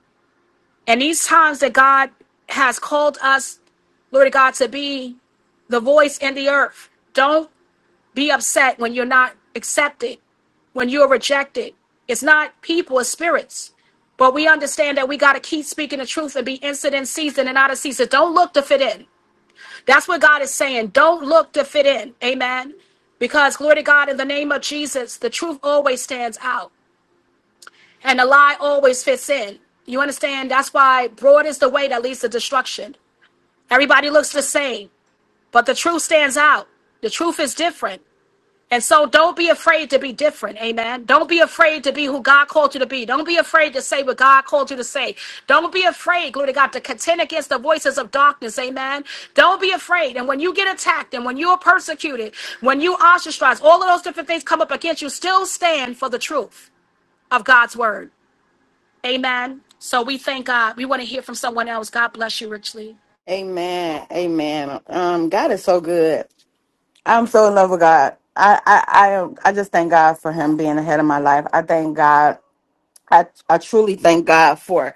And these times that God has called us, glory to God, to be the voice in the earth. Don't be upset when you're not accepted, when you're rejected. It's not people, it's spirits. But we understand that we got to keep speaking the truth and be instant in season and out of season. Don't look to fit in. That's what God is saying. Don't look to fit in. Amen. Because, glory to God, in the name of Jesus, the truth always stands out. And a lie always fits in. You understand? That's why broad is the way that leads to destruction. Everybody looks the same, but the truth stands out. The truth is different. And so don't be afraid to be different. Amen. Don't be afraid to be who God called you to be. Don't be afraid to say what God called you to say. Don't be afraid, glory to God, to contend against the voices of darkness. Amen. Don't be afraid. And when you get attacked and when you are persecuted, when you ostracized, all of those different things come up against you, still stand for the truth of God's word. Amen. So we thank God. We want to hear from someone else. God bless you richly. Amen. Amen. Um, God is so good. I'm so in love with God. I, I, I am. I just thank God for Him being ahead of my life. I thank God. I, I truly thank God for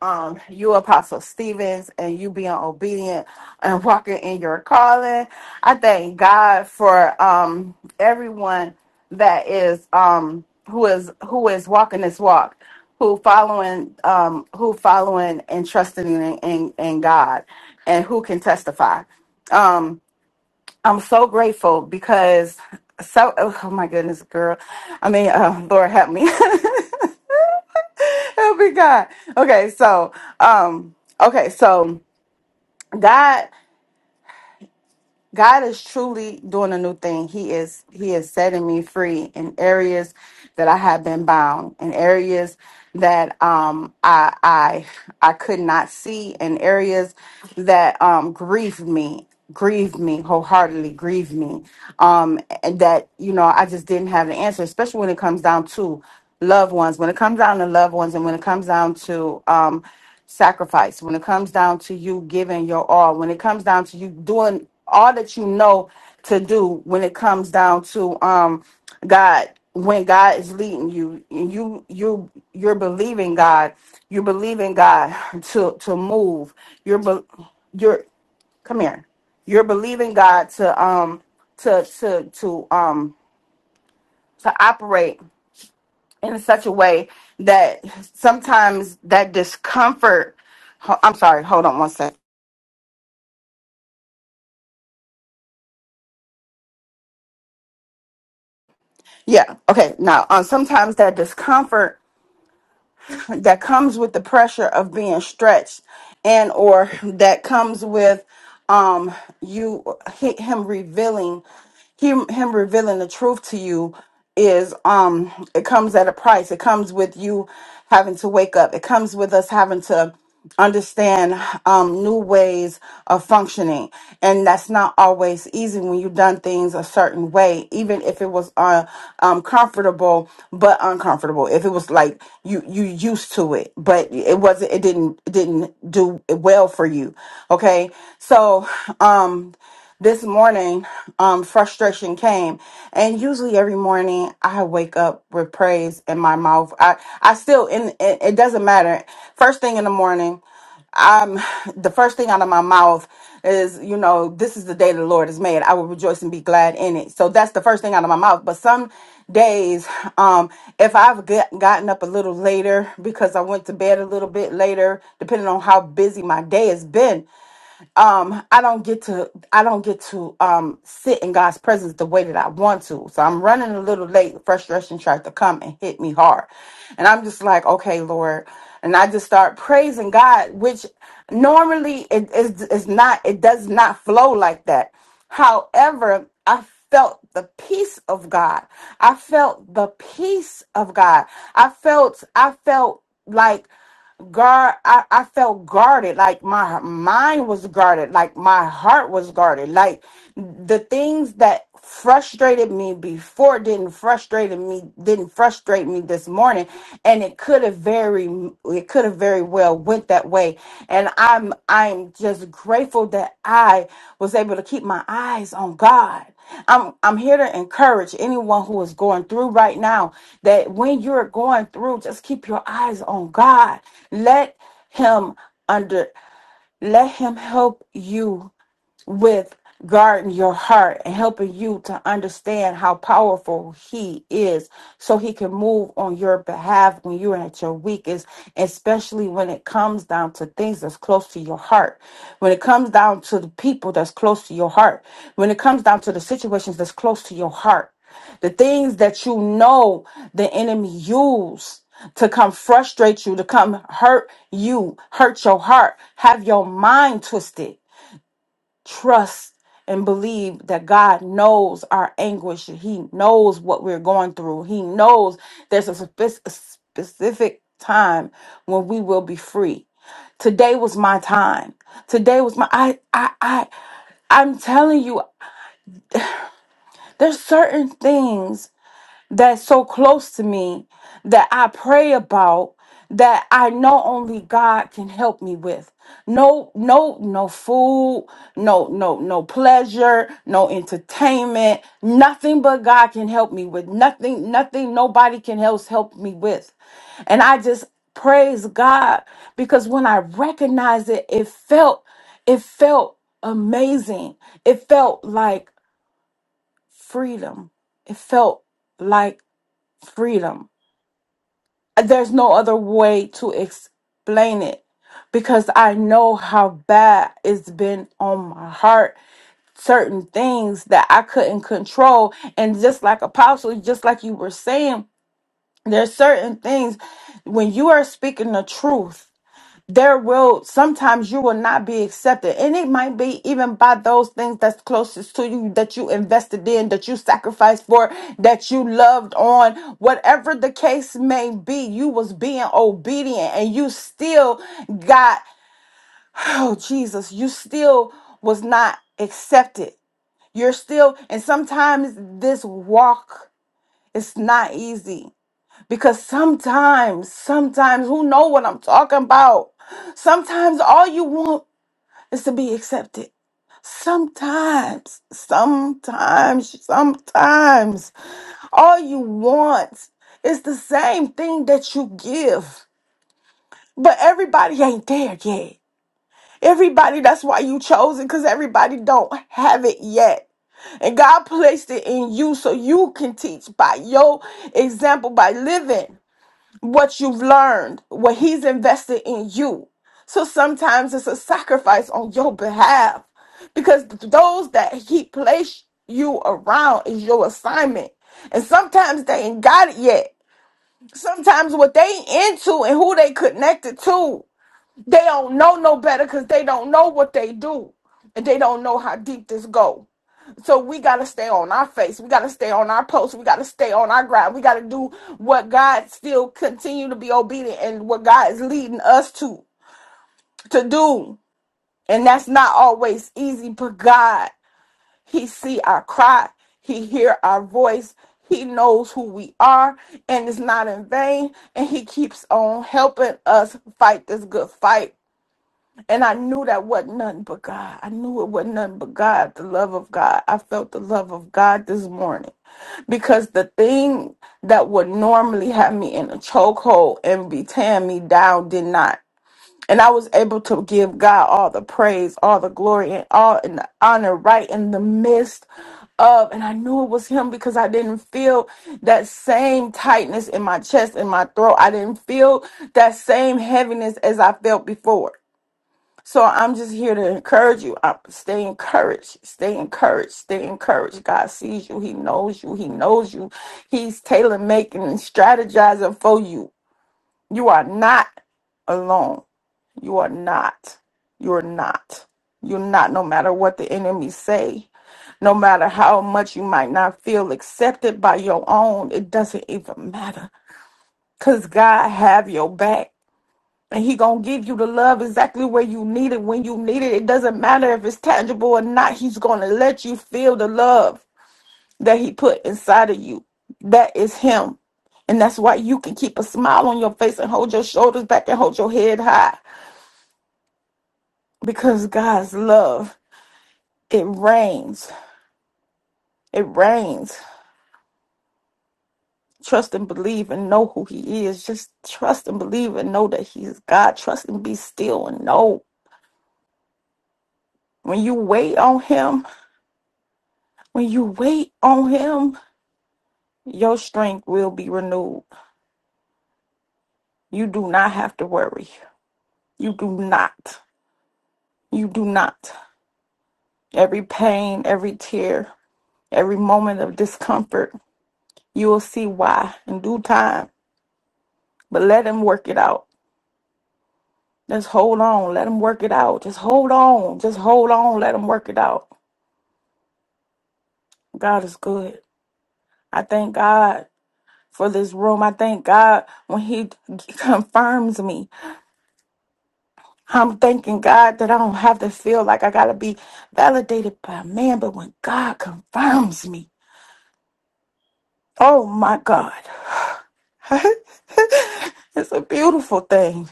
um you, Apostle Stevens, and you being obedient and walking in your calling. I thank God for um everyone that is um who is who is walking this walk, who following um who following and trusting in in, in God, and who can testify. Um, I'm so grateful because so oh oh my goodness, girl. I mean, uh, Lord help me. help me God. Okay, so um okay, so God God is truly doing a new thing. He is He is setting me free in areas that I have been bound, in areas that um I I I could not see, in areas that um grieved me, grieved me wholeheartedly, grieved me. Um and that, you know, I just didn't have the answer, especially when it comes down to loved ones, when it comes down to loved ones and when it comes down to um sacrifice when it comes down to you giving your all when it comes down to you doing all that you know to do when it comes down to um god when god is leading you and you you you're believing god you're believing god to to move you're be, you're come here you're believing god to um to to to um to operate in such a way that sometimes that discomfort Ho- I'm sorry. Hold on one sec. Yeah. Okay. Now, um, sometimes that discomfort that comes with the pressure of being stretched, and or that comes with um you hi- him revealing him him revealing the truth to you is um it comes at a price it comes with you having to wake up it comes with us having to understand um new ways of functioning and that's not always easy when you've done things a certain way even if it was uh, um comfortable but uncomfortable if it was like you you used to it but it wasn't it didn't it didn't do well for you okay so um this morning, um, frustration came, and usually every morning I wake up with praise in my mouth. I, I still, in it, it doesn't matter. First thing in the morning, um, the first thing out of my mouth is, you know, this is the day the Lord has made. I will rejoice and be glad in it. So that's the first thing out of my mouth. But some days, um, if I've get, gotten up a little later because I went to bed a little bit later, depending on how busy my day has been um i don't get to i don't get to um sit in god's presence the way that i want to so i'm running a little late frustration tried to come and hit me hard and i'm just like okay lord and i just start praising god which normally it is is not it does not flow like that however i felt the peace of god i felt the peace of god i felt i felt like guard I, I felt guarded like my mind was guarded like my heart was guarded like the things that frustrated me before didn't frustrate me didn't frustrate me this morning and it could have very it could have very well went that way and i'm i'm just grateful that i was able to keep my eyes on god i'm i'm here to encourage anyone who is going through right now that when you're going through just keep your eyes on god let him under let him help you with guarding your heart and helping you to understand how powerful he is so he can move on your behalf when you're at your weakest especially when it comes down to things that's close to your heart when it comes down to the people that's close to your heart when it comes down to the situations that's close to your heart the things that you know the enemy used to come frustrate you to come hurt you hurt your heart have your mind twisted trust and believe that God knows our anguish. He knows what we're going through. He knows there's a spec- a specific time when we will be free. Today was my time. Today was my I I I I'm telling you there's certain things that's so close to me that I pray about that I know only God can help me with. No, no, no food, no, no, no pleasure, no entertainment, nothing but God can help me with. Nothing, nothing, nobody can else help me with. And I just praise God because when I recognized it, it felt, it felt amazing. It felt like freedom. It felt like freedom. There's no other way to explain it because I know how bad it's been on my heart. Certain things that I couldn't control. And just like Apostle, just like you were saying, there's certain things when you are speaking the truth there will sometimes you will not be accepted and it might be even by those things that's closest to you that you invested in that you sacrificed for that you loved on whatever the case may be you was being obedient and you still got oh jesus you still was not accepted you're still and sometimes this walk is not easy because sometimes sometimes who know what i'm talking about sometimes all you want is to be accepted sometimes sometimes sometimes all you want is the same thing that you give but everybody ain't there yet everybody that's why you chose it because everybody don't have it yet and god placed it in you so you can teach by your example by living what you've learned, what he's invested in you. So sometimes it's a sacrifice on your behalf because those that he placed you around is your assignment. And sometimes they ain't got it yet. Sometimes what they into and who they connected to, they don't know no better because they don't know what they do and they don't know how deep this go. So we got to stay on our face. We got to stay on our post. We got to stay on our ground. We got to do what God still continue to be obedient and what God is leading us to to do. And that's not always easy, but God, he see our cry. He hear our voice. He knows who we are and it's not in vain and he keeps on helping us fight this good fight. And I knew that wasn't nothing but God. I knew it wasn't nothing but God, the love of God. I felt the love of God this morning because the thing that would normally have me in a chokehold and be tearing me down did not. And I was able to give God all the praise, all the glory, and all and the honor right in the midst of. And I knew it was Him because I didn't feel that same tightness in my chest and my throat. I didn't feel that same heaviness as I felt before. So I'm just here to encourage you. Uh, Stay encouraged. Stay encouraged. Stay encouraged. God sees you. He knows you. He knows you. He's tailor making and strategizing for you. You are not alone. You are not. You're not. You're not. No matter what the enemy say, no matter how much you might not feel accepted by your own, it doesn't even matter. Cause God have your back and he gonna give you the love exactly where you need it when you need it it doesn't matter if it's tangible or not he's gonna let you feel the love that he put inside of you that is him and that's why you can keep a smile on your face and hold your shoulders back and hold your head high because god's love it rains it rains trust and believe and know who he is just trust and believe and know that he's god trust and be still and know when you wait on him when you wait on him Your strength will be renewed. You do not have to worry. You do not. You do not. Every pain, every tear, every moment of discomfort, you will see why in due time. But let him work it out. Just hold on. Let him work it out. Just hold on. Just hold on. Let him work it out. God is good. I thank God for this room. I thank God when he confirms me. I'm thanking God that I don't have to feel like I got to be validated by man, but when God confirms me, oh my God, it's a beautiful thing.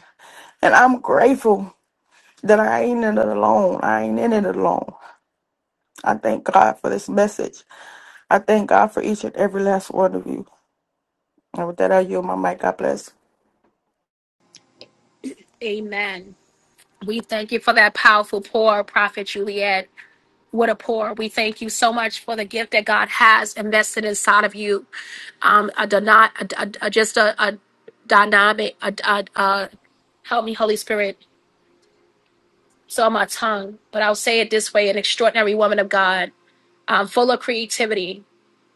And I'm grateful that I ain't in it alone. I ain't in it alone. I thank God for this message. I thank God for each and every last one of you. And with that, I yield my mic. God bless. Amen. We thank you for that powerful pour, Prophet Juliet. What a pour. We thank you so much for the gift that God has invested inside of you. Um, a, dyna- a, a, a- just a, a dynamic, a, a, a, help me, Holy Spirit. It's on my tongue, but I'll say it this way an extraordinary woman of God, um, full of creativity,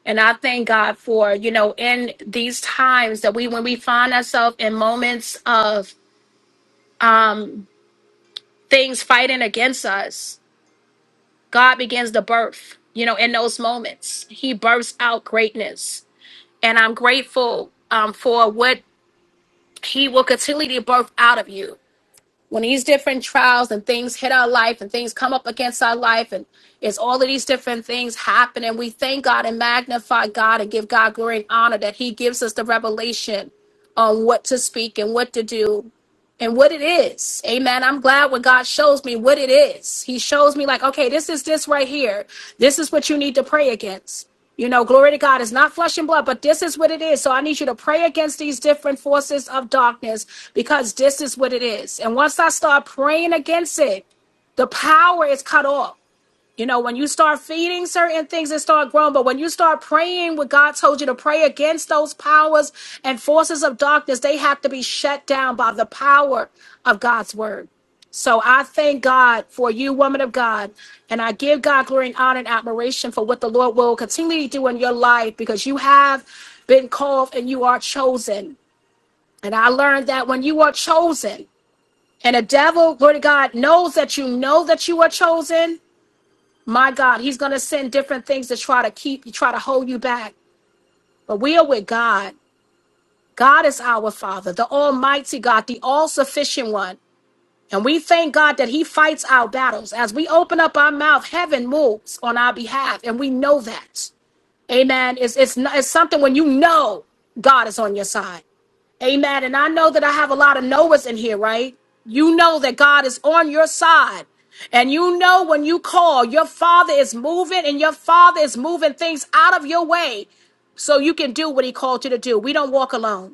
And I thank God for, you know, in these times that we, when we find ourselves in moments of um, things fighting against us, God begins to birth, you know, in those moments. He births out greatness. And I'm grateful um, for what He will continually birth out of you. when these different trials and things hit our life and things come up against our life and it's all of these different things happen and we thank god and magnify god and give god glory and honor that he gives us the revelation on what to speak and what to do and what it is. Amen. I'm glad when God shows me what it is. He shows me, like, okay, this is this right here. This is what you need to pray against. You know, glory to God. It's not flesh and blood, but this is what it is. So I need you to pray against these different forces of darkness because this is what it is. And once I start praying against it, the power is cut off. You know, when you start feeding certain things and start growing, but when you start praying what God told you to pray against those powers and forces of darkness, they have to be shut down by the power of God's word. So I thank God for you, woman of God, and I give God glory and honor and admiration for what the Lord will continually do in your life because you have been called and you are chosen. And I learned that when you are chosen, and the devil, glory to God, knows that you know that you are chosen, my God, He's going to send different things to try to keep you, try to hold you back. But we are with God. God is our Father, the Almighty God, the all sufficient one. And we thank God that He fights our battles. As we open up our mouth, heaven moves on our behalf. And we know that. Amen. It's, it's, not, it's something when you know God is on your side. Amen. And I know that I have a lot of Noahs in here, right? You know that God is on your side. And you know when you call, your father is moving and your father is moving things out of your way so you can do what he called you to do. We don't walk alone.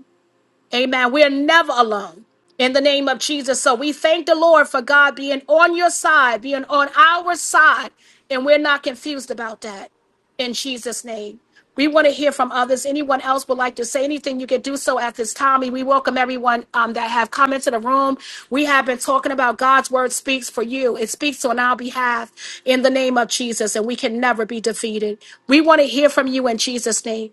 Amen. We're never alone in the name of Jesus. So we thank the Lord for God being on your side, being on our side, and we're not confused about that in Jesus' name. We want to hear from others. Anyone else would like to say anything, you can do so at this time. And we welcome everyone um, that have come into the room. We have been talking about God's word speaks for you. It speaks on our behalf in the name of Jesus, and we can never be defeated. We want to hear from you in Jesus' name.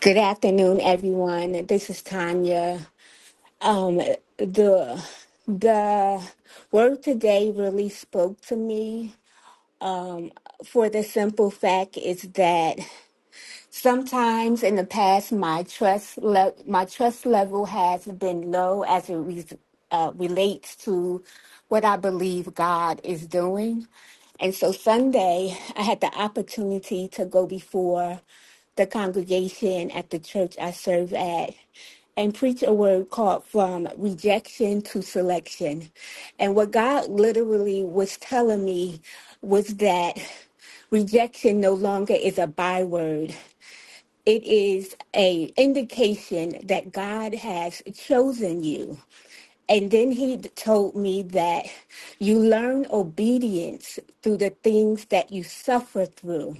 Good afternoon, everyone. This is Tanya. Um, the the word today really spoke to me. Um, for the simple fact is that sometimes in the past my trust le- my trust level has been low as it re- uh, relates to what I believe God is doing. And so Sunday, I had the opportunity to go before the congregation at the church I serve at and preach a word called From Rejection to Selection. And what God literally was telling me was that rejection no longer is a byword. It is a indication that God has chosen you. And then he told me that you learn obedience through the things that you suffer through.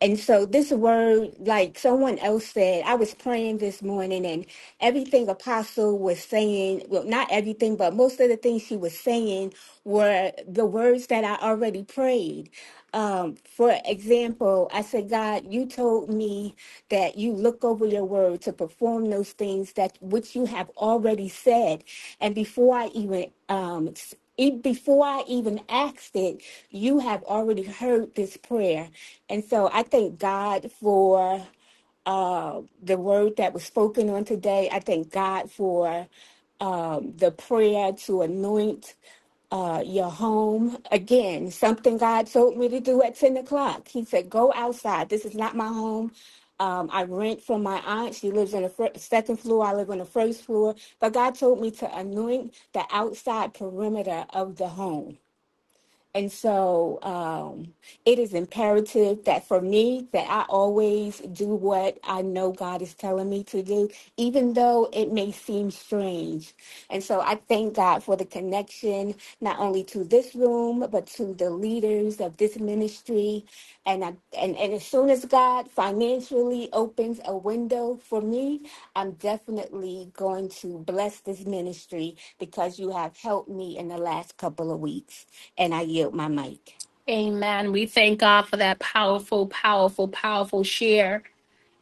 And so this word, like someone else said, I was praying this morning and everything Apostle was saying, well, not everything, but most of the things she was saying were the words that I already prayed. Um, for example, I said, God, you told me that you look over your word to perform those things that which you have already said. And before I even um, s- even before I even asked it, you have already heard this prayer. And so I thank God for uh, the word that was spoken on today. I thank God for um, the prayer to anoint uh, your home. Again, something God told me to do at 10 o'clock. He said, Go outside. This is not my home. Um, I rent from my aunt. She lives on the fir- second floor. I live on the first floor. But God told me to anoint the outside perimeter of the home. And so um, it is imperative that for me that I always do what I know God is telling me to do, even though it may seem strange. And so I thank God for the connection, not only to this room, but to the leaders of this ministry. And I, and, and as soon as God financially opens a window for me, I'm definitely going to bless this ministry because you have helped me in the last couple of weeks. And I yield my mic. Amen. We thank God for that powerful, powerful, powerful share.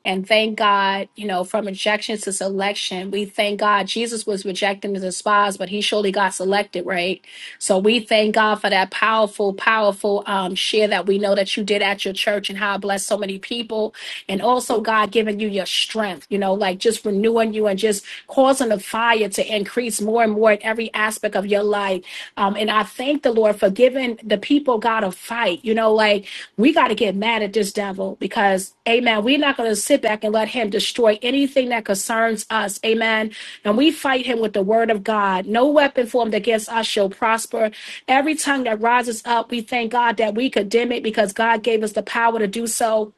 And thank God, you know, from rejection to selection, we thank God Jesus was rejected and despised, but he surely got selected, right? So we thank God for that powerful, powerful um, share that we know that you did at your church and how it blessed so many people. And also, God giving you your strength, you know, like just renewing you and just causing the fire to increase more and more in every aspect of your life. Um, and I thank the Lord for giving the people God a fight, you know, like we got to get mad at this devil because. Amen. We're not going to sit back and let him destroy anything that concerns us. Amen. And we fight him with the word of God. No weapon formed against us shall prosper. Every tongue that rises up, we thank God that we condemn it because God gave us the power to do so.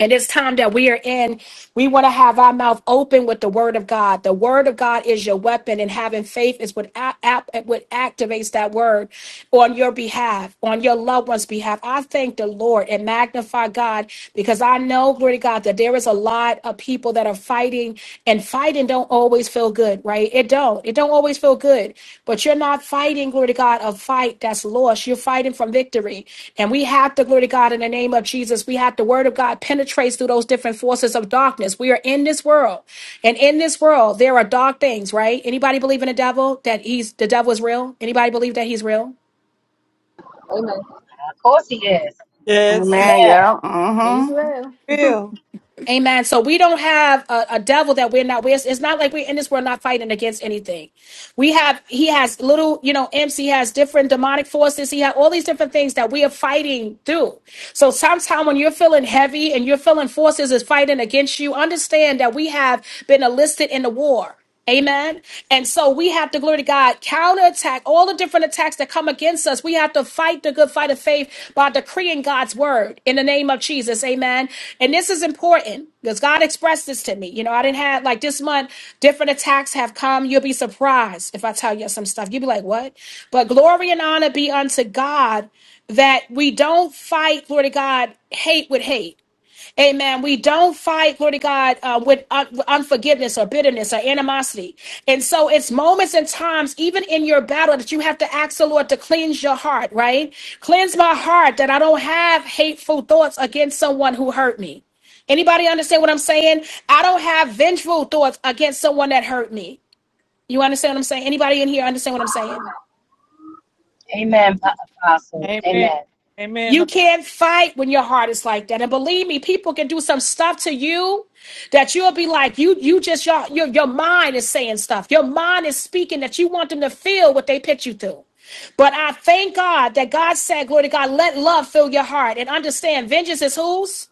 And it's time that we are in, we want to have our mouth open with the word of God. The word of God is your weapon, and having faith is what, a- ap- what activates that word on your behalf, on your loved one's behalf. I thank the Lord and magnify God because I know, glory to God, that there is a lot of people that are fighting, and fighting don't always feel always feel good, right? It don't. It don't always feel good. But you're not fighting, glory to God, a fight that's lost. You're fighting from victory. And we have to, glory to God, in the name of Jesus, we have the word of God penetrates through those different forces of darkness. We are in this world. And in this world, there are dark things, right? Anybody believe in the devil that he's the devil is real? Anybody believe that he's real? Yes. It's Praise Mm-hmm. well. Real. Amen. So we don't have a, a devil that we're not. We're, it's not like we're in this world not fighting against anything. We have. He has little, you know, imps. He has different demonic forces. He has all these different things that we are fighting through. So sometimes when you're feeling heavy and you're feeling forces is fighting against you, understand that we have been enlisted in the war. Amen. And so we have to, glory to God, counterattack all the different attacks that come against us. We have to fight the good fight of faith by decreeing God's word in the name of Jesus. Amen. And this is important because God expressed this to me. You know, I didn't have, like this month, different attacks have come. You'll be surprised if I tell you some stuff. You'll be like, what? But glory and honor be unto God that we don't fight, glory to God, hate with hate. Amen. We don't fight, glory to God, uh, with un- with unforgiveness or bitterness or animosity. And so it's moments and times, even in your battle, that you have to ask the Lord to cleanse your heart, right? Cleanse my heart that I don't have hateful thoughts against someone who hurt me. Anybody understand what I'm saying? I don't have vengeful thoughts against someone that hurt me. You understand what I'm saying? Anybody in here understand what I'm saying? amen, apostle. Amen. Amen. Amen. You can't fight when your heart is like that. And believe me, people can do some stuff to you that you'll be like, you, you just your your, your mind is saying stuff. Your mind is speaking that you want them to feel what they put you through. But I thank God that God said, Glory to God, let love fill your heart and understand vengeance is whose?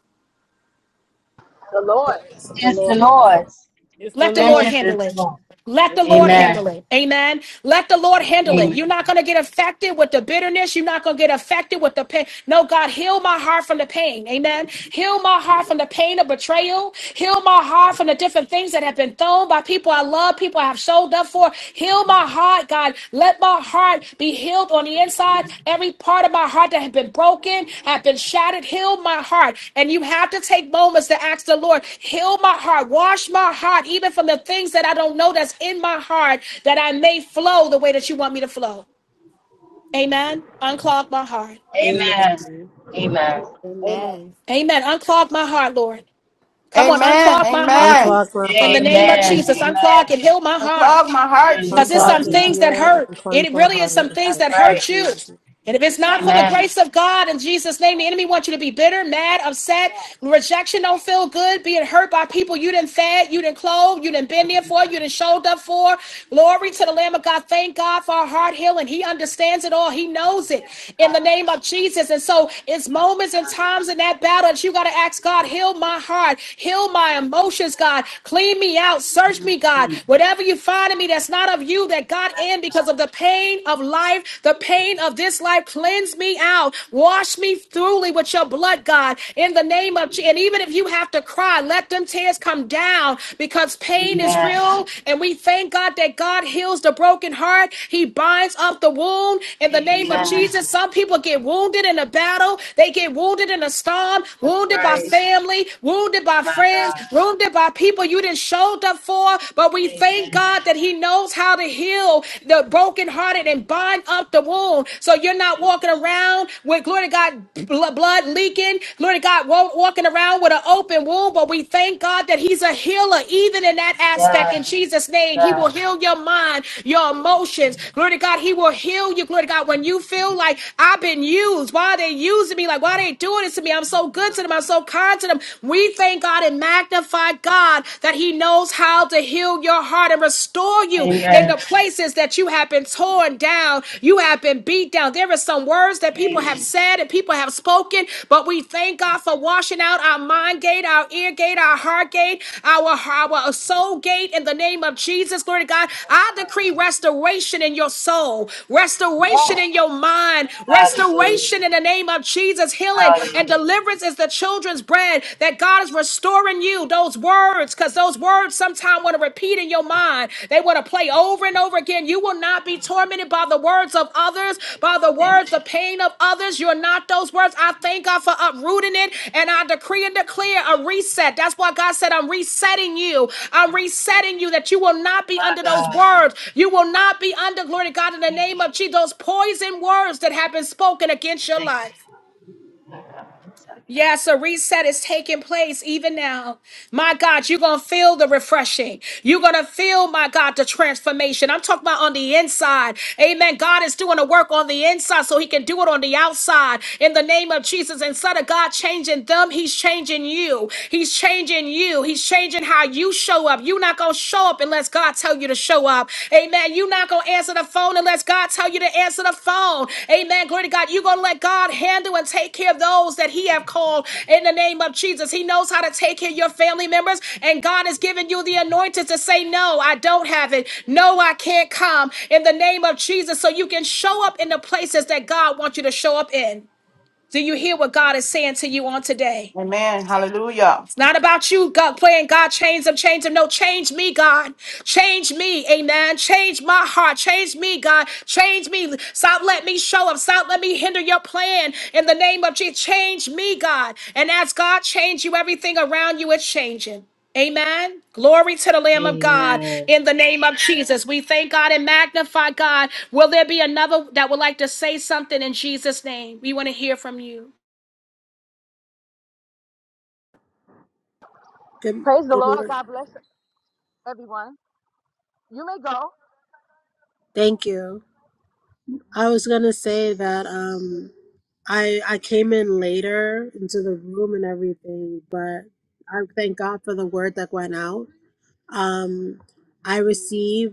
praise the It's the Lord. Lord's. It's the Let the Lord Lord. Vengeance is handle the it. Lord. Let It's the the Lord Lord. handle Amen. it. Amen. Let the Lord handle it. Amen. You're not going to get affected with the bitterness. You're not going to get affected with the pain. No, God, heal my heart from the pain. Amen. Heal my heart from the pain of betrayal. Heal my heart from the different things that have been thrown by people I love, people I have showed up for. Heal my heart, God. Let my heart be healed on the inside. Every part of my heart that has been broken, have been shattered, heal my heart. And you have to take moments to ask the Lord, heal my heart, wash my heart, even from the things that I don't know that's in my heart, that I may flow the way that you want me to flow. Amen. Unclog my heart. Amen. Amen. Amen. Amen. Amen. Amen. Unclog my heart, Lord. Come on, Amen. unclog my heart. Amen. Unclog my In the heart, name of Lord. Jesus, unclog and heal my I love heart. my heart, Because there's unclog some Jesus. the things that heel, hurt. and It cleanse my really heart is some Lord. things that in hurt you. Jesus' name. And if it's not for the grace of God in Jesus' name, the enemy wants you to be bitter, mad, upset. Rejection don't feel good. Being hurt by people you didn't fed, you didn't clothe, you didn't been there for, you didn't showed up for. Glory to the Lamb of God. Thank God for our heart healing. He understands it all. He knows it in the name of Jesus. And so it's moments and times in that battle that you got to ask God, heal my heart, heal my emotions, God. Clean me out. Search me, God. Whatever you find in me that's not of you, that God in because of because of the pain of life, the pain of this life. Cleanse me out. Wash me thoroughly with your blood, God, in the name of Jesus. And even if you have to cry, let them tears come down because pain is real. And we thank God that God heals the broken heart. He binds up the wound in the name of Jesus. Some people get wounded in a battle. They get wounded in a storm, That's wounded by right. family, wounded by My friends, God. wounded by people you didn't showed up for. But we thank Thank God that He knows how to heal the brokenhearted and bind up the wound. So you're not walking around with glory to God bl- blood leaking. Glory to God, wa- walking around with an open wound. But we thank God that He's a healer, even in that aspect. In Yes. Jesus' name, He God. will heal your mind, your emotions. Glory to God, He will heal you. Glory to God, when you feel like I've been used, why are they using me? Like why are they doing this to me? I'm so good to them. I'm so kind to them. We thank God and magnify God. God that He knows how to heal your heart and restore you in the places that you have been torn down, you have been beat down. There are some words that people have said and people have spoken, but we thank God for washing out our mind gate, our ear gate, our heart gate, our, our soul gate in the name of Jesus. Glory to God. I decree restoration in your soul, restoration in your mind, restoration Hallelujah. in the name of Jesus. Healing and Hallelujah. deliverance is the children's children's bread, that God is restoring you those words, because those words sometimes want to repeat in your mind. They want to play over and over again. You will not be tormented by the words of others, by the words, the pain of others. You're not those words. I thank God for uprooting it, and I decree and declare a reset. That's why God said, I'm resetting you. I'm resetting you that you will not be under those words. You will not be under, glory to God, in the name of Jesus, those poison words that have been spoken against your life. Yes, a reset is taking place even now. My God, you're going to feel the refreshing. You're going to feel, my God, the transformation. I'm talking about on the inside. Amen. God is doing a work on the inside so he can do it on the outside in the name of Jesus. Instead of God changing them, he's changing you. He's changing you. He's changing how you show up. You're not going to show up unless God tell you to show up. Amen. You're not going to answer the phone unless God tell you to answer the phone. Amen. Glory to God. You're going to let God handle and take care of those that he have called in the name of Jesus. He knows how to take care of your family members and God has given you the anointing to say, no, I don't have it. No, I can't come in the name of Jesus. So you can show up in the places that God wants you to show up in. Do you hear what God is saying to you on today? Amen. Hallelujah. It's not about you, God, playing God, change them, change them. No, change me, God. Change me, amen. Change my heart. Change me, God. Change me. Stop let me show up. Stop let me hinder your plan in the name of Jesus. Change me, God. And as God change you, everything around you is changing. Amen. Glory to the Lamb of God Amen. in the name of Jesus. We thank God and magnify God. Will there be another that would like to say something in Jesus' name? We want to hear from you. Good, Praise the good Lord. morning. God bless everyone. You may go. Thank you. I was gonna say that um, I I came in later into the room and everything, but I thank God for the word that went out. Um, I received.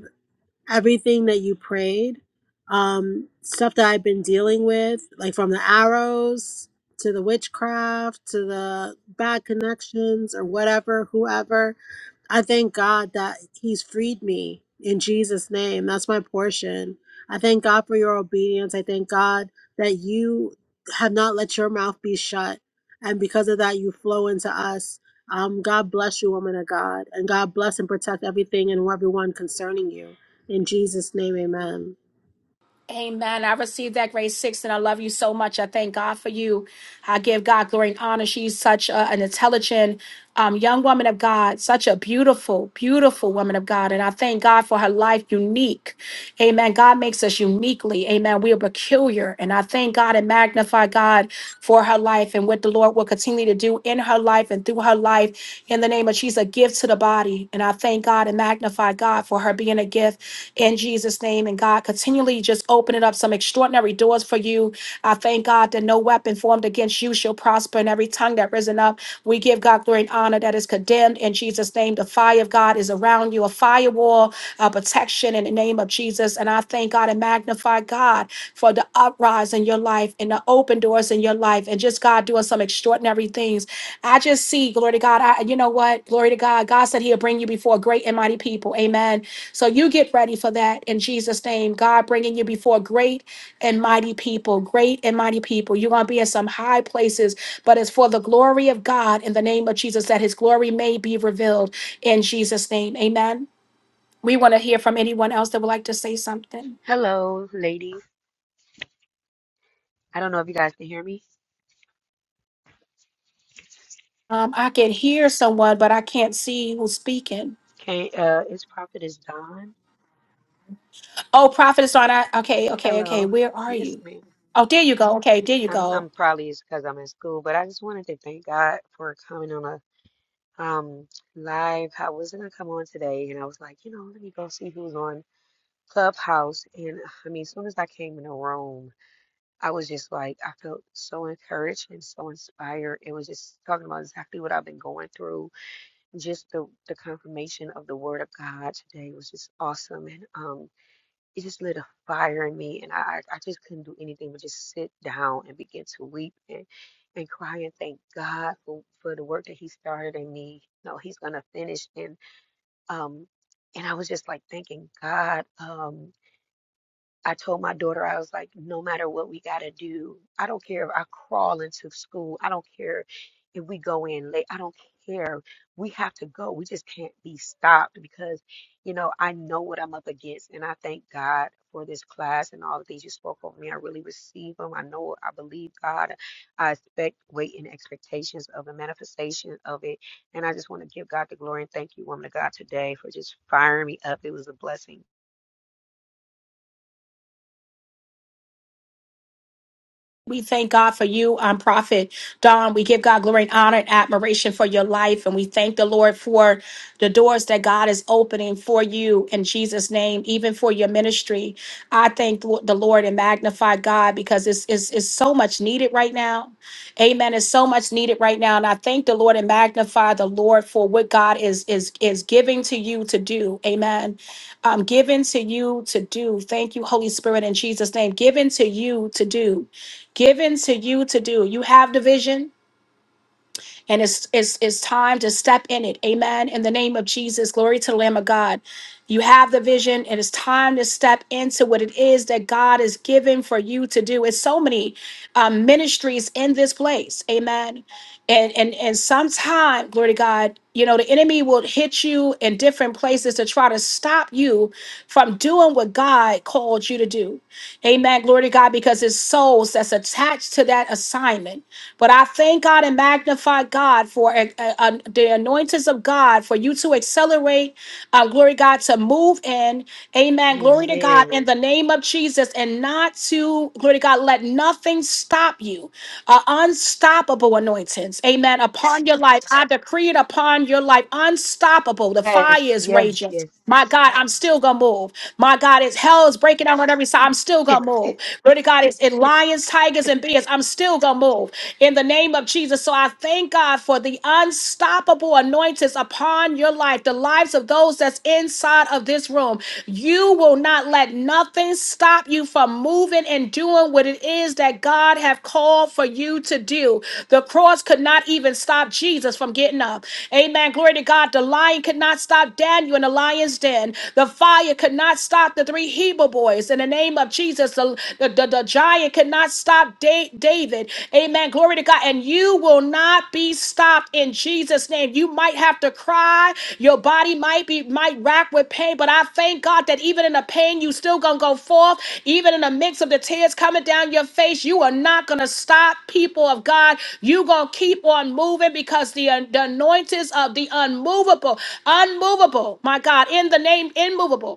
everything that you prayed, um, stuff that I've been dealing with, like from the arrows to the witchcraft to the bad connections or whatever, whoever. I thank God that He's freed me in Jesus' name. That's my portion. I thank God for your obedience. I thank God that you have not let your mouth be shut. And because of that, you flow into us. Um, God bless you, woman of God. And God bless and protect everything and everyone concerning you. In Jesus' name, amen. Amen. I received that grade six, and I love you so much. I thank God for you. I give God glory and honor. She's such a- an intelligent um, young woman of God, such a beautiful, beautiful woman of God. And I thank God for her life, unique. Amen. God makes us uniquely. Amen. We are peculiar. And I thank God and magnify God for her life and what the Lord will continue to do in her life and through her life. In the name of she's a gift to the body. And I thank God and magnify God for her being a gift in Jesus' name. And God, continually just opening up some extraordinary doors for you. I thank God that no weapon formed against you shall prosper, and every tongue that risen up, we give God glory and honor that is condemned in Jesus' name. The fire of God is around you, a firewall, a protection in the name of Jesus. And I thank God and magnify God for the uprise in your life and the open doors in your life, and just God doing some extraordinary things I just see, glory to God. I, you know what? Glory to God. God said He'll bring you before great and mighty people. Amen. So you get ready for that in Jesus' name. God bringing you before great and mighty people. Great and mighty people. You're going to be in some high places, but it's for the glory of God in the name of Jesus that His glory may be revealed in Jesus' name. Amen. We want to hear from anyone else that would like to say something. Army, Um, I can hear someone, but I can't see who's speaking. Can uh is Prophetess Dawn? Oh, prophet is on. I, okay, okay, okay. Hello. Where are Yes, you? ma'am. Oh, there you go. Okay, there you I'm go. I'm probably it's because I'm in school, but I just wanted to thank God for coming on a um live. I was gonna come on today and I was like, you know, let me go see who's on Clubhouse and I mean as soon as I came in on after it where we got us, you know I I, I said, and I today for just firing me up. It was a blessing. We thank God for you, um, Prophet Don. We give God glory and honor and admiration for your life. And we thank the Lord for the doors that God is opening for you in Jesus' name, even for your ministry. I thank the the Lord and magnify God because it's, it's, it's so much needed right now. Amen. It's so much needed right now. And I thank the Lord and magnify the Lord for what God is, is, is giving to you to do. Amen. Um, given to you to do. Thank you, Holy Spirit, in Jesus' name. Given to you to do given to you to do. You have the vision, and it's it's it's time to step in it amen in the name of jesus glory to the lamb of god you have the vision and it's time to step into what it is that god is giving for you to do it's so many um, ministries in this place amen and and and sometime glory to god you know the enemy will hit you in different places to try to stop you from doing what god called you to do amen glory to god because it's souls that's attached to that assignment but I thank God and magnify God for uh, uh, the anointings of God for you to accelerate, uh, glory God, to move in. Amen. Glory to God in Amen. the name of Jesus and not to, glory to God, let nothing stop you. Uh, unstoppable anointings. Amen. Upon your life, I decree it upon your life. Unstoppable. The fire Yes, is yes, raging. yes. My God, I'm still gonna move. My God, it's hell is breaking down on every side. I'm still gonna move. Glory to God, it's in lions, tigers, and bears. I'm still gonna move in the name of Jesus. So I thank God for the unstoppable anointings upon your life, the lives of those that's inside of this room. You will not let nothing stop you from moving and doing doing what it is that God have called for you to do. The cross could not even stop Jesus from getting up. Amen. Glory to God. The lion could not stop Daniel in the lion's den. The fire could not stop the three Hebrew boys. In the name of Jesus, the, the, the, the giant could not stop Da- David. Amen. Glory to God. And you will not be stopped in in Jesus' name. You might have to cry. Your body might be might rack with pain, but I thank God that even in the pain, you still gonna go forth. Even in the mix of the tears coming down your face, you are not gonna stop, people of God. You gonna keep on moving because the, uh, the anointings of the unmovable, unmovable, my God, in the name immovable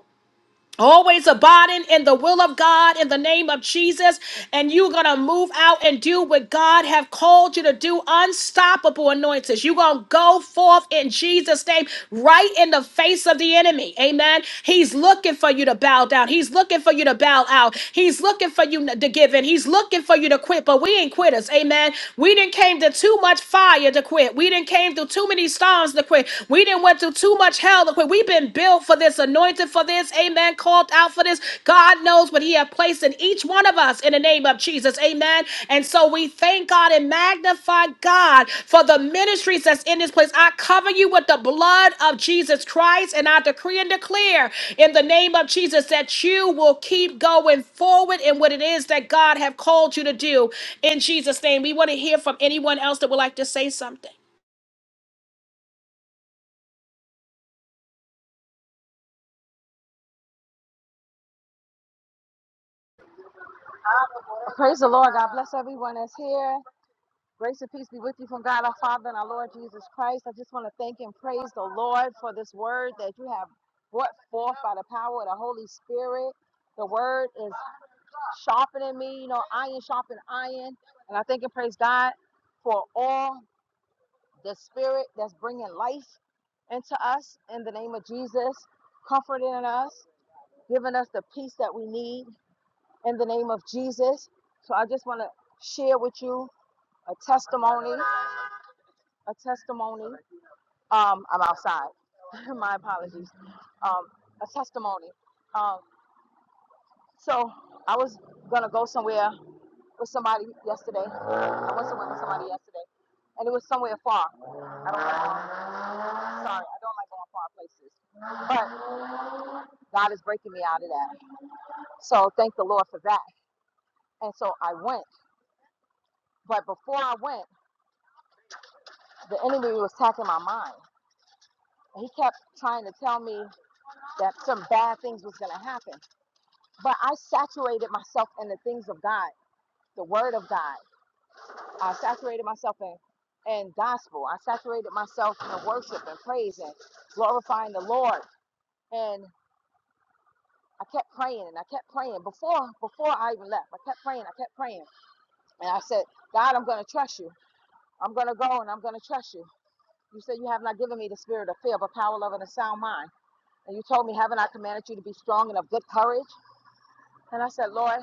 always abiding in the will of God in the name of Jesus and you're going to move out and do what God have called you to do unstoppable anointings you're going to go forth in Jesus name right in the face of the enemy amen he's looking for you to bow down he's looking for you to bow out he's looking for you to give in he's looking for you to quit but we ain't quitters amen we didn't came to too much fire to quit we didn't came through too many storms to quit we didn't went through too much too much hell. Look, We've been built for this, anointed for this, amen, called out for this. God knows what He has placed in each one of us in the name of Jesus, amen. And so we thank God and magnify God for the ministries that's in this place. I cover you with the blood of Jesus Christ, and I decree and declare in the name of Jesus that you will keep going forward in what it is that God have called you to do. In Jesus' name, we want to hear from anyone else that would like to say something. Praise the Lord. God bless everyone that's here. Grace and peace be with you from God our Father and our Lord Jesus Christ. I just want to thank and praise the Lord for this word that you have brought forth by the power of the Holy Spirit. The word is sharpening me, you know, iron sharpen iron. And I thank and praise God for all the spirit that's bringing life into us in the name of Jesus, comforting us, giving us the peace that we need in the name of Jesus. So I just want to share with you a testimony, a testimony. Um, I'm outside. My apologies. Um, a testimony. Um, so I was gonna go somewhere with somebody yesterday. I went somewhere with somebody yesterday, and it was somewhere far. I don't like. Sorry, I don't like going far places. But God is breaking me out of that. So thank the Lord for that. And so I went. But before I went, the enemy was attacking my mind. He kept trying to tell me that some bad things was gonna happen. But I saturated myself in the things of God, the Word of God. I saturated myself in in gospel. I saturated myself in worship and praise and glorifying the Lord. And I kept praying and I kept praying before before I even left. I kept praying. I kept praying, and I said, God, I'm going to trust you. I'm going to go and I'm going to trust you. You said you have not given me the spirit of fear, but power, love, and a sound mind. And you told me, haven't I commanded you to be strong and of good courage? And I said, Lord,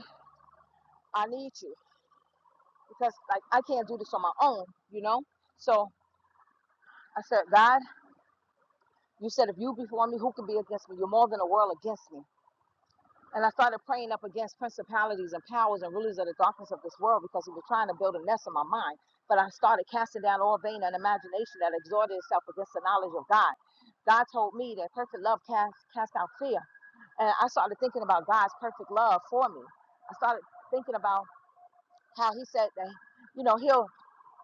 I need you. because like I can't do this on my own, you know? So I said, God, you said if you be for me, who can be against me? You're more than a world against me. And I started praying up against principalities and powers and rulers of the darkness of this world because he was trying to build a nest in my mind. But I started casting down all vain and imagination that exhorted itself against the knowledge of God. God told me that perfect love cast, cast out fear. And I started thinking about God's perfect love for me. I started thinking about how he said that, you know, he'll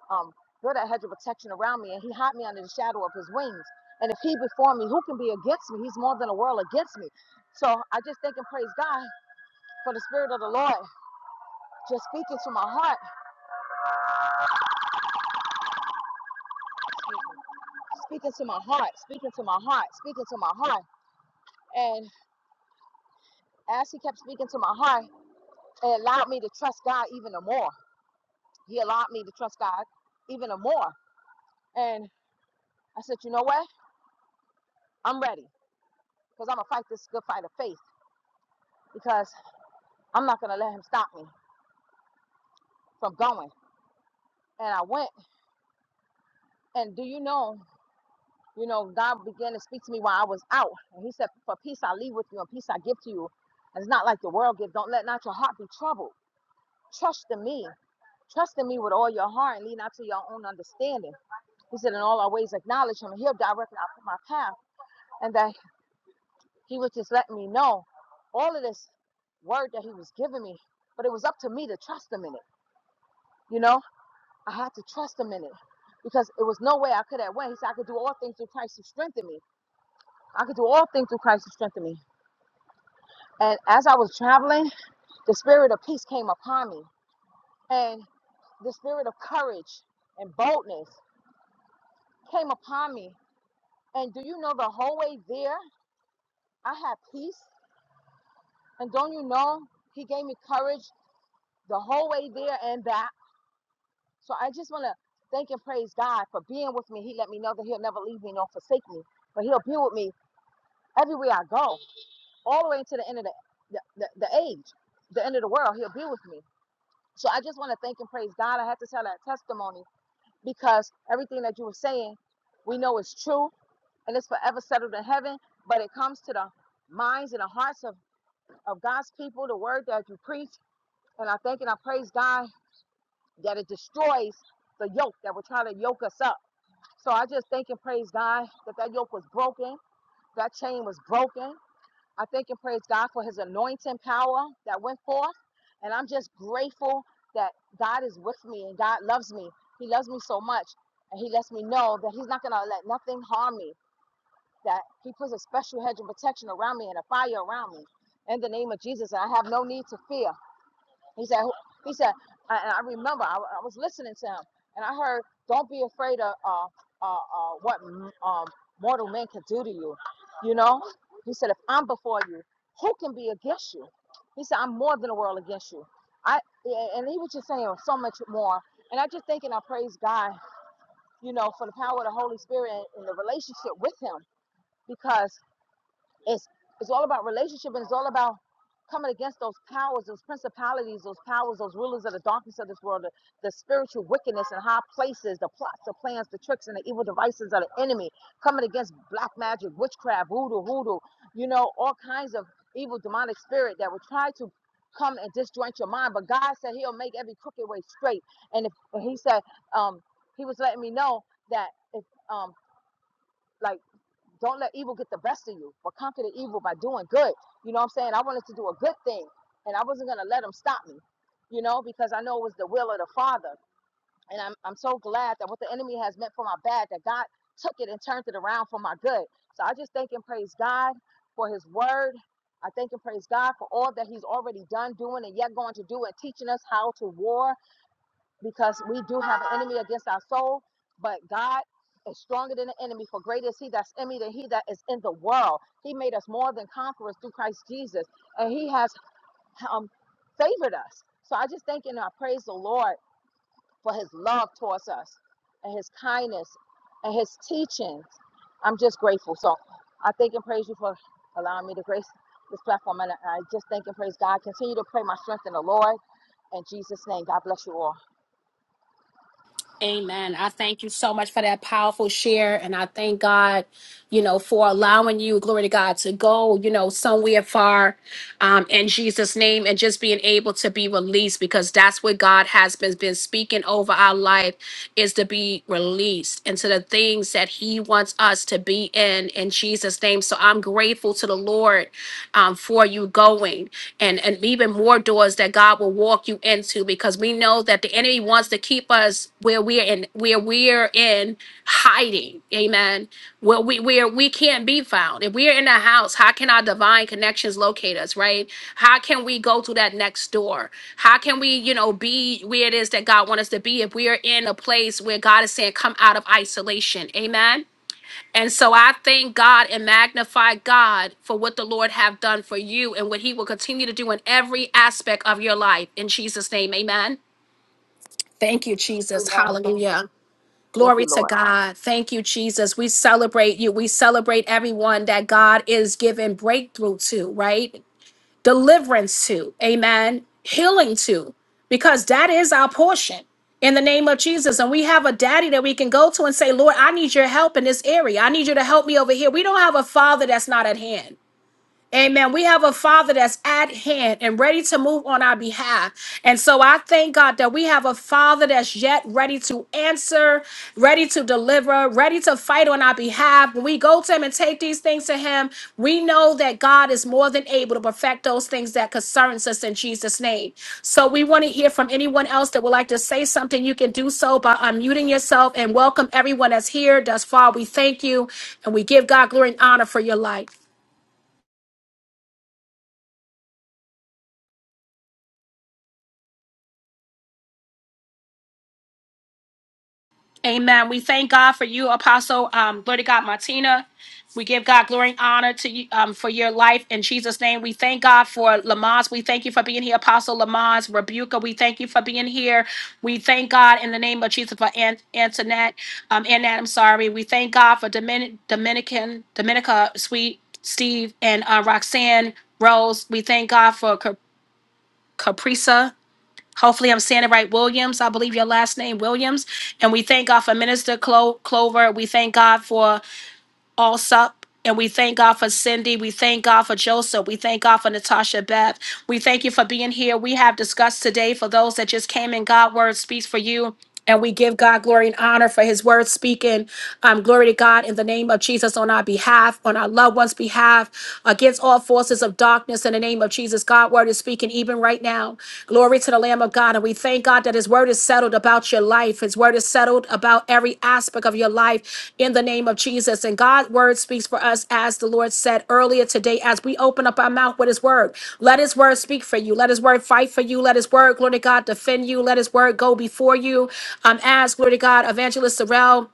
um, built a hedge of protection around me, and he hid me under the shadow of his wings. And if he before me, who can be against me? He's more than a world against me. So I just thank and praise God for the Spirit of the Lord just speaking to my heart, speaking to my heart, speaking to my heart, speaking to my heart. And as he kept speaking to my heart, it allowed me to trust God even the more. He allowed me to trust God even the more. And I said, you know what? I'm ready because I'm going to fight this good fight of faith because I'm not going to let him stop me from going. and I went. And do you know, you know, God began to speak to me while I was out. And he said, For peace I leave with you and peace I give to you. And it's not like the world gives. Don't let not your heart be troubled. Trust in me. Trust in me with all your heart and lean not to your own understanding. He said, In all our ways acknowledge him. and He'll direct and my path. And that he was just letting me know all of this word that he was giving me. But it was up to me to trust him in it. You know, I had to trust him in it because it was no way I could have went. He said, I could do all things through Christ who strengthened me. I could do all things through Christ who strengthened me. And as I was traveling, the spirit of peace came upon me, and the spirit of courage and boldness came upon me. And do you know the whole way there, I had peace? And don't you know, He gave me courage the whole way there and back. So I just want to thank and praise God for being with me. He let me know that He'll never leave me nor forsake me, but He'll be with me everywhere I go, all the way to the end of the, the, the, the age, the end of the world. He'll be with me. So I just want to thank and praise God. I had to tell that testimony because everything that you were saying, we know is true and it's forever settled in heaven. But it comes to the minds and the hearts of, of God's people, the word that you preach. And I thank and I praise God that it destroys the yoke that will try to yoke us up. So I just thank and praise God that that yoke was broken, that chain was broken. I thank and praise God for his anointing power that went forth. And I'm just grateful that God is with me and God loves me. He loves me so much. And he lets me know that he's not going to let nothing harm me, that he puts a special hedge of protection around me and a fire around me in the name of Jesus. And I have no need to fear. He said, he said, and I remember I, I was listening to him and I heard, don't be afraid of uh, uh, uh, what um, mortal men can do to you. You know, he said, if I'm before you, who can be against you? He said, I'm more than the world against you. I yeah, and he was just saying so much more. And I just thinking I praise God, you know, for the power of the Holy Spirit and the relationship with him. Because it's it's all about relationship and it's all about coming against those powers those principalities those powers those rulers of the darkness of this world the, the spiritual wickedness in high places the plots the plans the tricks and the evil devices of the enemy coming against black magic witchcraft voodoo hoodoo you know all kinds of evil demonic spirit that will try to come and disjoint your mind but god said he'll make every crooked way straight and if and he said um he was letting me know that if um like don't let evil get the best of you, but conquer the evil by doing good. You know what I'm saying? I wanted to do a good thing, and I wasn't gonna let them stop me, you know, because I know it was the will of the Father. And I'm I'm so glad that what the enemy has meant for my bad, that God took it and turned it around for my good. So I just thank and praise God for His Word. I thank and praise God for all that He's already done, doing, and yet going to do, and teaching us how to war because we do have an enemy against our soul, but God is stronger than the enemy, for greater is he that's in me than he that is in the world. He made us more than conquerors through Christ Jesus, and he has um, favored us. So I just thank and I praise the Lord for his love towards us and his kindness and his teachings. I'm just grateful. So I thank and praise you for allowing me to grace this platform. And I just thank and praise God. Continue to pray my strength in the Lord. In Jesus' name, God bless you all. Amen. I thank you so much for that powerful share. And I thank God, you know, for allowing you, glory to God, to go, you know, somewhere far um, in Jesus' name and just being able to be released because that's what God has been, been speaking over our life is to be released into the things that He wants us to be in in Jesus' name. So I'm grateful to the Lord um, for you going and, and even more doors that God will walk you into because we know that the enemy wants to keep us where we're in where we're in hiding. Amen. Where we where we can't be found. If we're in a house, how can our divine connections locate us, right? How can we go to that next door? How can we, you know, be where it is that God wants us to be if we are in a place where God is saying, come out of isolation? Amen and so I thank God and magnify God for what the Lord have done for you and what he will continue to do in every aspect of your life. In Jesus' name, amen. Thank you, Jesus. Amen. Thank Hallelujah. Thank Glory you, Lord. to God. Thank you, Jesus. We celebrate you. We celebrate everyone that God is giving breakthrough to, right? deliverance to, amen, healing to, because that is our portion in the name of Jesus. And we have a daddy that we can go to and say, Lord, I need your help in this area. I need you to help me over here. We don't have a father that's not at hand. Amen. We have a father that's at hand and ready to move on our behalf. And so I thank God that we have a father that's yet ready to answer, ready to deliver, ready to fight on our behalf. When we go to him and take these things to him, we know that God is more than able to perfect those things that concerns us in Jesus' name. So we want to hear from anyone else that would like to say something. You can do so by unmuting yourself and welcome everyone that's here. Thus far, we thank you and we give God glory and honor for your life. Amen. We thank God for you, Apostle. Um, glory to God, Martina. We give God glory and honor to you um, for your life in Jesus' name. We thank God for Lamaze. We thank you for being here, Apostle Lamaze. Rebuka, we thank you for being here. We thank God in the name of Jesus for Aunt Antoinette. Um, Annette, I'm sorry. We thank God for Domin- Dominican, Dominica, Sweet, Steve, and uh, Roxanne Rose. We thank God for Cap- Caprisa. Hopefully, I'm saying it right, Williams. I believe your last name, Williams. And we thank God for Minister Clo- Clover. We thank God for Allsup. And we thank God for Cindy. We thank God for Joseph. We thank God for Natasha Beth. We thank you for being here. We have discussed today for those that just came in. God word speaks for you. And we give God glory and honor for his word speaking. Um, glory to God in the name of Jesus on our behalf, on our loved ones' behalf, against all forces of darkness in the name of Jesus. God word is speaking even right now. Glory to the Lamb of God. And we thank God that his word is settled about your life. His word is settled healed about every aspect of your life in the name of Jesus. And God's word speaks for us, as the Lord said earlier today, as we open up our mouth with his word. Let his word speak for you. Let his word fight for you. Let his word, glory to God, defend you. Let his word go before you. Um, as glory to God, Evangelist Sorrell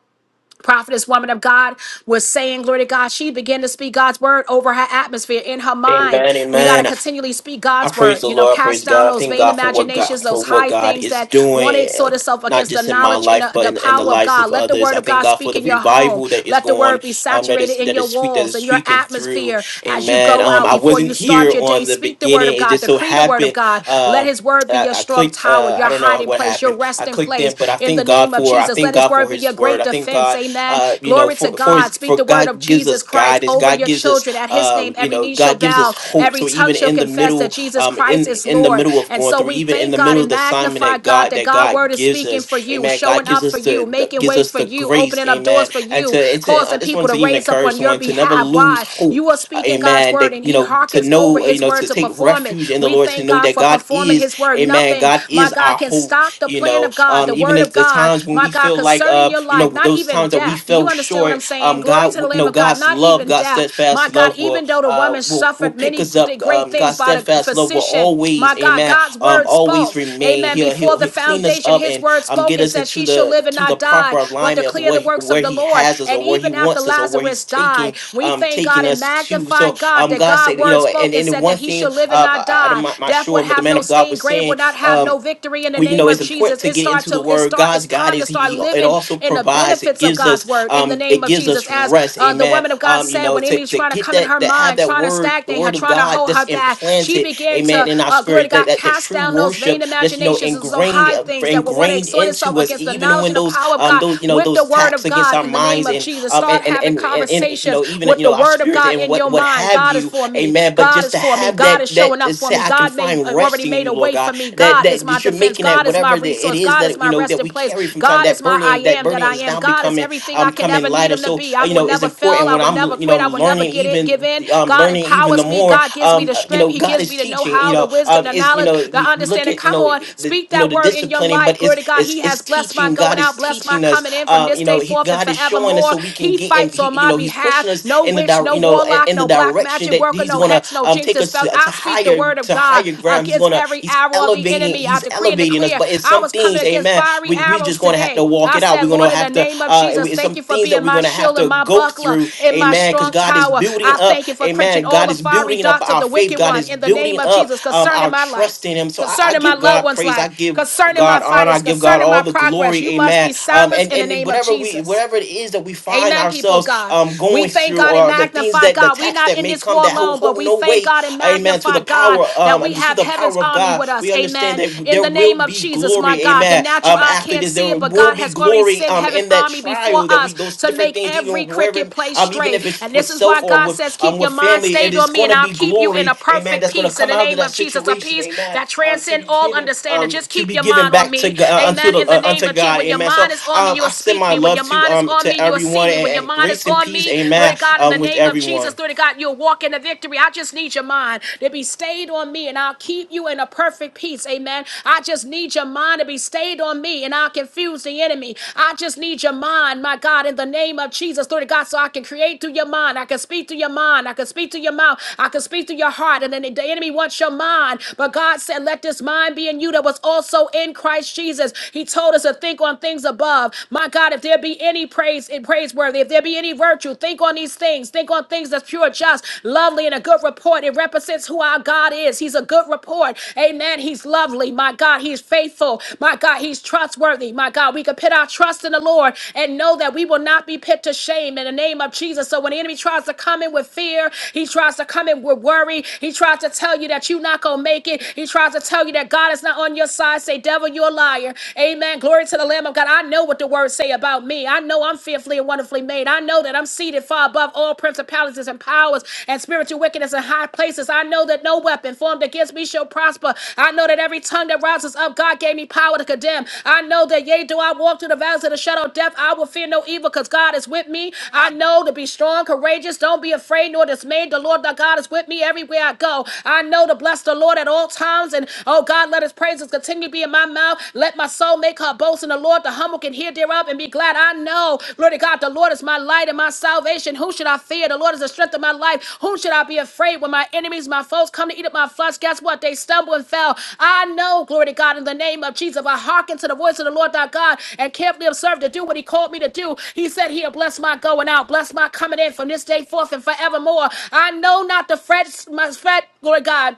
prophetess woman of God was saying, glory to God, she began to speak God's word over her atmosphere in her mind. Amen, We got to amen. continually speak I God's praise word, the you know, Lord. I praise cast down God. I those thank vain God for what imaginations, God those for what high God things is that want to doing, uh, exhort itself not against the just in my knowledge and life, the, but the in, in the power of lives God. of Let the others. word I of thank God God for speak the in your home. revival that is Let the going, word be um, that saturated is in that your is sweet, that walls is and your sweeping through. atmosphere as you Amen. go Um, out I before wasn't you start here your day. on the Speak the word of beginning. It God, just so decree the word of happened. God. Let Uh, his word be I, your I strong clicked. tower, Uh, I your don't know hiding what place, your happened. refuge I cast in clicked place in, but I in the thank God name of for. I Jesus. thank Let his God for word be your His word. great I thank defense. God. Amen. Uh, you know, Glory to for for His God. Speak for the word of God gives Jesus us Christ guidance. over God your gives children. us At his name, um, you every know, knee shall God gives us bow, hope. every So tongue even shall in the confess middle that Jesus um, Christ in is in the Lord. middle of And going so through, we even in thank the God middle of and the assignment magnify that God God that that God's God word is gives speaking for us, you, Amen. God showing gives up for us you, the, the making gives ways us for the you, grace, opening up doors Amen. for And to you, and to I causing just people wanted to to even raise up encourage on your someone to never behalf. lose Why? hope, You are uh, speaking God's Amen. word That and you he know to hearkens over know uh, you his know word to to take perform it. refuge in the We Lord, to thank God know thank God that for God performing is, his word. Amen. Nothing, God my is God, our can hope, stop the you plan know. of God, Um, the even word at of the God, times when my we God, feel like concerning uh your you know life, not those even times that we death. Do you fell understand what I'm short, saying? um, Glory God to the you Lamb know of God, God's not love, even God's death. My steadfast God, love will even though the uh, woman will will suffered pick many us g- up. great Um, things God's by the steadfast love will physician, my always, God, Amen. God's Um, word always spoke. remain. Amen. He'll Before he'll the he'll clean us foundation, up his and word um spoke get and us said, into She shall the live and to the not die, proper but alignment of declare the what works of where the He Lord. has us And or where He even after wants us or where He's Lazarus died, taking we um thank God taking and us to. magnify my So God, um, that God God said, you word know, and spoken and the said that one he thing shall live and um, not I, I- don't I'm die. not, not Death would sure, but the have man no of God sting, was grave saying would not have um no victory in the we, you name know, of it's important Jesus. to It get start into the to it Word. start God's it's God time to is He. start he it living also in the provides. It benefits of gives God's us. word in the Um, name it of gives Jesus. us As rest. uh, the Amen. woman of God Um, you said, know, when to, enemy's to trying to get come in that her that have mind, that trying to Word, the stagnate her, Word of trying to God, hold that's her back, she implanted. began to Amen. In our uh, glory to spirit, that God, that the cast true down those vain worship that's you know imaginations and so ingrained high uh, things that would want to ingrained exhort itself into us, against the even knowledge when and the those power of um God those you know with the those word attacks of against God our in the name minds of Jesus of and Jesus. um and Start and having and, and, and you conversations know even with you the know our word of spirits God and in what your what mind. have God is you. for me. Amen. But God just is to for me. have God that is that showing up to for say me. I can God may uh, find rest already in made you, a Lord way God for me. that God is that, my that you're defense. making that God is my whatever that it resource. is God is that you my know that resting we place. carry from time God that is my I burden that am that burden I is am. now God is becoming everything I um can come in ever need lighter him to so be. uh, I you will know it's never fail. important I when will i'm never you know quit. i'm I will never learning get it, give even in. um God learning even the empowers me. more God gives me um the uh, you strength. know He god gives is me the teaching you know-how, the know uh, wisdom, the is you know knowledge, the we, we look understanding. at you Come know on, the speak you know that the word in your disciplining life. but Glory to it's God. it's He has it's has blessed my teaching god going is out, blessed my teaching us coming in from um, this you know, day he, forth and God is showing us forevermore. so we can He get and fights he, on you my know, he's pushing behalf. us No in the witch, dire, no you know, in, warlock, in the no black direction magic that worker, he's no gonna hex, no um, jinx take and us to, spells. to I speak the higher word of to God higher ground. He's against gonna every he's arrow of the elevating enemy. I he's decree and elevating us, declare but it's I was something coming things, against amen, fiery we, we arrows just going to have to today. walk I it out. said, We're going to Lord, in the have to, name of uh, Jesus, it's thank some you for things that being we're my going to have shield and to my go buckler through, in my amen, because strong God is tower. building I up, thank you for quenching amen. all God the is fiery building up darts of our the faith. wicked God one is in the name building of up Jesus um, concerning our my life trust in Him. So I, I concerning my give loved God one's praise. I life, give concerning my God honor. I finance, give God concerning all my the progress. glory, You must amen. be Um, and, silenced in the and in name of whatever we, Jesus. whatever it is that we find Amen, people of ourselves God. um, We going thank through God and or the things magnify that, the God. We're attacks not that in may this come war that hold, alone, but hold we no thank weight, God and amen, to magnify the God power, that Um um, we through have the power heaven's of army God, with us. we understand Amen. that In there the will name of be Jesus, my glory, God, the amen. natural Um, eye after can't this, there see it, but will God be has already glory sent um, heaven in that army before trial that we us those to different make things, every even wherever, cricket place um, even straight. if it's And with this is why self or God says, with um keep your with mind family, it stayed is on me going and to I'll be keep you in glory, a amen. perfect That's going to peace in come the out of name that of Jesus, a situation, peace amen. that Um, to be transcends all given, understanding. um, Just to keep be your given mind on back to me. God, uh, unto Amen. the In the uh, name unto of Jesus, God, when your amen. So, mind is on me, um, I you'll send speak my me. When your love to mind is um on me, to you'll see everyone me. When your and, and mind is grace and on peace, me, glory to amen. God, in the Um, with name of Jesus, everyone. glory to God, you'll walk in the victory. I just need your mind to be stayed on me, and I'll keep you in a perfect peace. Amen. I just need your mind to be stayed on me, and I'll confuse the enemy. I just need your mind, my God, in the name of Jesus, glory to God, so I can create through your mind. I can speak through your mind. I can speak through your mouth. I can speak through your heart. And then the enemy wants your mind. But God said, Let this mind be in you that was also in Christ Jesus. He told us to think on things above. My God, if there be any praise and praiseworthy, if there be any virtue, think on these things. Think on things that's pure, just, lovely, and a good report. It represents who our God is. He's a good report. Amen. He's lovely. My God, He's faithful. My God, He's trustworthy. My God, we can put our trust in the Lord and know that we will not be put to shame in the name of Jesus. So when the enemy tries to come in with fear, he tries to come in with worry, he tries to tell you that you're not going to make it, he tries to tell you that God is not on your side. Say, devil, you're a liar. Amen. Glory to the Lamb of God. I know what the words say about me. I know I'm fearfully and wonderfully made. I know that I'm seated far above all principalities and powers and spiritual wickedness in high places. I know that no weapon formed against me shall prosper. I know that every tongue that rises up, God gave me power to condemn. I know that yea, do I walk through the valleys of the shadow of death, I will fear no evil because God is with me. I know to be strong, courageous. Don't be afraid nor dismayed. The Lord thy God is with me everywhere I go. I know to bless the Lord at all times, and Oh God, let his praises continue to be in my mouth. Let my soul make her boast in the Lord. The humble can hear thereof and be glad. I know, Lord God, the Lord is my light and my salvation. Whom should I fear? The Lord is the strength of my life. Whom should I be afraid when my enemies, my foes come to eat up my flesh? Guess what? They stumble and fell. I know, glory to God, in the name of Jesus. I hearken to the voice of the Lord thy God and carefully observe to do what he called me to do, he said he'll bless my going out, bless my coming in from this day forth and forevermore. I know not to fret, my fret, glory God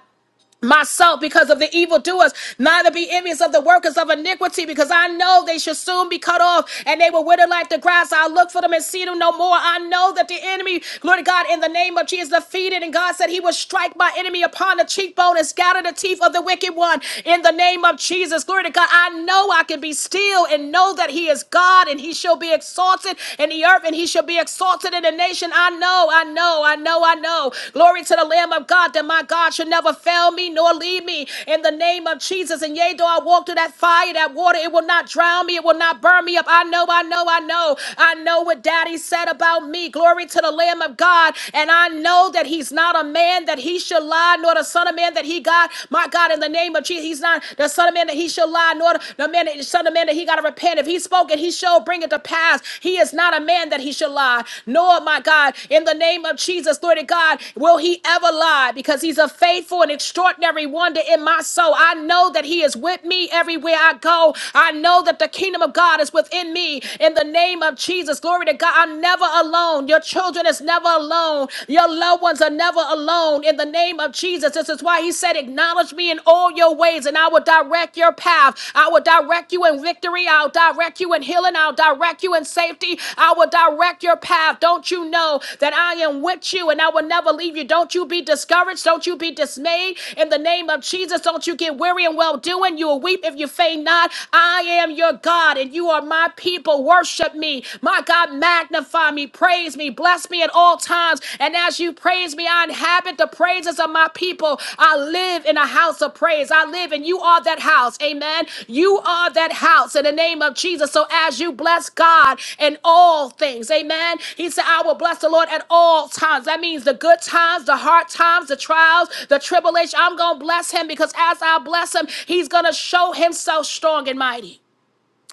myself because of the evildoers, neither be envious of the workers of iniquity, because I know they shall soon be cut off and they will wither like the grass. I'll look for them and see them no more. I know that the enemy, glory to God, in the name of Jesus, defeated. And God said he would strike my enemy upon the cheekbone and scatter the teeth of the wicked one in the name of Jesus. Glory to God. I know I can be still and know that he is God and he shall be exalted in the earth and he shall be exalted in the nations situation. I know, I know, I know, I know. Glory to the Lamb of God that my God should never fail me nor leave me in the name of Jesus. And yea, though I walk through that fire, that water, it will not drown me, it will not burn me up. I know, I know, I know. I know what daddy said about me. Glory to the Lamb of God. And I know that he's not a man that he should lie, nor the son of man that he got. My God, in the name of Jesus, he's not the son of man that he should lie, nor the man, son of man that he he got to repent. If he spoke it, he shall bring it to pass. He is not a man that he should lie. Nor, my God, in the name of Jesus, glory to God, will he ever lie because he's a faithful and extraordinary wonder in my soul. I know that he is with me everywhere I go. I know that the kingdom of God is within me in the name of Jesus. Glory to God. I'm never alone. Your children is never alone. Your loved ones are never alone in the name of Jesus. This is why he why he said, Acknowledge me in all your ways, and I will direct your path. I will direct you in victory. I'll direct you in healing. I'll direct you in safety. I will direct your path. Don't you know that I am with you and I will never leave you? Don't you be discouraged. Don't you be dismayed. In the name of Jesus, don't you get weary and well doing. You will weep if you faint not. I am your God and you are my people. Worship me. My God, magnify me. Praise me me. Bless me at all times. And as you praise me, I inhabit the praises of my people. I live in a house of praise. I live, and you are that house. Amen. You are that house in the name of Jesus. So as you bless God in all things, amen. He said, I will bless the Lord at all times. That means the good times, the hard times, the trials, the tribulation. I'm going to bless him because as I bless him, he's going to show himself strong and mighty.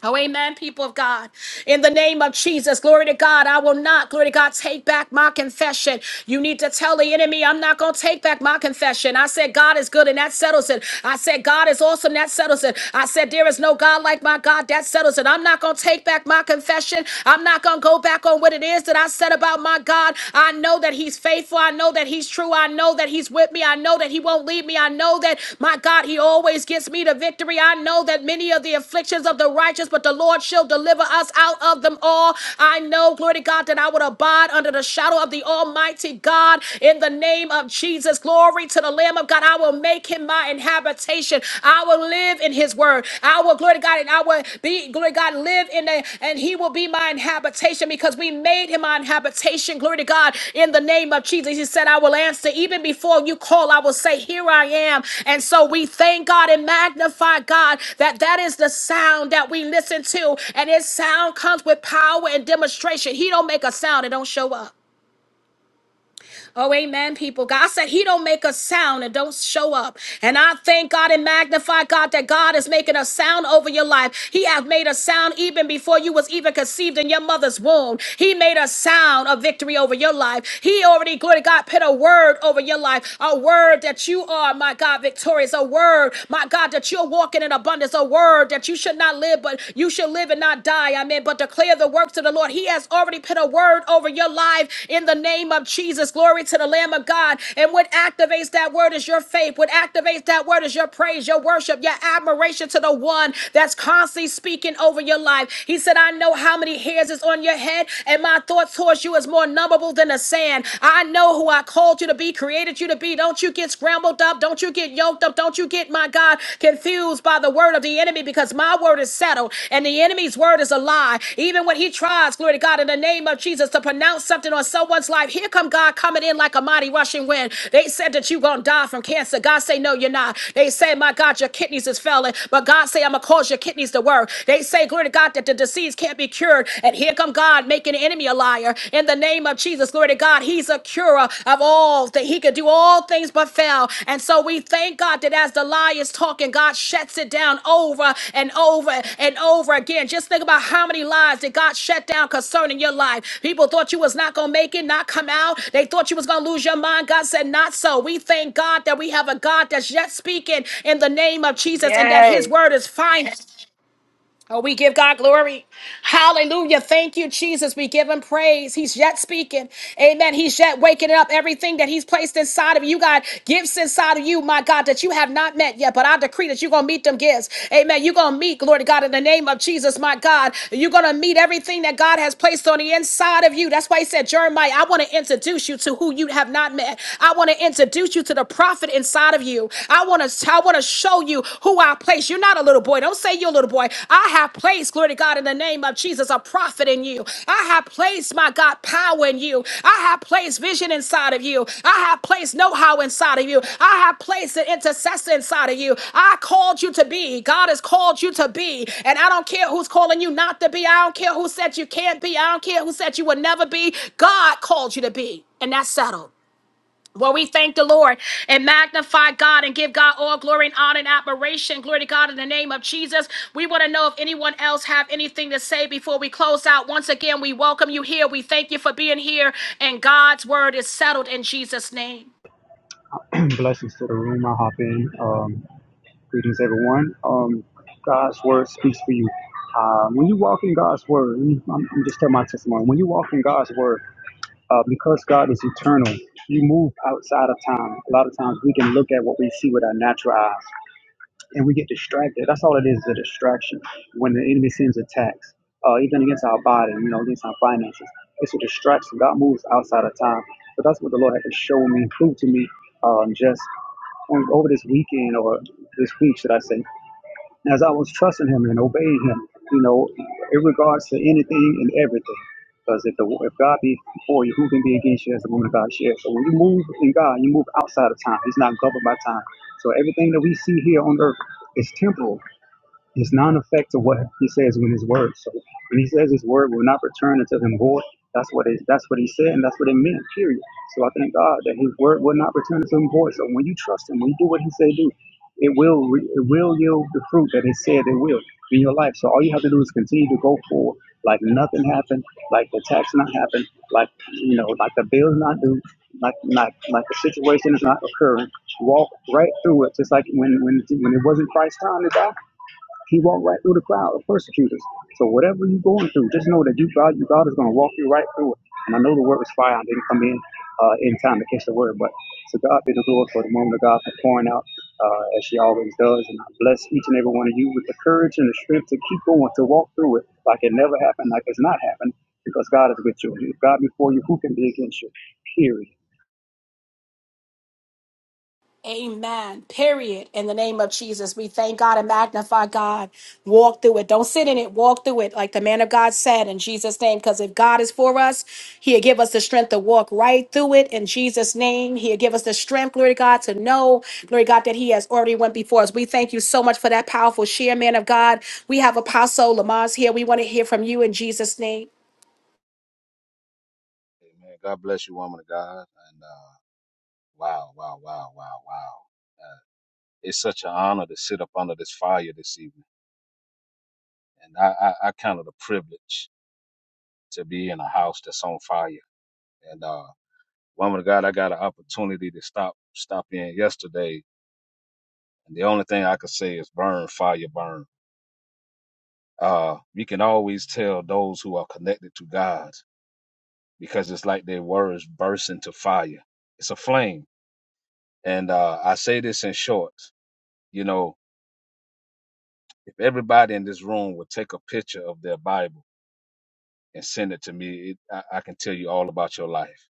Oh, amen, people of God. In the name of Jesus, glory to God, I will not, glory to God, take back my confession. You need to tell the enemy, I'm not going to take back my confession. I said, God is good, and that settles it. I said, God is awesome, that settles it. I said, there is no God like my God, that settles it. I'm not going to take back my confession. I'm not going to go back on what it is that I said about my God. I know that He's faithful faithful. I know that He's true. I know that He's with me. I know that He won't leave me. I know that, my God, He always gets me to victory. I know that many of the afflictions of the righteous, but the Lord shall deliver us out of them all. I know, glory to God, that I would abide under the shadow of the Almighty God in the name of Jesus. Glory to the Lamb of God. I will make Him my inhabitation. I will live in His word. I will, glory to God, and I will be, glory to God, live in a, and he will be my habitation because we made him our habitation, glory to God, in the name of Jesus. He said, I will answer. Even before you call, I will say, Here I am. And so we thank God and magnify God that that is the sound that we listen to. And his sound comes with power and demonstration. He don't make a sound, it don't show up. Oh, amen, people. God said He don't make a sound and don't show up. And I thank God and magnify God that God is making a sound over your life. He hath made a sound even before you was even conceived in your mother's womb. He made a sound of victory over your life. He already, glory to God, put a word over your life. A word that you are, my God, victorious. A word, my God, that you're walking in abundance. A word that you should not live, but you should live and not die die. Amen. But declare the works of the Lord. He has already put a word over your life in the name of Jesus. Glory to the Lamb of God. And what activates that word is your faith. What activates that word is your praise, your worship, your admiration to the one that's constantly speaking over your life. He said, I know how many hairs is on your head, and my thoughts towards you is more numberable than the sand. I know who I called you to be, created you to be. Don't you get scrambled up. Don't you get yoked yoked up. Don't you get, my God, confused by the word of the enemy because my word is settled and the enemy's word is a lie. Even when he tries, glory to God, in the name of Jesus, to pronounce something on someone's life, here come God coming in like a mighty rushing wind. They said that you're going to die from cancer. God say, no, you're not. They say, my God, your kidneys is failing. But God say, I'm going to cause your kidneys to work. They say, glory to God, that the disease can't be cured. And here come God making the enemy a liar. In the name the name of Jesus. Glory to God. He's a curer of all that he could do all things but fail. And so we thank God that as the lie is talking, God shuts it down over and over and over again. Just think about how many lies that God shut down concerning your life. People thought you was not gonna make it, not come out. They thought you was gonna lose your mind. God said, not so. We thank God that we have a God that's yet speaking in the name of Jesus and that his Yes. word is final. Oh, we give God glory. Hallelujah. Thank you, Jesus. We give him praise. He's yet speaking. Amen. He's yet waking up everything that he's placed inside of you, God. Gifts inside of you, my God, that you have not met yet. But I decree that you're going to meet them gifts. Amen. You're going to meet, glory to God, in the name of Jesus, my God. You're going to meet everything that God has placed on the inside of you. That's why he said, Jeremiah, I want to introduce you to who you have not met. I want to introduce you to the prophet inside of you. I want to placed. I want to show you who I place. You're not a little boy. Don't say you're a little boy. I have placed, glory to God, in the name of Jesus, a prophet in you. I have placed, my God, power in you. I have placed vision inside of you. I have placed know how inside of you. I have placed an intercessor inside of you. I called you to be. God has called you to be. And I don't care who's calling you not to be. I don't care who said you can't be. I don't care who said you would never be. God called you to be. And that's settled. Well, we thank the Lord and magnify God and give God all glory and honor and admiration. Glory to God in the name of Jesus. We want to know if anyone else have anything to say before we close out. Once again, we welcome you here. We thank you for being here. And God's word is settled in Jesus' name. Blessings to the room. I hop in. Um, greetings, everyone. Um, God's word speaks for you. Uh, when you walk in God's word, let me- I'm, I'm just tell my testimony. When you walk in God's word, uh, because God is eternal, you move outside of time. A lot of times we can look at what we see with our natural eyes, and we get distracted. That's all it is—a distraction. When the enemy sends attacks, uh, even against our body, you know, against our finances, it's a distraction. God moves outside of time. So that's what the Lord had to show me, prove to me, um, just on over this weekend or this week, should I say, as I was trusting Him and obeying Him, you know, in regards to anything and everything. Because if, the, if God be for you, who can be against you as the woman of God shares? So when you move in God, you move outside of time. He's not governed by time. So everything that we see here on earth is temporal. It's not an effect of what he says in his word. So when he says his word will not return unto him void, that's what it that's what he said and that's what it meant, period. So I thank God that his word will not return unto him void. So when you trust him, when you do what he said do, it will re- it will yield the fruit that it said it will in your life. So all you have to do is continue to go forward. Like nothing happened, like the tax not happened, like you know, like the bill's not due, like like like the situation is not occurring. Walk right through it, just like when when when it wasn't Christ's time to die he walked right through the crowd of persecutors. So whatever you're going through, just know that you God, you God is going to walk you right through it. And I know the word was fire. I didn't come in uh, in time to catch the word, but to God be the glory for the moment of God for pouring out uh, as she always does. And I bless each and every one of you with the courage and the strength to keep going, to walk through it like it never happened, like it's not happened, because God is with you. If God before you, who can be against you? Period. Amen. Period. In the name of Jesus, we thank God and magnify God. Walk through it. Don't sit in it. Walk through it, like the man of God said in Jesus' name. Because if God is for us, He'll give us the strength to walk right through it in Jesus' name. He'll give us the strength, glory to God, to know, glory to God, that He has already went before us. We thank you so much for that powerful share, man of God. We have Apostle Lamar's here. We want to hear from you in Jesus' name. Amen. God bless you, woman of God. And uh, wow, wow, wow, wow, wow. Uh, it's such an honor to sit up under this fire this evening. And I, I, I count it a privilege to be in a house that's on fire. And uh, woman of God, I got an opportunity to stop stop in yesterday. And the only thing I could say is burn, fire, burn. Uh, you can always tell those who are connected to God because it's like their words burst into fire. It's a flame. And uh, I say this in short, you know, If everybody in this room would take a picture of their Bible and send it to me, it, I, I can tell you all about your life.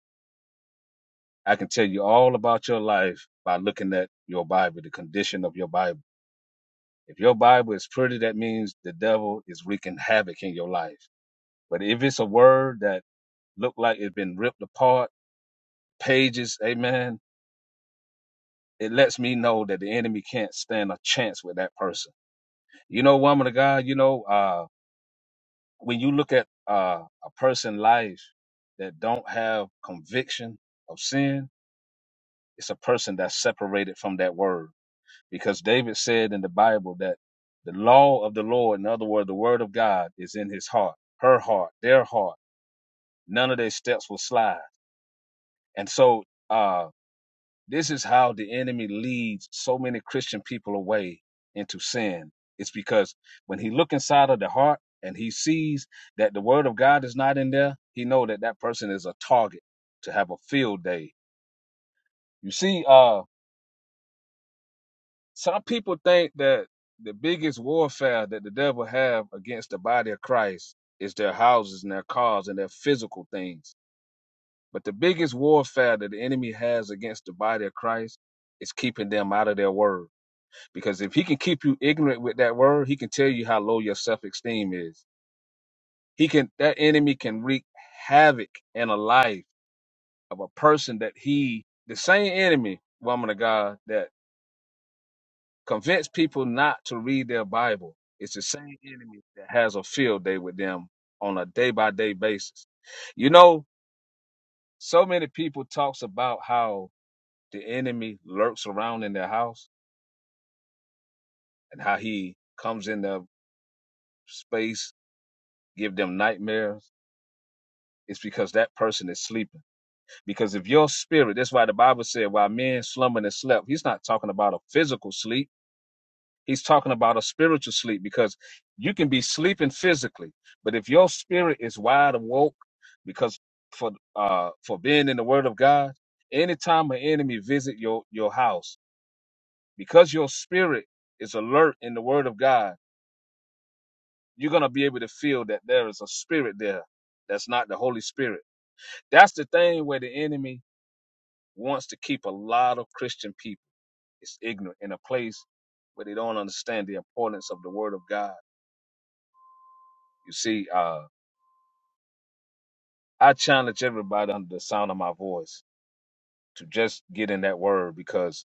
I can tell you all about your life by looking at your Bible, the condition of your Bible. If your Bible is pretty, that means the devil is wreaking havoc in your life. But if it's a word that looked like it's been ripped apart, pages, amen, it lets me know that the enemy can't stand a chance with that person. You know, woman of God, you know, uh, when you look at uh, a person' life that don't have conviction of sin, it's a person that's separated from that word. Because David said in the Bible that the law of the Lord, in other words, the word of God, is in his heart, her heart, their heart. None of their steps will slide. And so, uh, This is how the enemy leads so many Christian people away into sin. It's because when he look inside of the heart and he sees that the word of God is not in there, he know that that person is a target to have a field day. You see, uh, some people think that the biggest warfare that the devil have against the body of Christ is their houses and their cars and their physical things. But the biggest warfare that the enemy has against the body of Christ is keeping them out of their word Because if he can keep you ignorant with that word, he can tell you how low your self esteem is. He can that enemy can wreak havoc in a life of a person that he the same enemy, woman of God, that convinced people not to read their Bible. It's the same enemy that has a field day with them on a day by day basis. You know, so many people talks about how the enemy lurks around in their house and how he comes in their space, give them nightmares It's because that person is sleeping. Because if your spirit, that's why the Bible said, while men slumbered and slept, he's not talking about a physical sleep. He's talking about a spiritual sleep because you can be sleeping physically, but if your spirit is wide awoke, because for uh for being in the Word of God, anytime an enemy visit your your house, because your spirit is alert in the Word of God, you're gonna be able to feel that there is a spirit there that's not the Holy Spirit. That's the thing where the enemy wants to keep a lot of Christian people is ignorant in a place where they don't understand the importance of the Word of God. You see, uh, I challenge everybody under the sound of my voice to just get in that Word because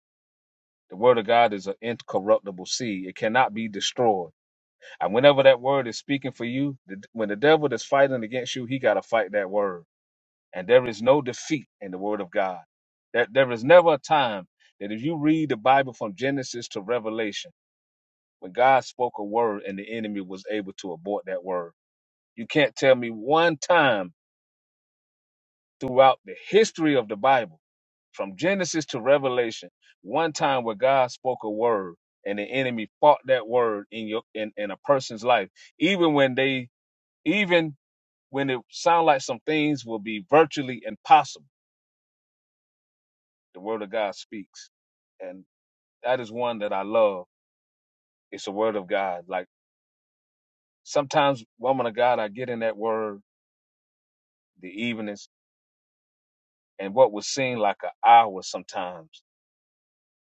the Word of God is an incorruptible seed; it cannot be destroyed. And whenever that Word is speaking for you, the, when the devil is fighting against you, he got to fight that Word. And there is no defeat in the Word of God. That there there is never a time that if you read the Bible from Genesis to Revelation When God spoke a word and the enemy was able to abort that word. You can't tell me one time throughout the history of the Bible from Genesis to Revelation, one time where God spoke a word and the enemy fought that word in your in, in a person's life, even when they even when it sound like some things will be virtually impossible, the word of God speaks. And that is one that I love. It's the word of God. Like sometimes, woman of God, I get in that word the evenings And what would seem like an hour sometimes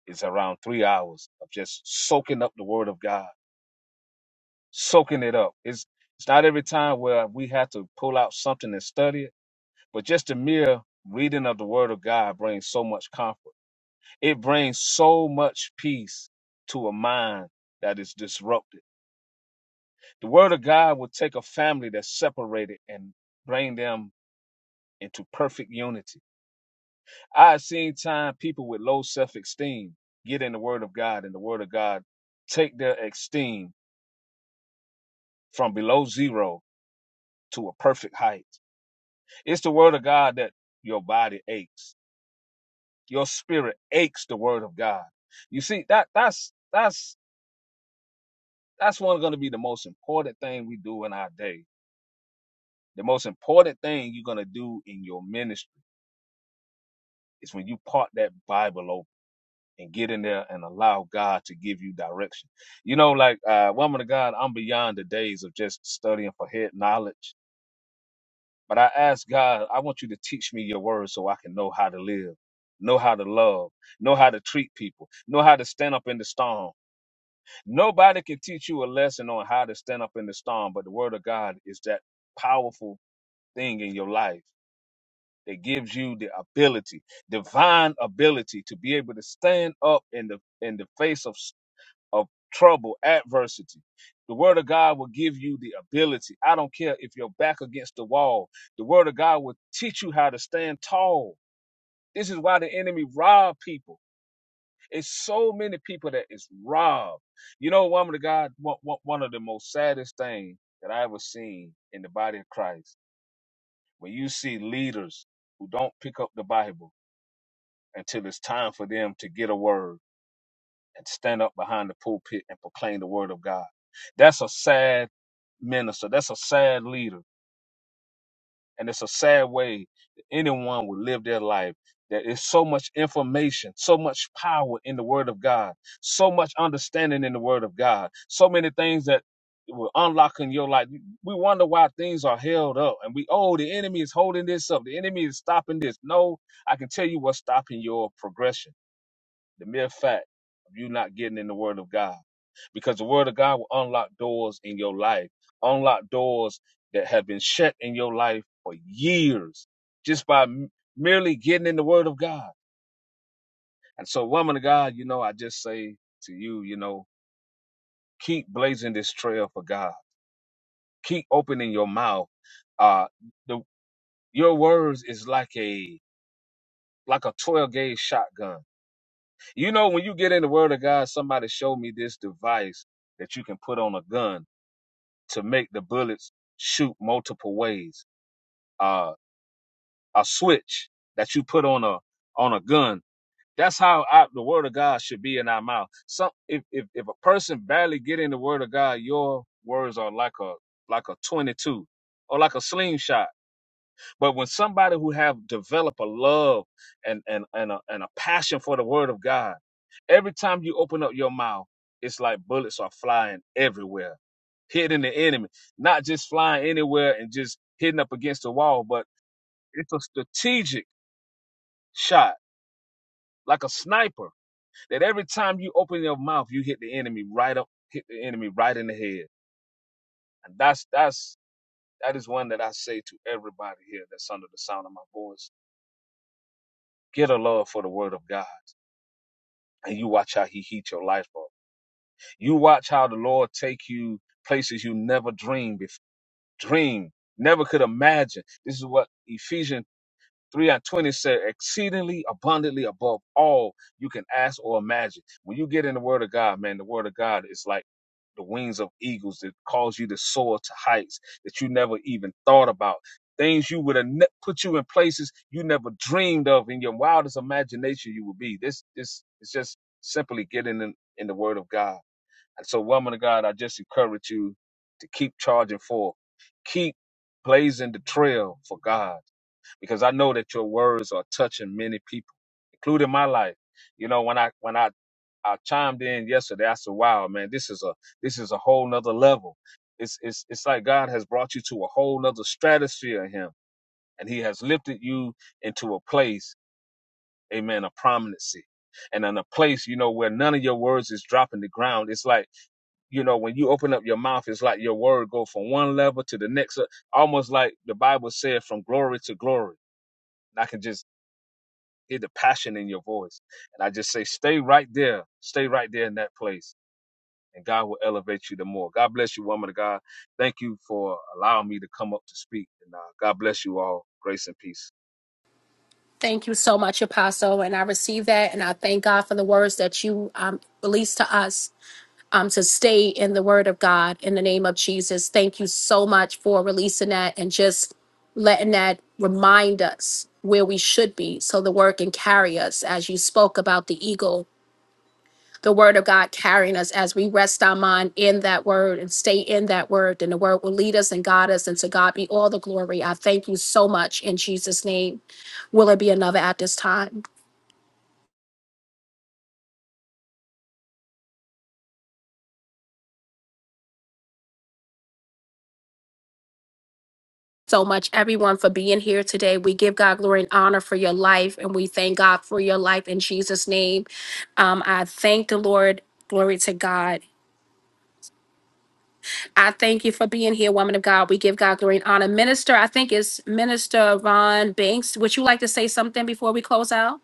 is around three hours of just soaking up the word of God, soaking it up. It's it's not every time where we have to pull out something and study it, but just the mere reading of the word of God brings so much comfort. It brings so much peace to a mind that is disrupted. The word of God will take a family that's separated and bring them into perfect unity I have seen time people with low self esteem get in the Word of God, and the Word of God take their esteem from below zero to a perfect height. It's the Word of God that your body aches, your spirit aches. The Word of God. You see that that's that's that's one going to be the most important thing we do in our day. The most important thing you're going to do in your ministry is when you part that Bible open and get in there and allow God to give you direction. You know, like uh, woman of God, I'm beyond the days of just studying for head knowledge. But I ask God, I want you to teach me your word so I can know how to live, know how to love, know how to treat people, know how to stand up in the storm. Nobody can teach you a lesson on how to stand up in the storm, but the word of God is that powerful thing in your life that gives you the ability, divine ability to be able to stand up in the in the face of of trouble, adversity. The word of God will give you the ability. I don't care if you're back against the wall. The word of God will teach you how to stand tall. This is why the enemy robbed people. It's so many people that is robbed. You know, woman of God, one, one one of the most saddest things that I ever seen in the body of Christ, when you see leaders who don't pick up the Bible until it's time for them to get a word and stand up behind the pulpit and proclaim the word of God. That's a sad minister. That's a sad leader. And it's a sad way that anyone would live their life. There is so much information, so much power in the word of God, so much understanding in the word of God, so many things that will unlock in your life. We wonder why things are held up and we, oh, the enemy is holding this up. The enemy is stopping this. No, I can tell you what's stopping your progression. The mere fact of you not getting in the Word of God, because the Word of God will unlock doors in your life, unlock doors that have been shut in your life for years, just by m- merely getting in the Word of God. And so, woman of God, you know, I just say to you, you know, keep blazing this trail for God. Keep opening your mouth. Uh, the your words is like a like a twelve gauge shotgun You know, when you get in the word of God, somebody showed me this device that you can put on a gun to make the bullets shoot multiple ways. Uh, a switch that you put on a on a gun. That's how I, the word of God should be in our mouth. Some if, if if a person barely get in the word of God, your words are like a like a twenty two or like a slingshot but when somebody who have developed a love and and and a, and a passion for the Word of God, every time you open up your mouth, it's like bullets are flying everywhere, hitting the enemy. Not just flying anywhere and just hitting up against the wall, but it's a strategic shot, like a sniper. That every time you open your mouth, you hit the enemy right up, hit the enemy right in the head. And that's that's that is one that I say to everybody here that's under the sound of my voice. Get a love for the Word of God and you watch how he heat your life up. You watch how the Lord take you places you never dreamed before, dream, never could imagine. This is what Ephesians 3 and 20 said, exceedingly abundantly above all you can ask or imagine. When you get in the word of God, man, the word of God is like the wings of eagles that cause you to soar to heights that you never even thought about. Things you would have ne- put you in places you never dreamed of in your wildest imagination you would be. This this is just simply getting in, in the word of God. And so, woman of God, I just encourage you to keep charging forth. Keep blazing the trail for God because I know that your words are touching many people, including my life. You know, when I when I I chimed in yesterday, I said, "Wow, man, this is a this is a whole nother level. It's it's it's like God has brought you to a whole nother stratosphere in Him, and He has lifted you into a place, Amen, of prominency." And in a place, you know, where none of your words is dropping the ground. It's like, you know, when you open up your mouth, it's like your word go from one level to the next, uh, almost like the Bible said, from glory to glory. I can just hear the passion in your voice. And I just say, stay right there. Stay right there in that place. And God will elevate you the more. God bless you, woman of God. Thank you for allowing me to come up to speak. And uh, God bless you all. Grace and peace. Thank you so much, Apostle. And I receive that. And I thank God for the words that you um, released to us. um, to stay in the word of God in the name of Jesus. Thank you so much for releasing that and just letting that remind us where we should be so the word can carry us as you spoke about the eagle, the word of God carrying us as we rest our mind in that word and stay in that word, then the word will lead us and guide us. And to God be all the glory. I thank you so much in Jesus' name. Will it be another at this time? so much, everyone, for being here today. We give God glory and honor for your life, and we thank God for your life in Jesus' name. Um, I thank the Lord. Glory to God. I thank you for being here, woman of God. We give God glory and honor. Minister, I think it's Minister Ron Banks. Would you like to say something before we close out?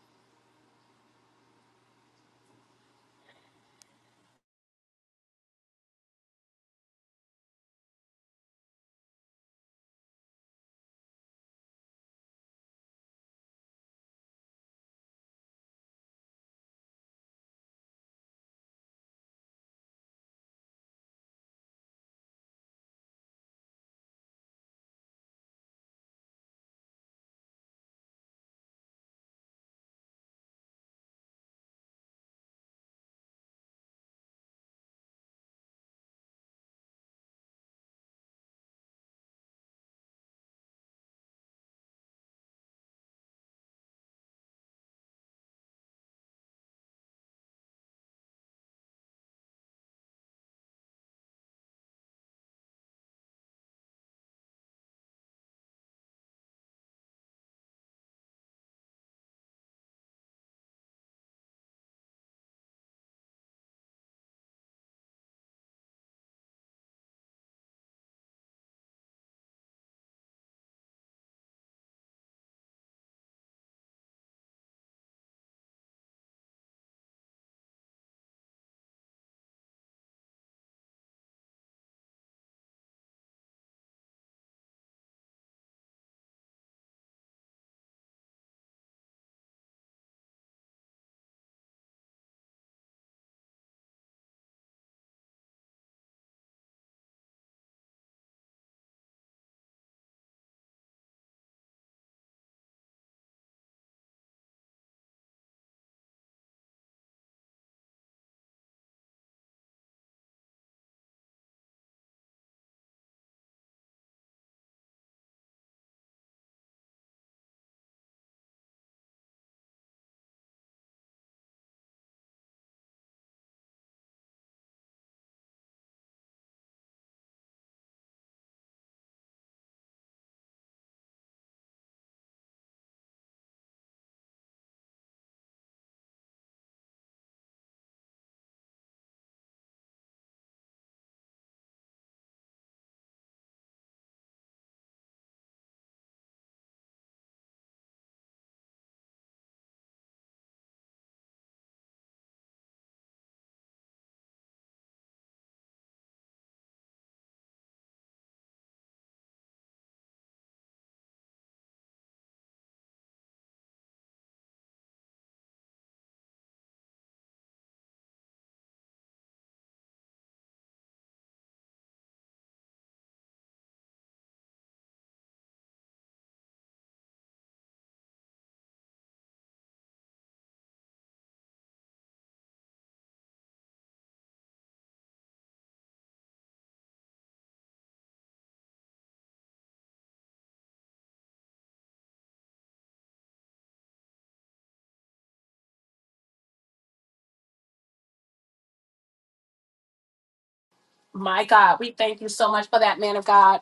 My God, we thank you so much for that, man of God.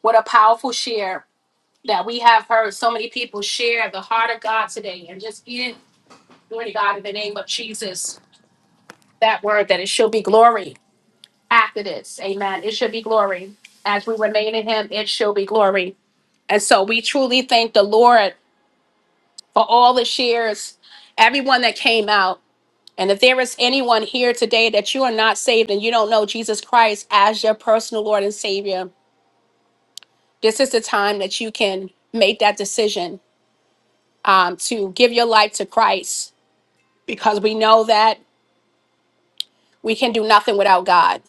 What a powerful share that we have heard so many people share the heart of God today and just give glory to God in the name of Jesus. That word that it should be glory. after this. Amen. It should be glory. As we remain in him, it shall be glory. And so we truly thank the Lord for all the shares, everyone that came out. And if there is anyone here today that you are not saved and you don't know Jesus Christ as your personal Lord and Savior, this is the time that you can make that decision um, to give your life to Christ because we know that we can do nothing without God.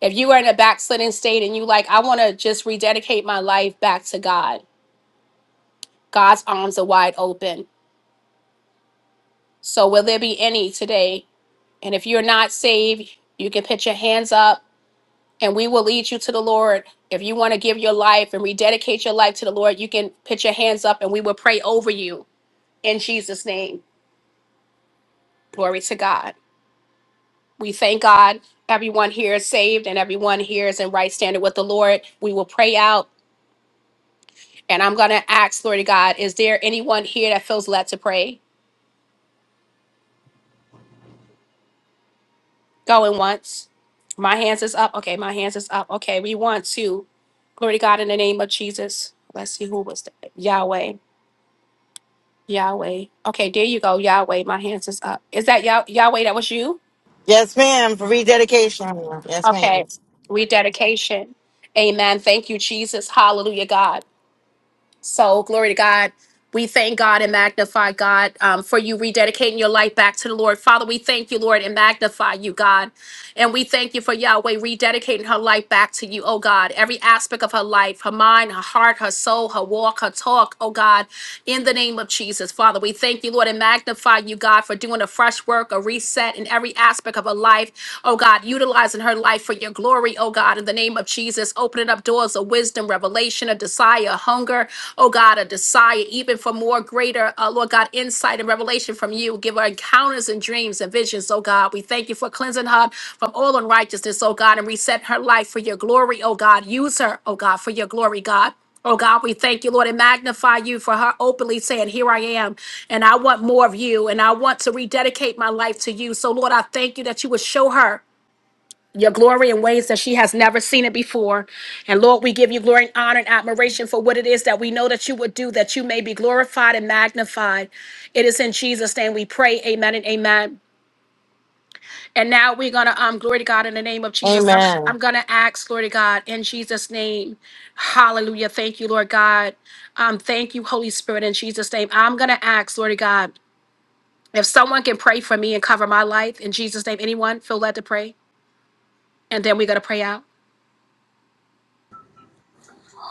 If you are in a backslidden state and you like, I want to just rededicate my life back to God, God's arms are wide open. So, will there be any today? And if you're not saved, you can put your hands up and we will lead you to the Lord. If you want to give your life and rededicate your life to the Lord, you can put your hands up and we will pray over you in Jesus' name. Glory to God. We thank God. Everyone here is saved and everyone here is in right standing with the Lord. We will pray out. And I'm going to ask, glory to God, is there anyone here that feels led to pray? Going once. My hands is up. Okay, my hands is up. Okay, we want to. Glory to God in the name of Jesus. Let's see who was that. Yahweh. Yahweh. Okay, there you go. Yahweh. My hands is up. Is that Yah- Yahweh? That was you? Yes, ma'am, for rededication. Yes, ma'am. Okay. Rededication. Amen. Thank you, Jesus. Hallelujah, God. So, glory to God. We thank God and magnify God um, for you rededicating your life back to the Lord. Father, we thank you, Lord, and magnify you, God. And we thank you for Yahweh rededicating her life back to you, oh God. Every aspect of her life, her mind, her heart, her soul, her walk, her talk, oh God in the name of Jesus. Father, we thank you, Lord, and magnify you, God, for doing a fresh work, a reset in every aspect of her life. Oh God, utilizing her life for your glory, oh God, in the name of Jesus, opening up doors of wisdom, revelation, a desire, a hunger, oh God, a desire even for more greater, uh, Lord God, insight and revelation from you. Give her encounters and dreams and visions, oh God. We thank you for cleansing her from all unrighteousness, oh God, and reset her life for your glory, oh God. Use her, oh God, for your glory, God. Oh God, we thank you, Lord, and magnify you for her openly saying, Here I am, and I want more of you, and I want to rededicate my life to you. So, Lord, I thank you that you would show her your glory in ways that she has never seen it before. And Lord, we give you glory and honor and admiration for what it is that we know that you would do, that you may be glorified and magnified. It is in Jesus' name we pray. Amen and amen. And now we're gonna um glory to God in the name of Jesus. I'm Amen. I'm gonna ask, glory to God, in Jesus' name. Hallelujah. Thank you, Lord God. Um, thank you, Holy Spirit, in Jesus' name. I'm gonna ask, Lord God, if someone can pray for me and cover my life in Jesus' name. Anyone feel led to pray? And then we're gonna pray out.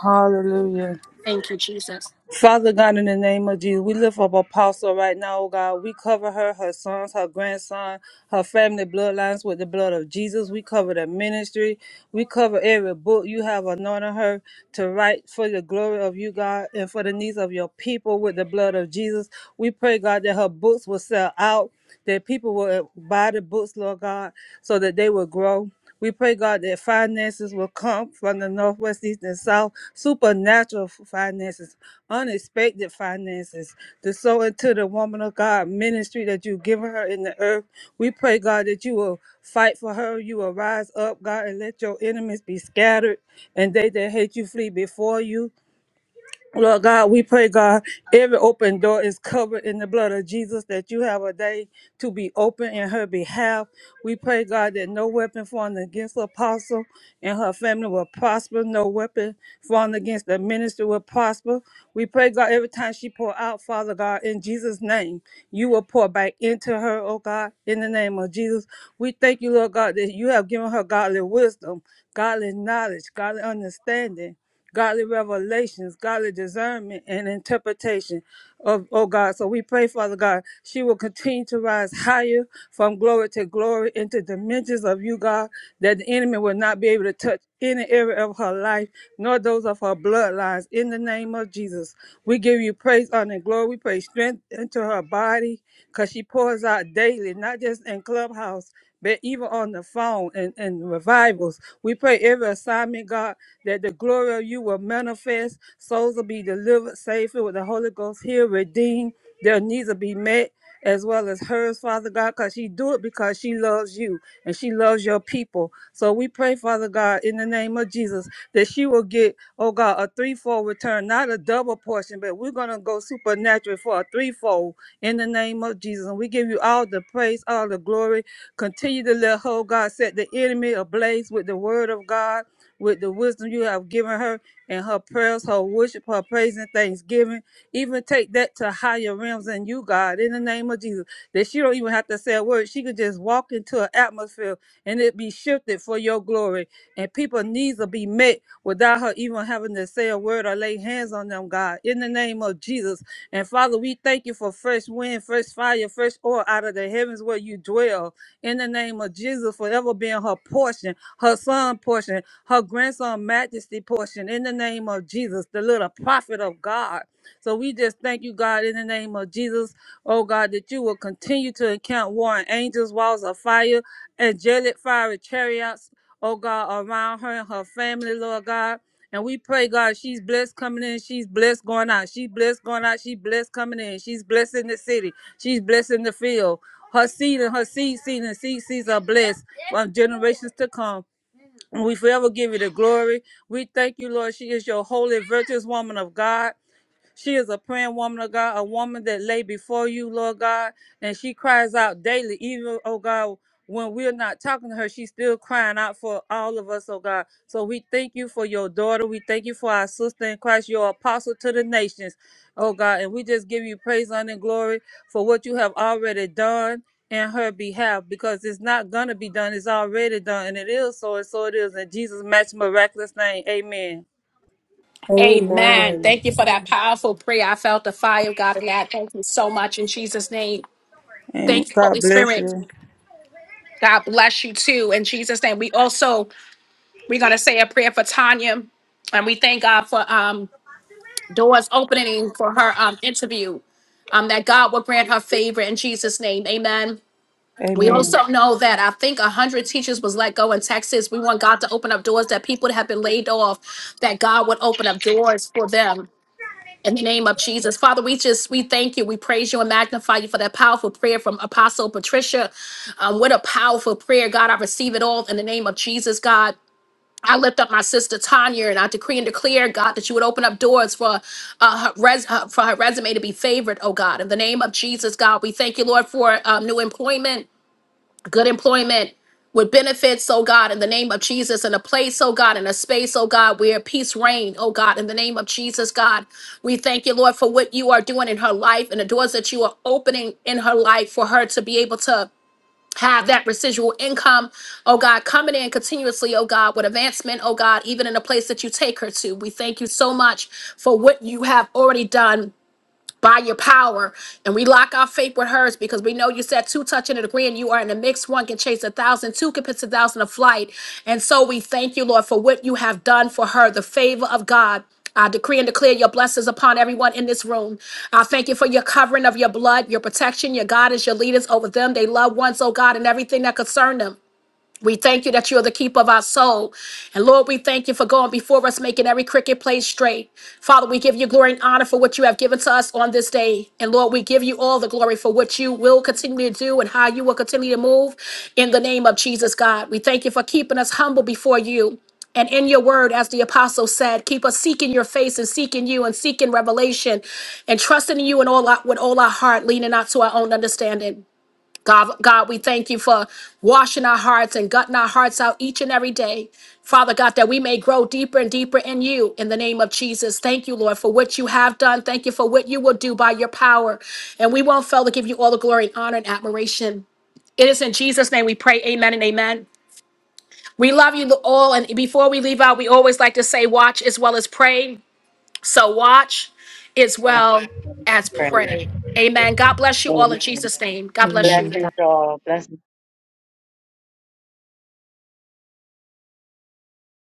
Hallelujah. Thank you, Jesus. Father God, in the name of Jesus, we lift up Apostle right now, oh God. We cover her, her sons, her grandson, her family bloodlines with the blood of Jesus. We cover the ministry. We cover every book you have anointed her to write for the glory of you, God, and for the needs of your people with the blood of Jesus. We pray, God, that her books will sell out, that people will buy the books, Lord God, so that they will grow. We pray, God, that finances will come from the northwest, east, and south, supernatural f- finances, unexpected finances, to sow into the woman of God ministry that you've given her in the earth. We pray, God, that you will fight for her. You will rise up, God, and let your enemies be scattered, and they that hate you flee before you. Lord God, we pray, God, every open door is covered in the blood of Jesus, that you have a day to be open in her behalf. We pray, God, that no weapon formed against Apostle and her family will prosper. No weapon formed against the minister will prosper. We pray, God, every time she pour out, Father God, in Jesus' name, you will pour back into her, oh God, in the name of Jesus. We thank you, Lord God, that you have given her godly wisdom, godly knowledge, godly understanding godly revelations, godly discernment, and interpretation of, oh God. So we pray, Father God, she will continue to rise higher from glory to glory into dimensions of you, God, that the enemy will not be able to touch any area of her life, nor those of her bloodlines. In the name of Jesus, we give you praise, honor, and glory. We pray strength into her body because she pours out daily, not just in Clubhouse but even on the phone and, and revivals. We pray every assignment, God, that the glory of you will manifest, souls will be delivered safely with the Holy Ghost here, redeemed, their needs will be met. As well as hers, Father God, because she do it because she loves you and she loves your people. So we pray, Father God, in the name of Jesus, that she will get, oh God, a threefold return, not a double portion, but we're gonna go supernatural for a threefold in the name of Jesus. And we give you all the praise, all the glory, Continue to let her, oh God, set the enemy ablaze with the word of God, with the wisdom you have given her, and her prayers, her worship, her praise, and thanksgiving. Even take that to higher realms in you, God, in the name of Jesus. That she don't even have to say a word. She could just walk into an atmosphere and it be shifted for your glory. And people's needs will be met without her even having to say a word or lay hands on them, God, in the name of Jesus. And Father, we thank you for fresh wind, fresh fire, fresh oil out of the heavens where you dwell in the name of Jesus, forever being her portion, her son portion, her grandson majesty portion, in the name of Jesus, the little prophet of God. So we just thank you, God, in the name of Jesus, oh God, that you will continue to encamp warring angels, walls of fire, angelic fiery chariots oh God, around her and her family, Lord God. And we pray, God, she's blessed coming in, she's blessed going out, she's blessed going out, she's blessed coming in, she's blessed in the city, she's blessed in the field. Her seed and her seed seed and seed seeds are blessed from generations to come. And we forever give you the glory. We thank you, Lord. She is your holy, virtuous woman of God. She is a praying woman of God, a woman that lay before you, Lord God, and she cries out daily, even, oh God, when we're not talking to her, she's still crying out for all of us, oh God. So we thank you for your daughter. We thank you for our sister in Christ, your apostle to the nations, oh God. And we just give you praise, honor, and glory for what you have already done in her behalf because it's not going to be done. It's already done. And it is so, and so it is. In Jesus' match miraculous name, amen. Amen. Amen. Thank you for that powerful prayer. I felt the fire of God in that. Thank you so much in Jesus' name. Amen. Thank you, God Holy bless Spirit. you. God bless you too. In Jesus' name. We also We're going to say a prayer for Tanya, and we thank God for um, doors opening for her um, interview. Um, that God will grant her favor in Jesus' name. Amen. We Amen. also know that I think 100 teachers was let go in Texas. We want God to open up doors that people have been laid off, that God would open up doors for them. In the name of Jesus, Father, we just we thank you, we praise you and magnify you for that powerful prayer from Apostle Patricia. Um, what a powerful prayer, God! I receive it all in the name of Jesus, God. I lift up my sister Tanya and I decree and declare, God, that you would open up doors for uh, her, res- uh, for her resume to be favored, oh God. In the name of Jesus, God, we thank you, Lord, for um, new employment, good employment with benefits, oh God, in the name of Jesus, in a place, oh God, in a space, oh God, where peace reign, oh God, in the name of Jesus, God. We thank you, Lord, for what you are doing in her life and the doors that you are opening in her life for her to be able to have that residual income, oh God, coming in continuously, oh God, with advancement, oh God, even in the place that you take her to. We thank you so much for what you have already done by your power. And we lock our faith with hers because we know you said two touching and agreeing. You are in the mix. One can chase a thousand, two can pitch a thousand of flight. And so we thank you, Lord, for what you have done for her, the favor of God. I decree and declare your blessings upon everyone in this room. I thank you for your covering of your blood, your protection, your God is your leaders over them, they loved ones, oh God, and everything that concerned them. We thank you that you are the keeper of our soul. And Lord, we thank you for going before us, making every cricket place straight. Father, we give you glory and honor for what you have given to us on this day. And Lord, we give you all the glory for what you will continue to do and how you will continue to move in the name of Jesus, God. We thank you for keeping us humble before you. And in your word, as the apostle said, keep us seeking your face and seeking you and seeking revelation and trusting in you in all our, with all our heart, leaning not to our own understanding. God, God, we thank you for washing our hearts and gutting our hearts out each and every day. Father God, that we may grow deeper and deeper in you in the name of Jesus. Thank you, Lord, for what you have done. Thank you for what you will do by your power. And we won't fail to give you all the glory and honor and admiration. It is in Jesus' name we pray. Amen and amen. We love you all. And before we leave out, we always like to say, watch as well as pray. So watch as well as pray. Amen. God bless you all in Jesus' name. God bless you. Amen.